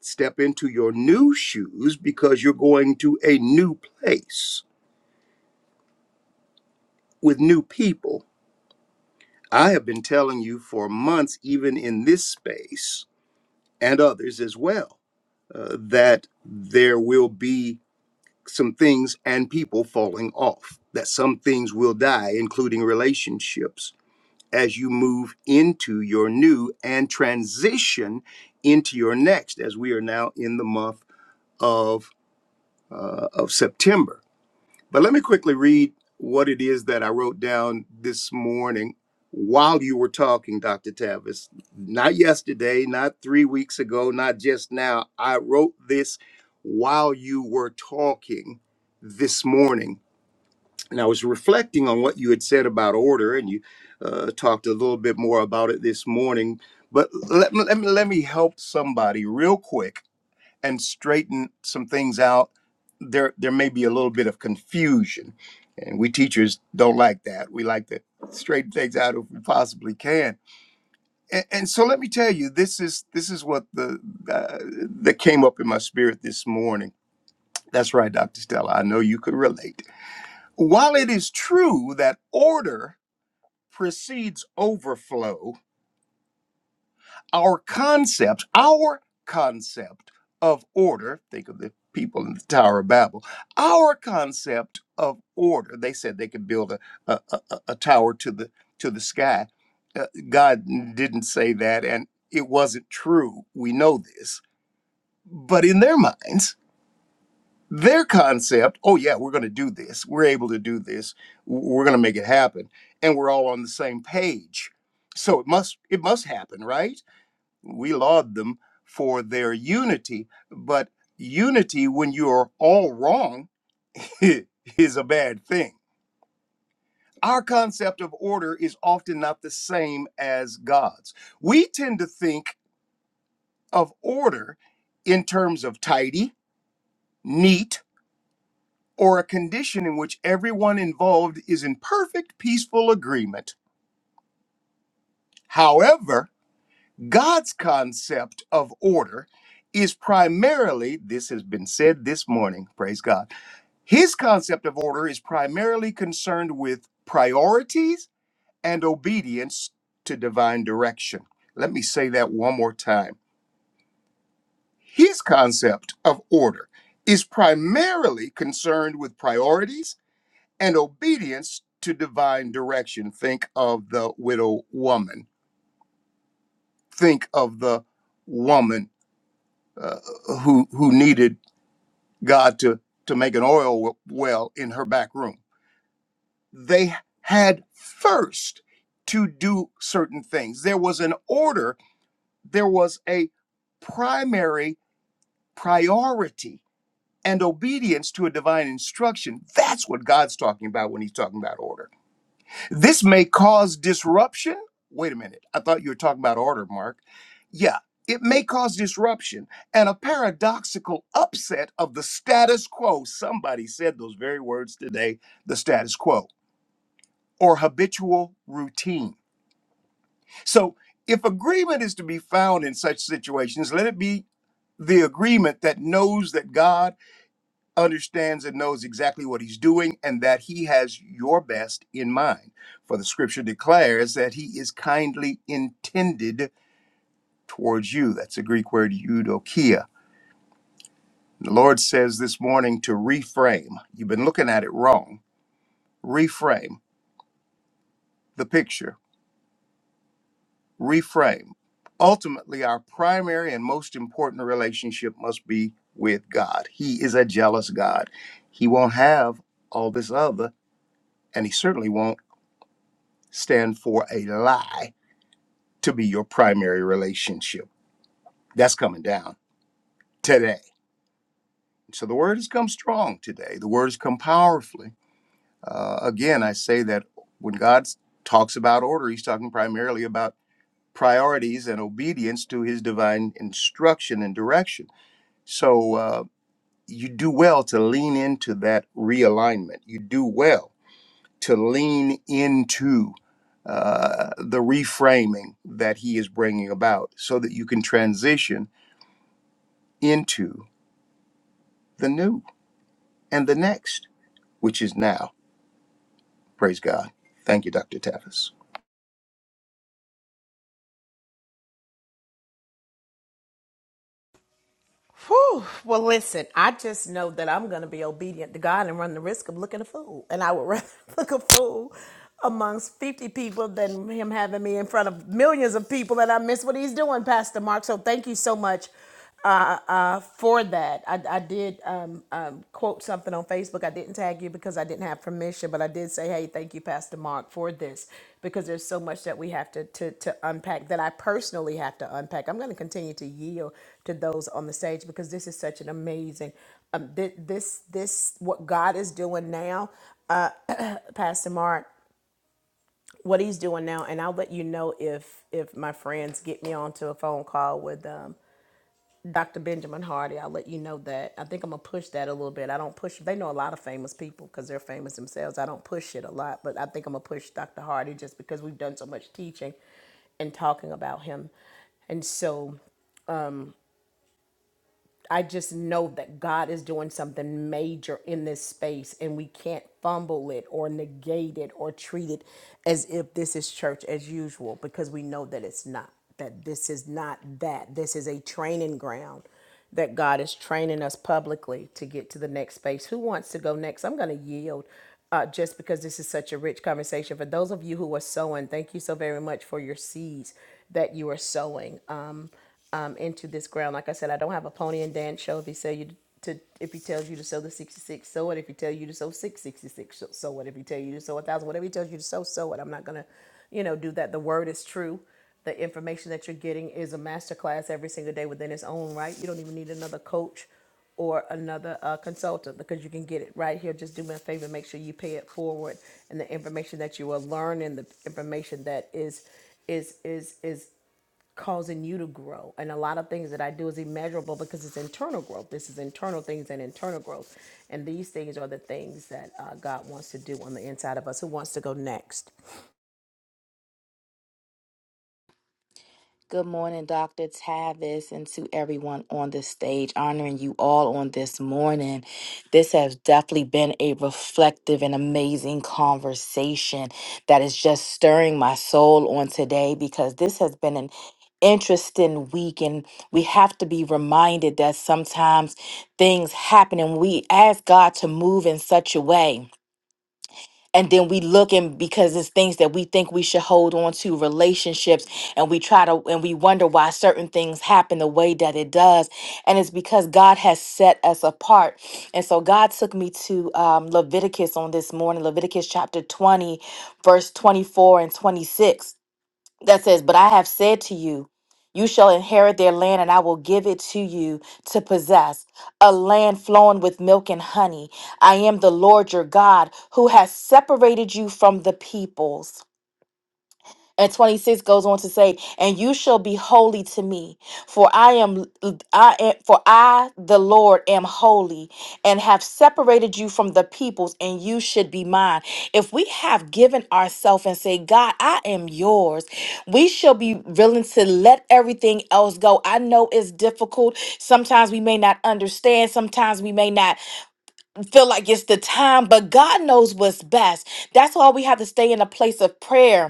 Speaker 5: Step into your new shoes because you're going to a new place with new people I have been telling you for months, even in this space and others as well, uh, that there will be some things and people falling off, that some things will die, including relationships, as you move into your new and transition into your next, as we are now in the month of, uh, of September. But let me quickly read what it is that I wrote down this morning while you were talking, Dr. Tavis. Not yesterday, not three weeks ago, not just now. I wrote this while you were talking this morning. And I was reflecting on what you had said about order, and you uh, talked a little bit more about it this morning. But let me, let me, let me help somebody real quick and straighten some things out, there there may be a little bit of confusion, and we teachers don't like that. We like to straighten things out if we possibly can. And, and so let me tell you, this is this is what the uh, that came up in my spirit this morning. That's right, Doctor Stella. I know you could relate. While it is true that order precedes overflow, our concept, our concept of order, think of the people in the Tower of Babel, our concept of order. They said they could build a, a, a, a a tower to the to the sky. Uh, God didn't say that, and it wasn't true. We know this. But in their minds, their concept, oh yeah, we're going to do this. We're able to do this. We're going to make it happen, and we're all on the same page. So it must it must happen, right? We laud them for their unity, but unity when you're all wrong is a bad thing. Our concept of order is often not the same as God's. We tend to think of order in terms of tidy, neat, or a condition in which everyone involved is in perfect peaceful agreement. However, God's concept of order is primarily, this has been said this morning, praise God His concept of order is primarily concerned with priorities and obedience to divine direction. Let me say that one more time. His concept of order is primarily concerned with priorities and obedience to divine direction. Think of the widow woman. Think of the woman uh, who who needed God to to make an oil well in her back room they had first to do certain things. There was an order, there was a primary priority and obedience to a divine instruction. That's what God's talking about when he's talking about order. This may cause disruption. Wait a minute. I thought you were talking about order, Mark. Yeah, it may cause disruption and a paradoxical upset of the status quo. Somebody said those very words today the status quo or habitual routine. So, if agreement is to be found in such situations, let it be the agreement that knows that God understands and knows exactly what he's doing and that he has your best in mind. For the scripture declares that he is kindly intended towards you. That's the Greek word eudokia. The Lord says this morning to reframe. You've been looking at it wrong. Reframe the picture reframe. Ultimately, our primary and most important relationship must be with God. He is a jealous God. He won't have all this other, and He certainly won't stand for a lie to be your primary relationship. That's coming down today. So the word has come strong today, the word has come powerfully. Uh, again, I say that when God talks about order, He's talking primarily about priorities and obedience to His divine instruction and direction So uh, you do well to lean into that realignment. You do well to lean into uh, the reframing that he is bringing about so that you can transition into the new and the next, which is now. Praise God. Thank you, Dr. Tavis.
Speaker 1: Whew. Well, listen, I just know that I'm going to be obedient to God and run the risk of looking a fool. And I would rather look a fool amongst 50 people than him having me in front of millions of people that I miss what he's doing, Pastor Mark. So thank you so much uh, for that. I, I did um, um, quote something on Facebook. I didn't tag you because I didn't have permission, but I did say, hey, thank you, Pastor Mark, for this because there's so much that we have to, to, to unpack that I personally have to unpack. I'm going to continue to yield to those on the stage because this is such an amazing, um, this, this, this, what God is doing now, Pastor Mark, what he's doing now. And I'll let you know if, if my friends get me onto a phone call with, um, Dr. Benjamin Hardy. I'll let you know that. I think I'm gonna push that a little bit. I don't push. They know a lot of famous people because they're famous themselves. I don't push it a lot, but I think I'm gonna push Dr. Hardy just because we've done so much teaching and talking about him, and so. I just know that God is doing something major in this space and we can't fumble it or negate it or treat it as if this is church as usual because we know that it's not. That this is not that. This is a training ground that God is training us publicly to get to the next space. Who wants to go next? I'm going to yield uh, just because this is such a rich conversation. For those of you who are sowing, thank you so very much for your seeds that you are sowing. Um, um, into this ground. Like I said, I don't have a pony and dance show. If he sell you to, if he tells you to sell the sixty six, so what? If he tells you to sell six sixty six, so so what? If he tells you to sell a thousand, whatever he tells you to sell, so what? I'm not gonna, you know, do that. The word is true. The information that you're getting is a masterclass every single day within its own right. You don't even need another coach or another uh, consultant because you can get it right here. Just do me a favor, make sure you pay it forward, and the information that you will learn and the information that is is is is causing you to grow. And a lot of things that I do is immeasurable because it's internal growth. This is internal things and internal growth. And these things are the things that uh, God wants to do on the inside of us. Who wants to go next?
Speaker 7: Good morning, Dr. Tavis, and to everyone on this stage, honoring you all on this morning. This has definitely been a reflective and amazing conversation that is just stirring my soul on today because this has been an interesting week and we have to be reminded that sometimes things happen and we ask God to move in such a way and then we look and because it's things that we think we should hold on to relationships and we try to and we wonder why certain things happen the way that it does and it's because god has set us apart and so god took me to um, leviticus on this morning leviticus chapter 20 verse 24 and 26 that says, But I have said to you, you shall inherit their land, and I will give it to you to possess a land flowing with milk and honey. I am the Lord your God who has separated you from the peoples and 26 goes on to say and you shall be holy to me for i am i am for i the lord am holy and have separated you from the peoples and you should be mine if we have given ourselves and say god i am yours we shall be willing to let everything else go i know it's difficult sometimes we may not understand sometimes we may not feel like it's the time but god knows what's best that's why we have to stay in a place of prayer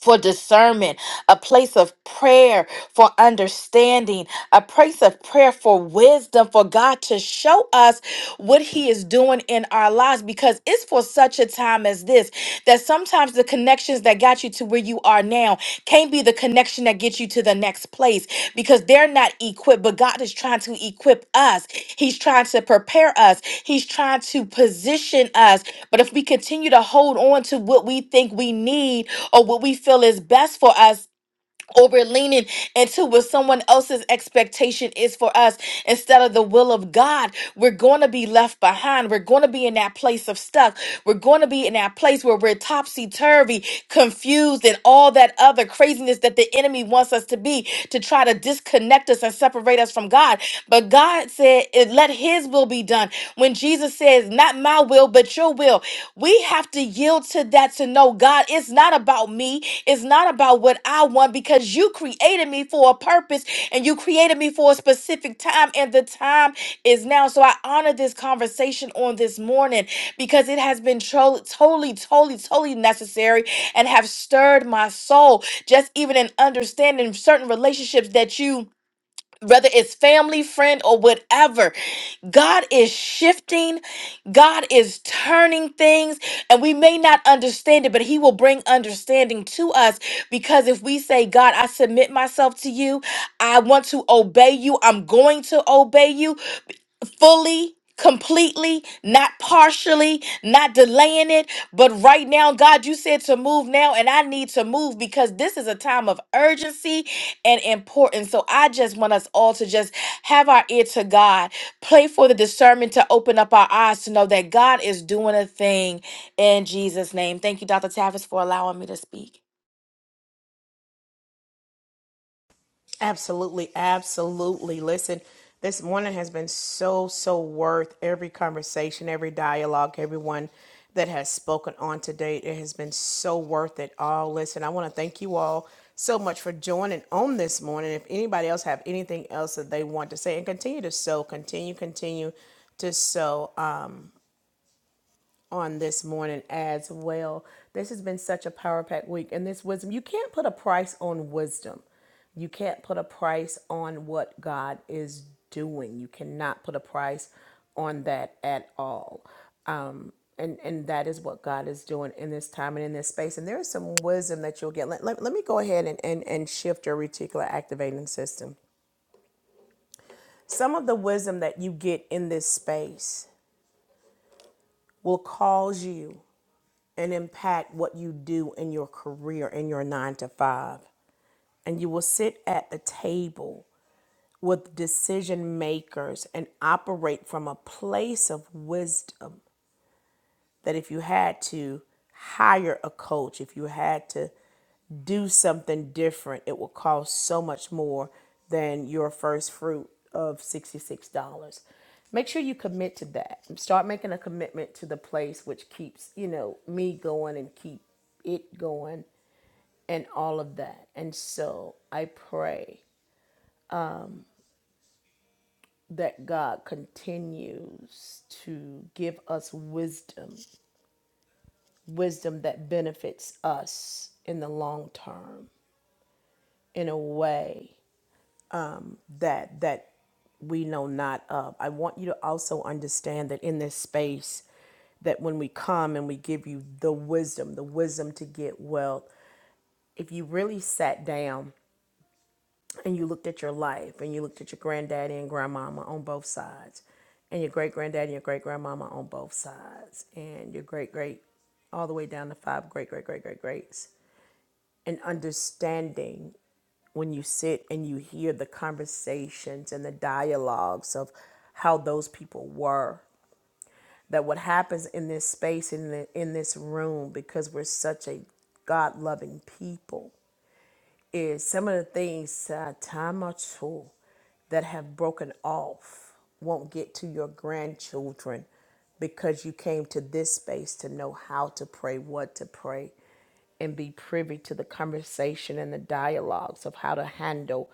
Speaker 7: for discernment, a place of prayer for understanding, a place of prayer for wisdom, for God to show us what He is doing in our lives. Because it's for such a time as this that sometimes the connections that got you to where you are now can't be the connection that gets you to the next place because they're not equipped. But God is trying to equip us, He's trying to prepare us, He's trying to position us. But if we continue to hold on to what we think we need, or what we feel is best for us or we're leaning into what someone else's expectation is for us instead of the will of God, we're going to be left behind. We're going to be in that place of stuck. We're going to be in that place where we're topsy turvy, confused, and all that other craziness that the enemy wants us to be to try to disconnect us and separate us from God. But God said, "Let His will be done." When Jesus says, "Not my will, but your will," We have to yield to that to know God, it's not about me. It's not about what I want because you created me for a purpose and you created me for a specific time, and the time is now. So I honor this conversation on this morning because it has been tro- totally, totally, totally necessary and have stirred my soul. Just even in understanding certain relationships that you whether it's family, friend, or whatever. God is shifting, God is turning things, and we may not understand it, but He will bring understanding to us because if we say, God, I submit myself to you, I want to obey you, I'm going to obey you, fully, completely, not partially, not delaying it, but right now, God, you said to move now, and I need to move because this is a time of urgency and importance. So I just want us all to just have our ear to God, pray for the discernment to open up our eyes to know that God is doing a thing in Jesus' name. Thank you, Dr. Tavis, for allowing me to speak.
Speaker 1: Absolutely, absolutely. Listen, this morning has been so, so worth every conversation, every dialogue, everyone that has spoken on to date. It has been so worth it all. Listen, I want to thank you all so much for joining on this morning. If anybody else have anything else that they want to say and continue to sow, continue, continue to sow on this morning as well. This has been such a power pack week, and this wisdom you can't put a price on wisdom. You can't put a price on what God is doing. You cannot put a price on that at all. And and that is what God is doing in this time and in this space. And there is some wisdom that you'll get. Let, let, let me go ahead and, and, and shift your reticular activating system. Some of the wisdom that you get in this space will cause you and impact what you do in your career in your nine to five. And you will sit at the table with decision makers and operate from a place of wisdom that if you had to hire a coach, if you had to do something different, it will cost so much more than your first fruit of $66. Make sure you commit to that. Start making a commitment to the place which keeps, you know, me going and keep it going and all of that. And so I pray that God continues to give us wisdom wisdom that benefits us in the long term in a way that that we know not of. I want you to also understand that in this space that when we come and we give you the wisdom, the wisdom to get wealth, if you really sat down and you looked at your life and you looked at your granddaddy and grandmama on both sides and your great granddaddy and your great grandmama on both sides and your great great all the way down to five great great great great greats and understanding when you sit and you hear the conversations and the dialogues of how those people were that what happens in this space in the, in this room because we're such a god loving people is some of the things uh, time or two that have broken off won't get to your grandchildren because you came to this space to know how to pray, what to pray, and be privy to the conversation and the dialogues of how to handle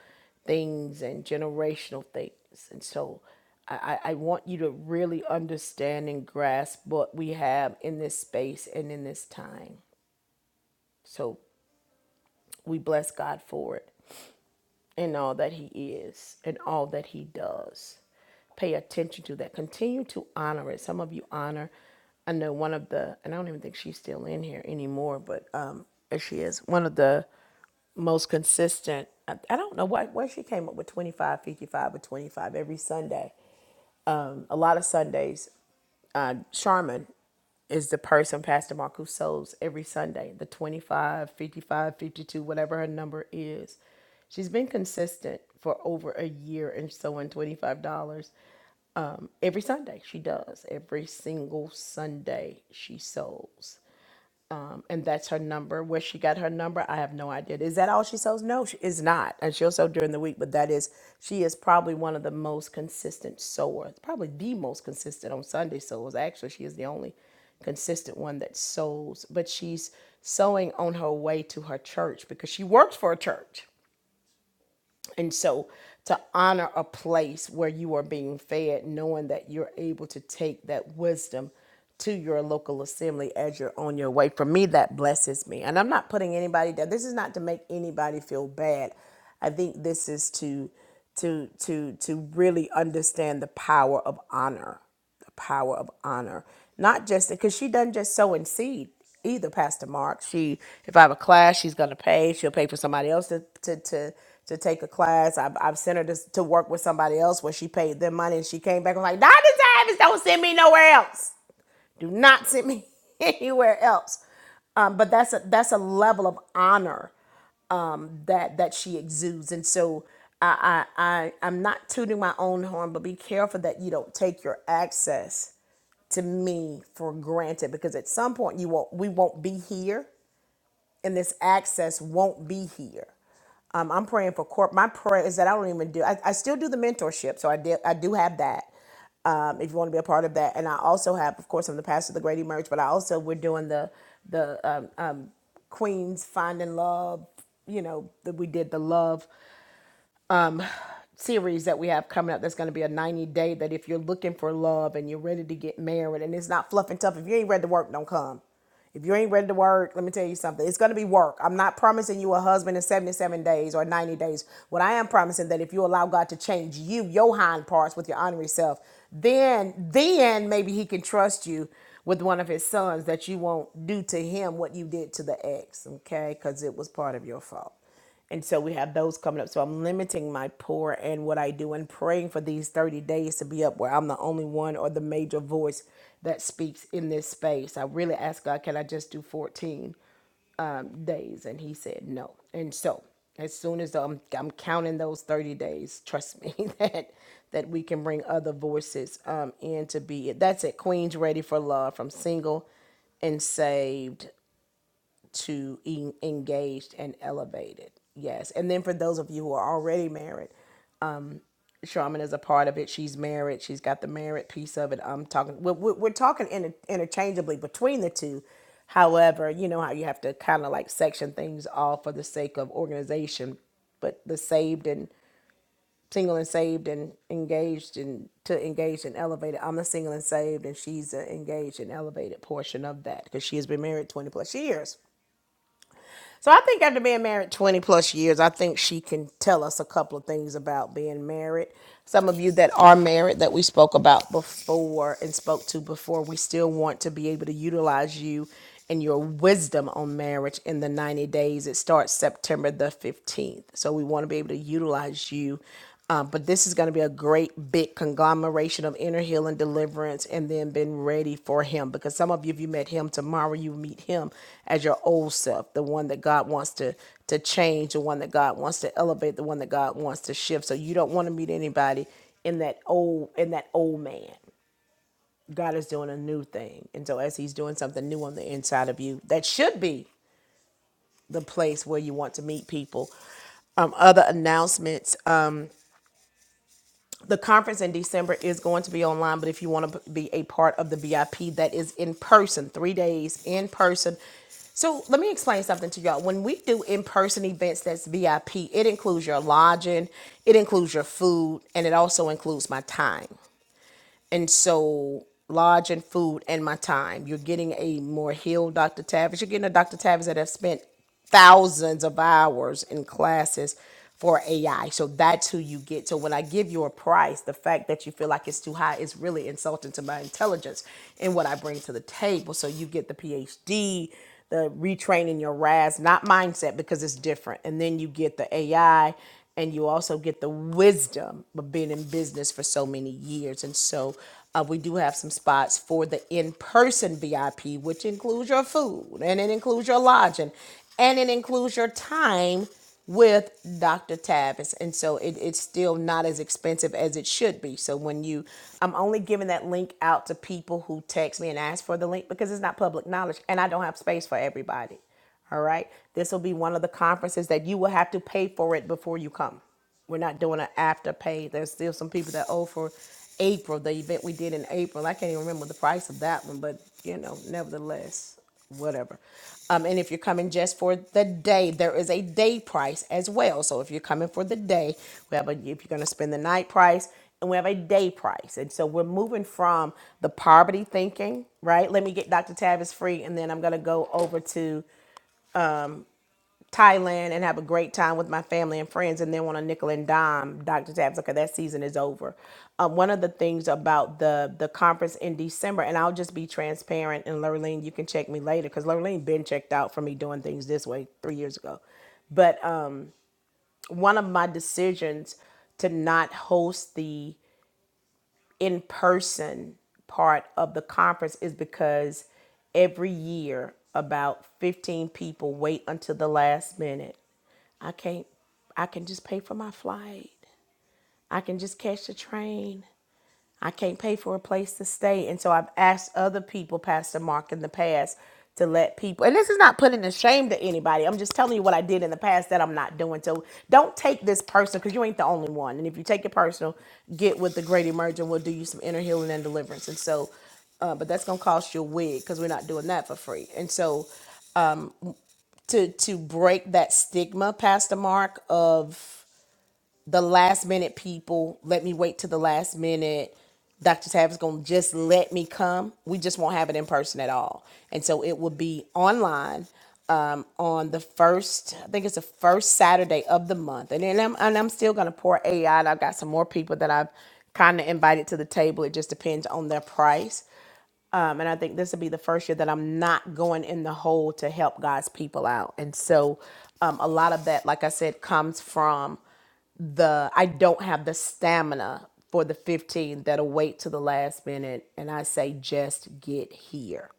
Speaker 1: things and generational things. And so I, I I want you to really understand and grasp what we have in this space and in this time. So we bless God for it and all that he is and all that he does. Pay attention to that. Continue to honor it. Some of you honor. I know one of the, and I don't even think she's still in here anymore, but um, there she is. One of the most consistent. I, I don't know why where she came up with 25, 55, or 25 every Sunday. A lot of Sundays. Uh, Charmin is the person Pastor Marcus serves every Sunday, the 25, 55, 52, whatever her number is. She's been consistent for over a year and sewing $25 every Sunday. She does. Every single Sunday she sews um, and that's her number. Where she got her number, I have no idea. Is that all she sells? No, she is not, and she'll sell during the week. But that is, she is probably one of the most consistent sewers, probably the most consistent on Sunday sews. Actually, she is the only consistent one that sews. But she's sewing on her way to her church because she works for a church. And so to honor a place where you are being fed, knowing that you're able to take that wisdom to your local assembly as you're on your way, for me, that blesses me. And I'm not putting anybody down. This is not to make anybody feel bad. I think this is to to to to really understand the power of honor the power of honor. Not just because she doesn't just sow in seed either, Pastor Mark. She, if I have a class, she's going to pay. She'll pay for somebody else to to to, to take a class. I've, I've sent her to, to work with somebody else where she paid them money and she came back and was like, Dr. Davis, don't send me nowhere else. Do not send me anywhere else. Um, but that's a that's a level of honor that that she exudes, and so I I, I I'm not tooting my own horn, but be careful that you don't take your access to me for granted because at some point you won't we won't be here and this access won't be here um, i'm praying for corp my prayer is that i don't even do i, I still do the mentorship so i did i do have that um, if you want to be a part of that and i also have of course i'm the pastor of the great emerge but i also we're doing the the uh, queens finding love you know that we did the love series that we have coming up that's going to be a 90 day that if you're looking for love and you're ready to get married and it's not fluff and tough if you ain't ready to work don't come if you ain't ready to work let me tell you something it's going to be work i'm not promising you a husband in 77 days or 90 days what i am promising that if you allow god to change you your hind parts with your honorary self then then maybe he can trust you with one of his sons that you won't do to him what you did to the ex okay because it was part of your fault and so we have those coming up. So I'm limiting my pour and what I do and praying for these 30 days to be up where I'm the only one or the major voice that speaks in this space. I really asked God, can I just do 14 days? And he said no. And so as soon as I'm, I'm counting those 30 days, trust me that that we can bring other voices um, in to be it. That's it. Queens Ready for Love from Single and Saved to e- engaged and elevated. Yes. And then for those of you who are already married, Charmin is a part of it. She's married. She's got the married piece of it. I'm talking, we're, we're we're talking inter- interchangeably between the two. However, you know how you have to kind of like section things off for the sake of organization, but the saved and single and saved and engaged and to engaged and elevated. I'm the single and saved, and she's the engaged and elevated portion of that because she has been married 20 plus years. So I think after being married 20 plus years, I think she can tell us a couple of things about being married. Some of you that are married that we spoke about before and spoke to before, we still want to be able to utilize you and your wisdom on marriage in the 90 days. It starts September the 15th. So we want to be able to utilize you uh, but this is going to be a great big conglomeration of inner healing, deliverance, and then being ready for Him. Because some of you, if you met Him tomorrow, you meet Him as your old self, the one that God wants to to change, the one that God wants to elevate, the one that God wants to shift. So you don't want to meet anybody in that old in that old man. God is doing a new thing, and so as He's doing something new on the inside of you, that should be the place where you want to meet people. Um, other announcements. the conference in December is going to be online, but if you want to be a part of the VIP, that is in person, three days in person. So let me explain something to y'all. When we do in person events that's VIP, it includes your lodging, it includes your food, and it also includes my time. And so, lodging, food, and my time. You're getting a more healed Dr. Tavis. You're getting a Dr. Tavis that have spent thousands of hours in classes for AI. So that's who you get. So when I give you a price, the fact that you feel like it's too high is really insulting to my intelligence and what I bring to the table. So you get the PhD, the retraining your RAS, not mindset because it's different. And then you get the AI and you also get the wisdom of being in business for so many years. And so uh, we do have some spots for the in-person VIP, which includes your food and it includes your lodging and it includes your time with Dr. Tavis. And so it, it's still not as expensive as it should be. So when you, I'm only giving that link out to people who text me and ask for the link because it's not public knowledge and I don't have space for everybody. All right. This will be one of the conferences that you will have to pay for it before you come. We're not doing an after pay. There's still some people that owe for April, the event we did in April. I can't even remember the price of that one, but you know, nevertheless whatever. Um, and if you're coming just for the day, there is a day price as well. So if you're coming for the day, we have a if you're going to spend the night price, and we have a day price. And so we're moving from the poverty thinking, right? Let me get Dr. Tavis free, and then I'm going to go over to Thailand and have a great time with my family and friends, and then on a nickel and dime, Dr. Tabs, okay, that season is over. Um, one of the things about the the conference in December, and I'll just be transparent, and Lurleen, you can check me later, because Lurleen been checked out for me doing things this way three years ago. But um, one of my decisions to not host the in person part of the conference is because every year about 15 people wait until the last minute I can't I can just pay for my flight. I can just catch the train. I can't pay for a place to stay. And so I've asked other people, Pastor Mark, in the past to let people and this is not putting a shame to anybody. I'm just telling you what I did in the past that I'm not doing. So don't take this personal because you ain't the only one. And if you take it personal, get with the great emergent. We'll do you some inner healing and deliverance. And so uh, but that's gonna cost you a wig because we're not doing that for free. And so to to break that stigma, Pastor Mark, of the last minute people. Let me wait to the last minute. Dr. Tab is going to just let me come. We just won't have it in person at all. And so it will be online um, on the first, I think it's the first Saturday of the month. And then I'm, and I'm still going to pour AI. And I've got some more people that I've kind of invited to the table. It just depends on their price. Um, and I think this will be the first year that I'm not going in the hole to help God's people out. And so um, a lot of that, like I said, comes from the I don't have the stamina for the 15 that'll wait to the last minute and I say just get here.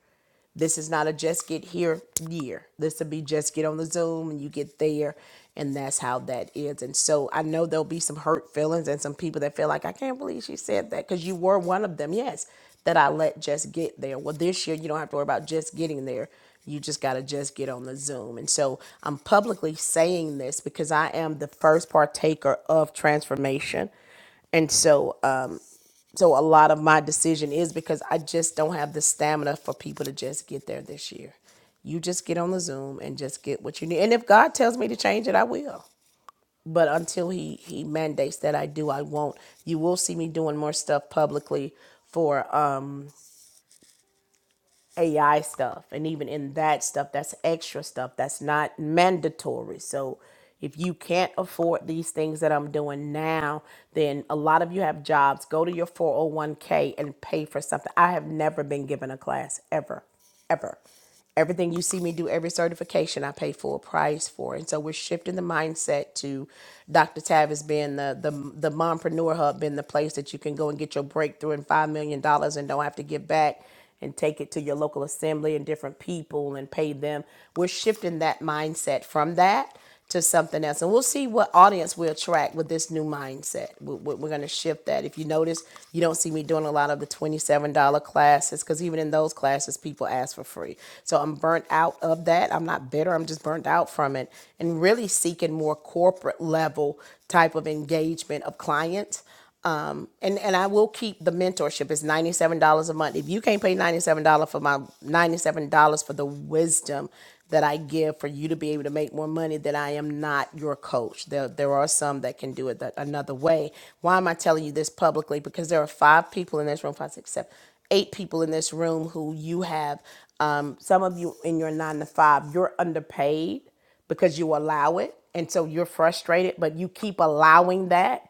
Speaker 1: This is not a just get here year. This will be just get on the Zoom and you get there. And that's how that is. And so I know there'll be some hurt feelings and some people that feel like, I can't believe she said that because you were one of them. Yes, that I let just get there. Well, this year you don't have to worry about just getting there. You just got to just get on the Zoom. And so I'm publicly saying this because I am the first partaker of transformation. And so uh, so a lot of my decision is because I just don't have the stamina for people to just get there this year. You just get on the Zoom and just get what you need. And if God tells me to change it, I will. But until he he mandates that I do, I won't. You will see me doing more stuff publicly for um AI stuff. And even in that stuff, that's extra stuff that's not mandatory. So if you can't afford these things that I'm doing now, then a lot of you have jobs. Go to your 401k and pay for something. I have never been given a class ever, ever. Everything you see me do, every certification I pay full price for. And so we're shifting the mindset to Dr. Tavis being the, the, the mompreneur hub, being the place that you can go and get your breakthrough and $5 million dollars and don't have to give back and take it to your local assembly and different people and pay them. We're shifting that mindset from that to something else. And we'll see what audience we attract with this new mindset. We- we- We're going to shift that. If you notice, you don't see me doing a lot of the $27 classes because even in those classes, people ask for free. So I'm burnt out of that. I'm not bitter. I'm just burnt out from it and really seeking more corporate level type of engagement of clients um, and and I will keep the mentorship. It's ninety seven dollars a month. If you can't pay ninety seven dollars for my ninety seven dollars for the wisdom that I give for you to be able to make more money, then I am not your coach. There there are some that can do it that another way. Why am I telling you this publicly? Because there are five people in this room, five, six, seven, eight people in this room who you have. Um, some of you in your nine to five, you're underpaid because you allow it, and so you're frustrated, but you keep allowing that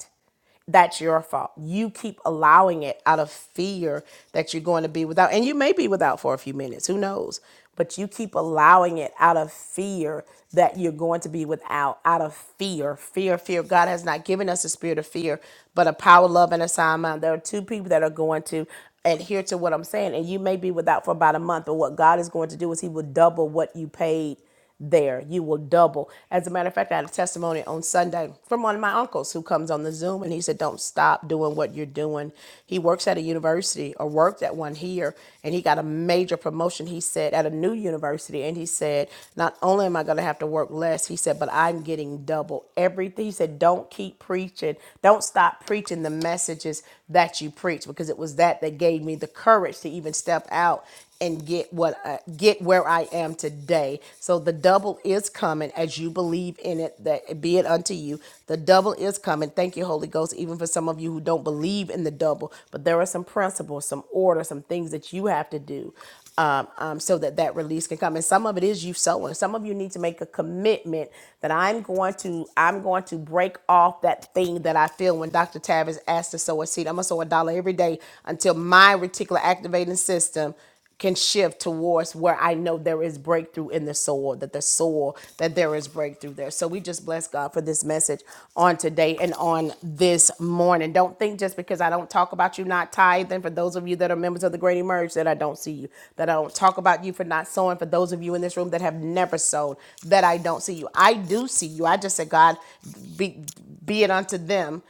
Speaker 1: that's your fault. You keep allowing it out of fear that you're going to be without, and you may be without for a few minutes, who knows? But you keep allowing it out of fear that you're going to be without, out of fear, fear, fear. God has not given us a spirit of fear, but a power, love, and a sound mind. There are two people that are going to adhere to what I'm saying, and you may be without for about a month, but what God is going to do is He will double what you paid there. You will double. As a matter of fact, I had a testimony on Sunday from one of my uncles who comes on the Zoom and he said, Don't stop doing what you're doing. He works at a university or worked at one here and he got a major promotion, he said, at a new university. And he said, Not only am I going to have to work less, he said, but I'm getting double everything. He said, Don't keep preaching. Don't stop preaching the messages that you preach because it was that that gave me the courage to even step out and get what I, get where I am today. So the double is coming as you believe in it that be it unto you. The double is coming. Thank you Holy Ghost even for some of you who don't believe in the double, but there are some principles, some order, some things that you have to do. Um, um, so that that release can come, and some of it is you sowing. Some of you need to make a commitment that I'm going to I'm going to break off that thing that I feel when Dr. Tavis asked to sow a seed. I'm gonna sow a dollar every day until my reticular activating system can shift towards where I know there is breakthrough in the soul, that the soul, that there is breakthrough there. So we just bless God for this message on today and on this morning. Don't think just because I don't talk about you not tithing, for those of you that are members of the Great Emerge, that I don't see you, that I don't talk about you for not sowing, for those of you in this room that have never sown, that I don't see you. I do see you. I just said, God, be, be it unto them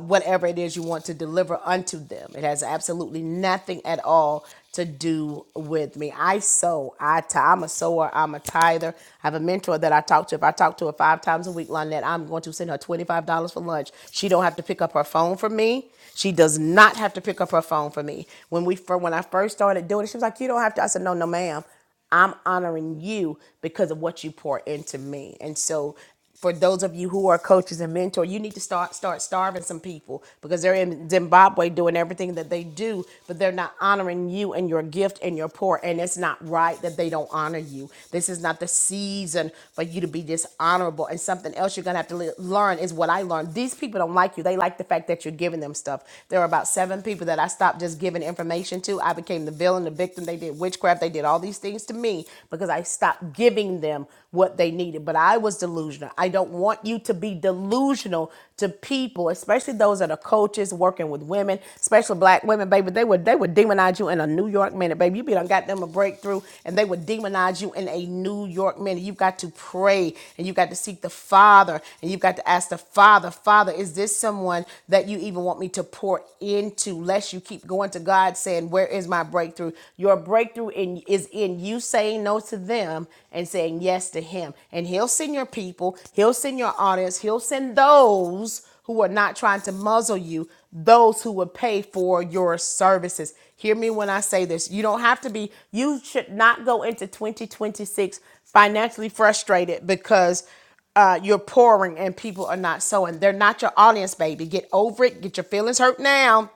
Speaker 1: uh, whatever it is you want to deliver unto them. It has absolutely nothing at all to do with me. I sow. I t- I'm a sower. I'm a tither. I have a mentor that I talk to. If I talk to her five times a week, Lynette, I'm going to send her $25 for lunch. She don't have to pick up her phone for me. She does not have to pick up her phone for me. When we for when I first started doing it, she was like, "You don't have to." I said, "No, no, ma'am. I'm honoring you because of what you pour into me. And so for those of you who are coaches and mentor, you need to start start starving some people because they're in Zimbabwe doing everything that they do, but they're not honoring you and your gift and your pour. And it's not right that they don't honor you. This is not the season for you to be dishonorable. And something else you're gonna have to le- learn is what I learned. These people don't like you. They like the fact that you're giving them stuff. There are about seven people that I stopped just giving information to. I became the villain, the victim victim. They did witchcraft. They did all these things to me because I stopped giving them what they needed. But I was delusional. I don't want you to be delusional to people, especially those that are coaches working with women, especially black women, baby. They would they would demonize you in a New York minute, baby. You be done got them a breakthrough and they would demonize you in a New York minute. You've got to pray and you've got to seek the Father and you've got to ask the Father, Father, is this someone that you even want me to pour into? Lest you keep going to God God saying, Where is my breakthrough? Your breakthrough in, is in you saying no to them and saying yes to Him. And He'll send your people, He'll send your audience, He'll send those who are not trying to muzzle you, those who would pay for your services. Hear me when I say this. You don't have to be, you should not go into 2026 financially frustrated because uh, you're pouring and people are not sowing. They're not your audience, baby. Get over it. Get your feelings hurt now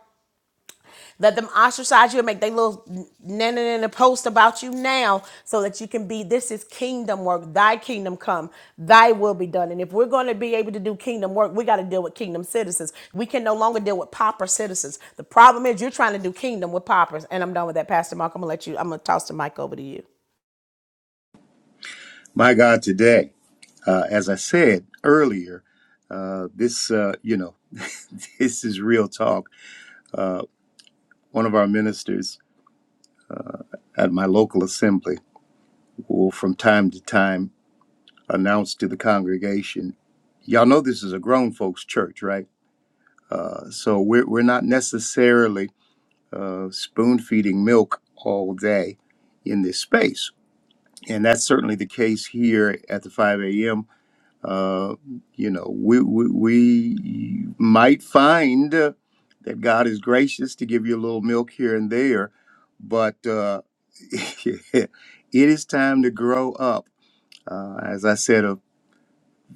Speaker 1: let them ostracize you and make they little na na na post about you now so that you can be this is kingdom work. Thy kingdom come, thy will be done. And if we're going to be able to do kingdom work, we got to deal with kingdom citizens. We can no longer deal with pauper citizens. The problem is you're trying to do kingdom with paupers. And I'm done with that, Pastor Mark. I'm gonna let you, I'm gonna toss the mic over to you.
Speaker 5: My God, today, uh, as I said earlier, uh, this, uh, you know, this is real talk. Uh, one of our ministers at my local assembly. who will from time to time announce to the congregation, y'all know this is a grown folks church, right? Uh, so we're, we're not necessarily uh, spoon feeding milk all day in this space. And that's certainly the case here at the 5 a.m. Uh, you know, we, we, we might find uh, that God is gracious to give you a little milk here and there, but uh, it is time to grow up uh, as I said a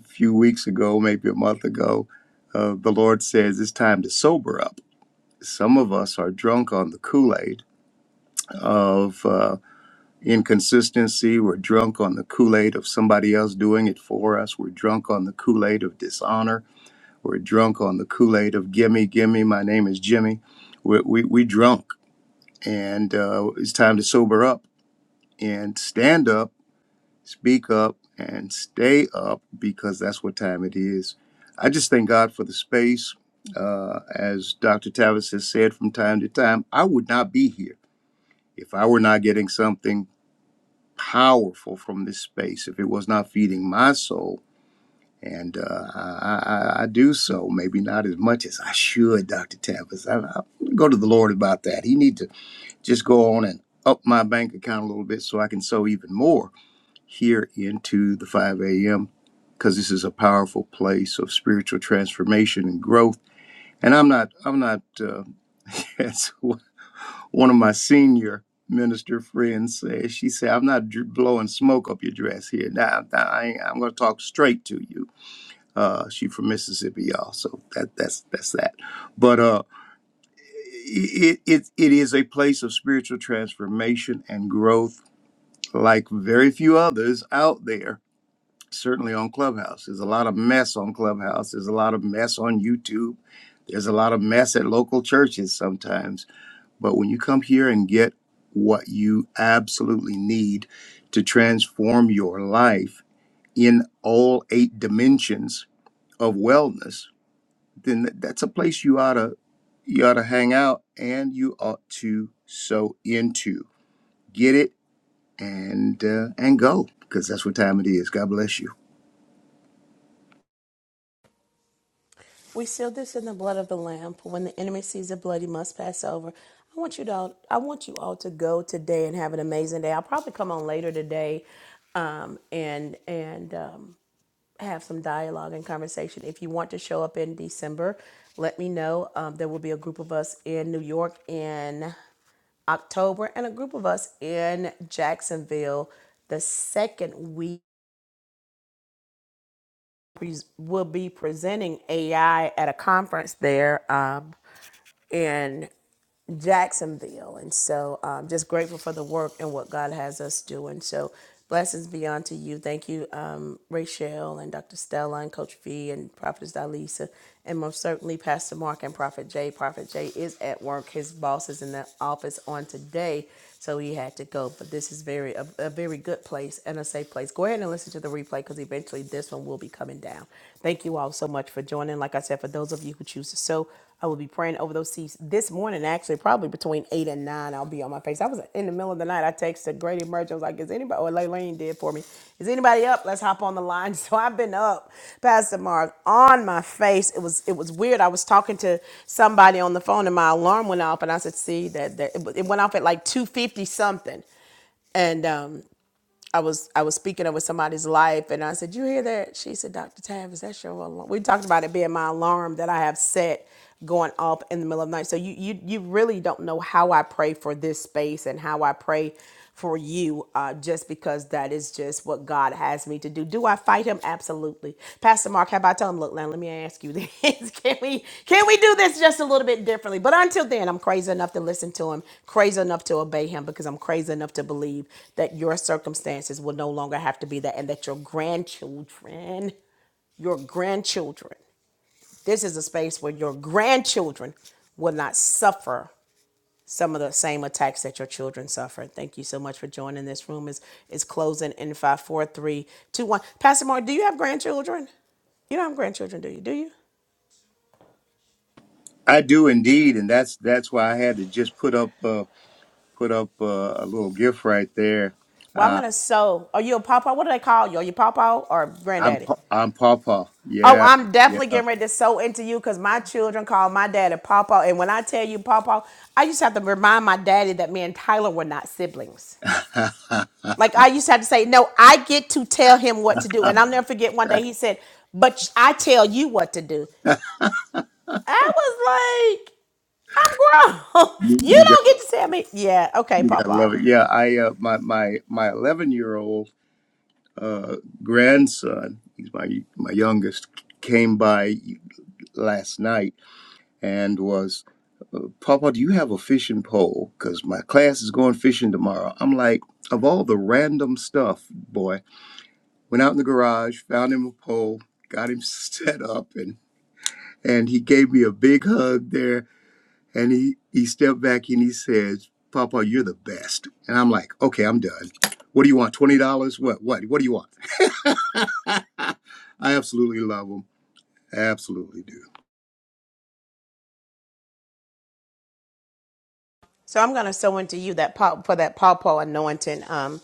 Speaker 5: few weeks ago, maybe a month ago, uh, the Lord says it's time to sober up. Some of us are drunk on the Kool Aid of uh, inconsistency. We're drunk on the Kool Aid of somebody else doing it for us. We're drunk on the Kool Aid of dishonor. We're drunk on the Kool Aid of gimme, gimme, my name is Jimmy. We, we, we drunk. And uh, it's time to sober up and stand up Speak up and stay up because that's what time it is. I just thank God for the space. Uh, as Dr. Tavis has said from time to time, I would not be here if I were not getting something powerful from this space, if it was not feeding my soul. And uh, I, I, I do so, maybe not as much as I should, Dr. Tavis. I, I go to the Lord about that. He need to just go on and up my bank account a little bit so I can sow even more here into the 5 a.m. because this is a powerful place of spiritual transformation and growth. And I'm not, I'm not, uh, as one of my senior minister friends said, she said, I'm not dr- blowing smoke up your dress here. Now, Nah, nah, I ain't, I'm going to talk straight to you. Uh, she from Mississippi, y'all. So that, that's, that's that. But, uh, it, it, it is a place of spiritual transformation and growth like very few others out there certainly on Clubhouse. There's a lot of mess on Clubhouse. There's a lot of mess on YouTube. There's a lot of mess at local churches sometimes. But when you come here and get what you absolutely need to transform your life in all eight dimensions of wellness, then th- that's a place you ought to you ought to hang out and you ought to sow into. Get it and uh, and go because that's what time it is. God bless you.
Speaker 1: We seal this in the blood of the Lamb. For when the enemy sees the blood, he must pass over. I want you to all, I want you all to go today and have an amazing day. I'll probably come on later today, um, and and um, have some dialogue and conversation. If you want to show up in December, let me know. Um, there will be a group of us in New York in October, and a group of us in Jacksonville the second week we will be presenting AI at a conference there um, in Jacksonville. And so i um, just grateful for the work and what God has us doing. So blessings beyond to you. Thank you, um, Rachel and Dr. Stella and Coach V and Prophetess Dalisa and most certainly Pastor Mark and Prophet Jay. Prophet Jay is at work. His boss is in the office on today, so he had to go. But this is very a, a very good place and a safe place. Go ahead and listen to the replay because eventually this one will be coming down. Thank you all so much for joining. Like I said, for those of you who choose to sow, I will be praying over those seats this morning, actually, probably between eight and nine. I'll be on my face. I was in the middle of the night. I texted Grady Emerge. I was like, is anybody, or Laylene did for me, is anybody up? Let's hop on the line. So I've been up, Pastor Mark, on my face. It was it was weird. I was talking to somebody on the phone and my alarm went off and I said, see, that, that it went off at like 250 something. And um, I was I was speaking over somebody's life, and I said, "You hear that?" She said, "Dr. Tavis, that's your alarm." We talked about it being my alarm that I have set going off in the middle of the night. So you you you really don't know how I pray for this space and how I pray for you, uh, just because that is just what God has me to do. Do I fight him? Absolutely. Pastor Mark, how about I tell him, look, now let me ask you this. can we can we do this just a little bit differently? But until then, I'm crazy enough to listen to him, crazy enough to obey him, because I'm crazy enough to believe that your circumstances will no longer have to be that and that your grandchildren, your grandchildren, this is a space where your grandchildren will not suffer some of the same attacks that your children suffered. Thank you so much for joining this room. Is is closing in five, four, three, two, one. Pastor Mark, do you have grandchildren? You don't have grandchildren, do you? Do you?
Speaker 5: I do indeed, and that's that's why I had to just put up uh, put up uh, a little gift right there.
Speaker 1: Well, I'm
Speaker 5: Uh,
Speaker 1: gonna sew. Are you a papa? What do they call you? Are you papa or
Speaker 5: I'm
Speaker 1: granddaddy?
Speaker 5: Pa- I'm Papa.
Speaker 1: Oh,
Speaker 5: Yeah,
Speaker 1: I'm
Speaker 5: yeah.
Speaker 1: definitely getting ready to sew into you because my children call my daddy Papa. And when I tell you Papa, I used to have to remind my daddy that me and Tyler were not siblings. Like I used to have to say, no, I get to tell him what to do. And I'll never forget one day he said, but I tell you what to do. I was like, I'm grown.
Speaker 5: you,
Speaker 1: You
Speaker 5: you got
Speaker 1: don't get to tell me. Yeah, okay,
Speaker 5: you got to love
Speaker 1: Pawpaw.
Speaker 5: it. Yeah, I uh, my my my 11 year old uh, grandson, he's my my youngest, came by last night and was Papa, do you have a fishing pole? Because my class is going fishing tomorrow. I'm like, of all the random stuff, boy. Went out in the garage, found him a pole, got him set up, and and he gave me a big hug there. And he he stepped back and he says, "Papa, you're the best." And I'm like, "Okay, I'm done. What do you want? Twenty dollars? What? What? What do you want?" I absolutely love him. I absolutely do.
Speaker 1: So I'm gonna sew into you that paw for that Pawpaw anointing. Um,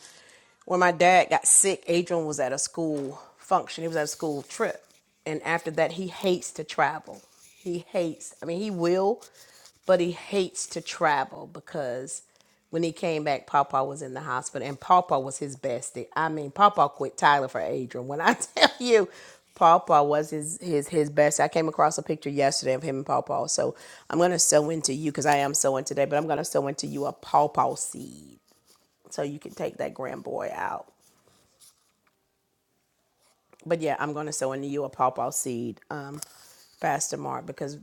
Speaker 1: when my dad got sick, Adrian was at a school function. He was at a school trip, and after that, he hates to travel. He hates. I mean, he will, but he hates to travel because When he came back, Pawpaw was in the hospital, and Pawpaw was his bestie. I mean, Pawpaw quit Tyler for Adrian. When I tell you, Pawpaw was his his his best. I came across a picture yesterday of him and Pawpaw. So I'm gonna sow into you because I am sowing today, but I'm gonna sow into you a Pawpaw seed so you can take that grand boy out. But yeah, I'm gonna sow into you a Pawpaw seed. Um, Pastor Mark because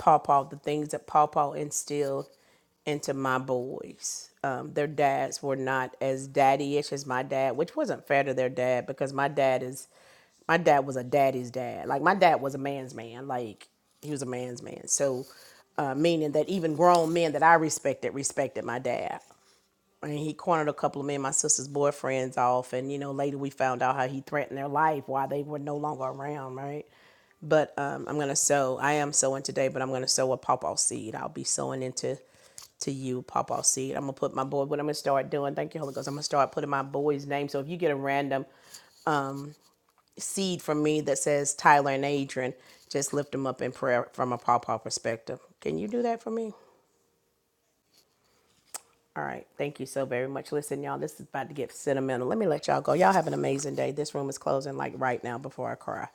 Speaker 1: Pawpaw, the things that Pawpaw instilled into my boys. Um, their dads were not as daddy-ish as my dad, which wasn't fair to their dad because my dad is my dad was a daddy's dad. Like my dad was a man's man. Like he was a man's man. So uh, meaning that even grown men that I respected respected my dad. And he cornered a couple of me and my sister's boyfriends off. And you know, later we found out how he threatened their life while they were no longer around. Right. But um, I'm gonna sow. I am sowing today, but I'm gonna sow a pawpaw seed. I'll be sowing into to you, pawpaw seed. I'm gonna put my boy. What I'm gonna start doing? Thank you, Holy Ghost. I'm gonna start putting my boy's name. So if you get a random seed from me that says Tyler and Adrian, just lift them up in prayer from a pawpaw perspective. Can you do that for me? All right. Thank you so very much. Listen, y'all, this is about to get sentimental. Let me let y'all go. Y'all have an amazing day. This room is closing like right now before I cry.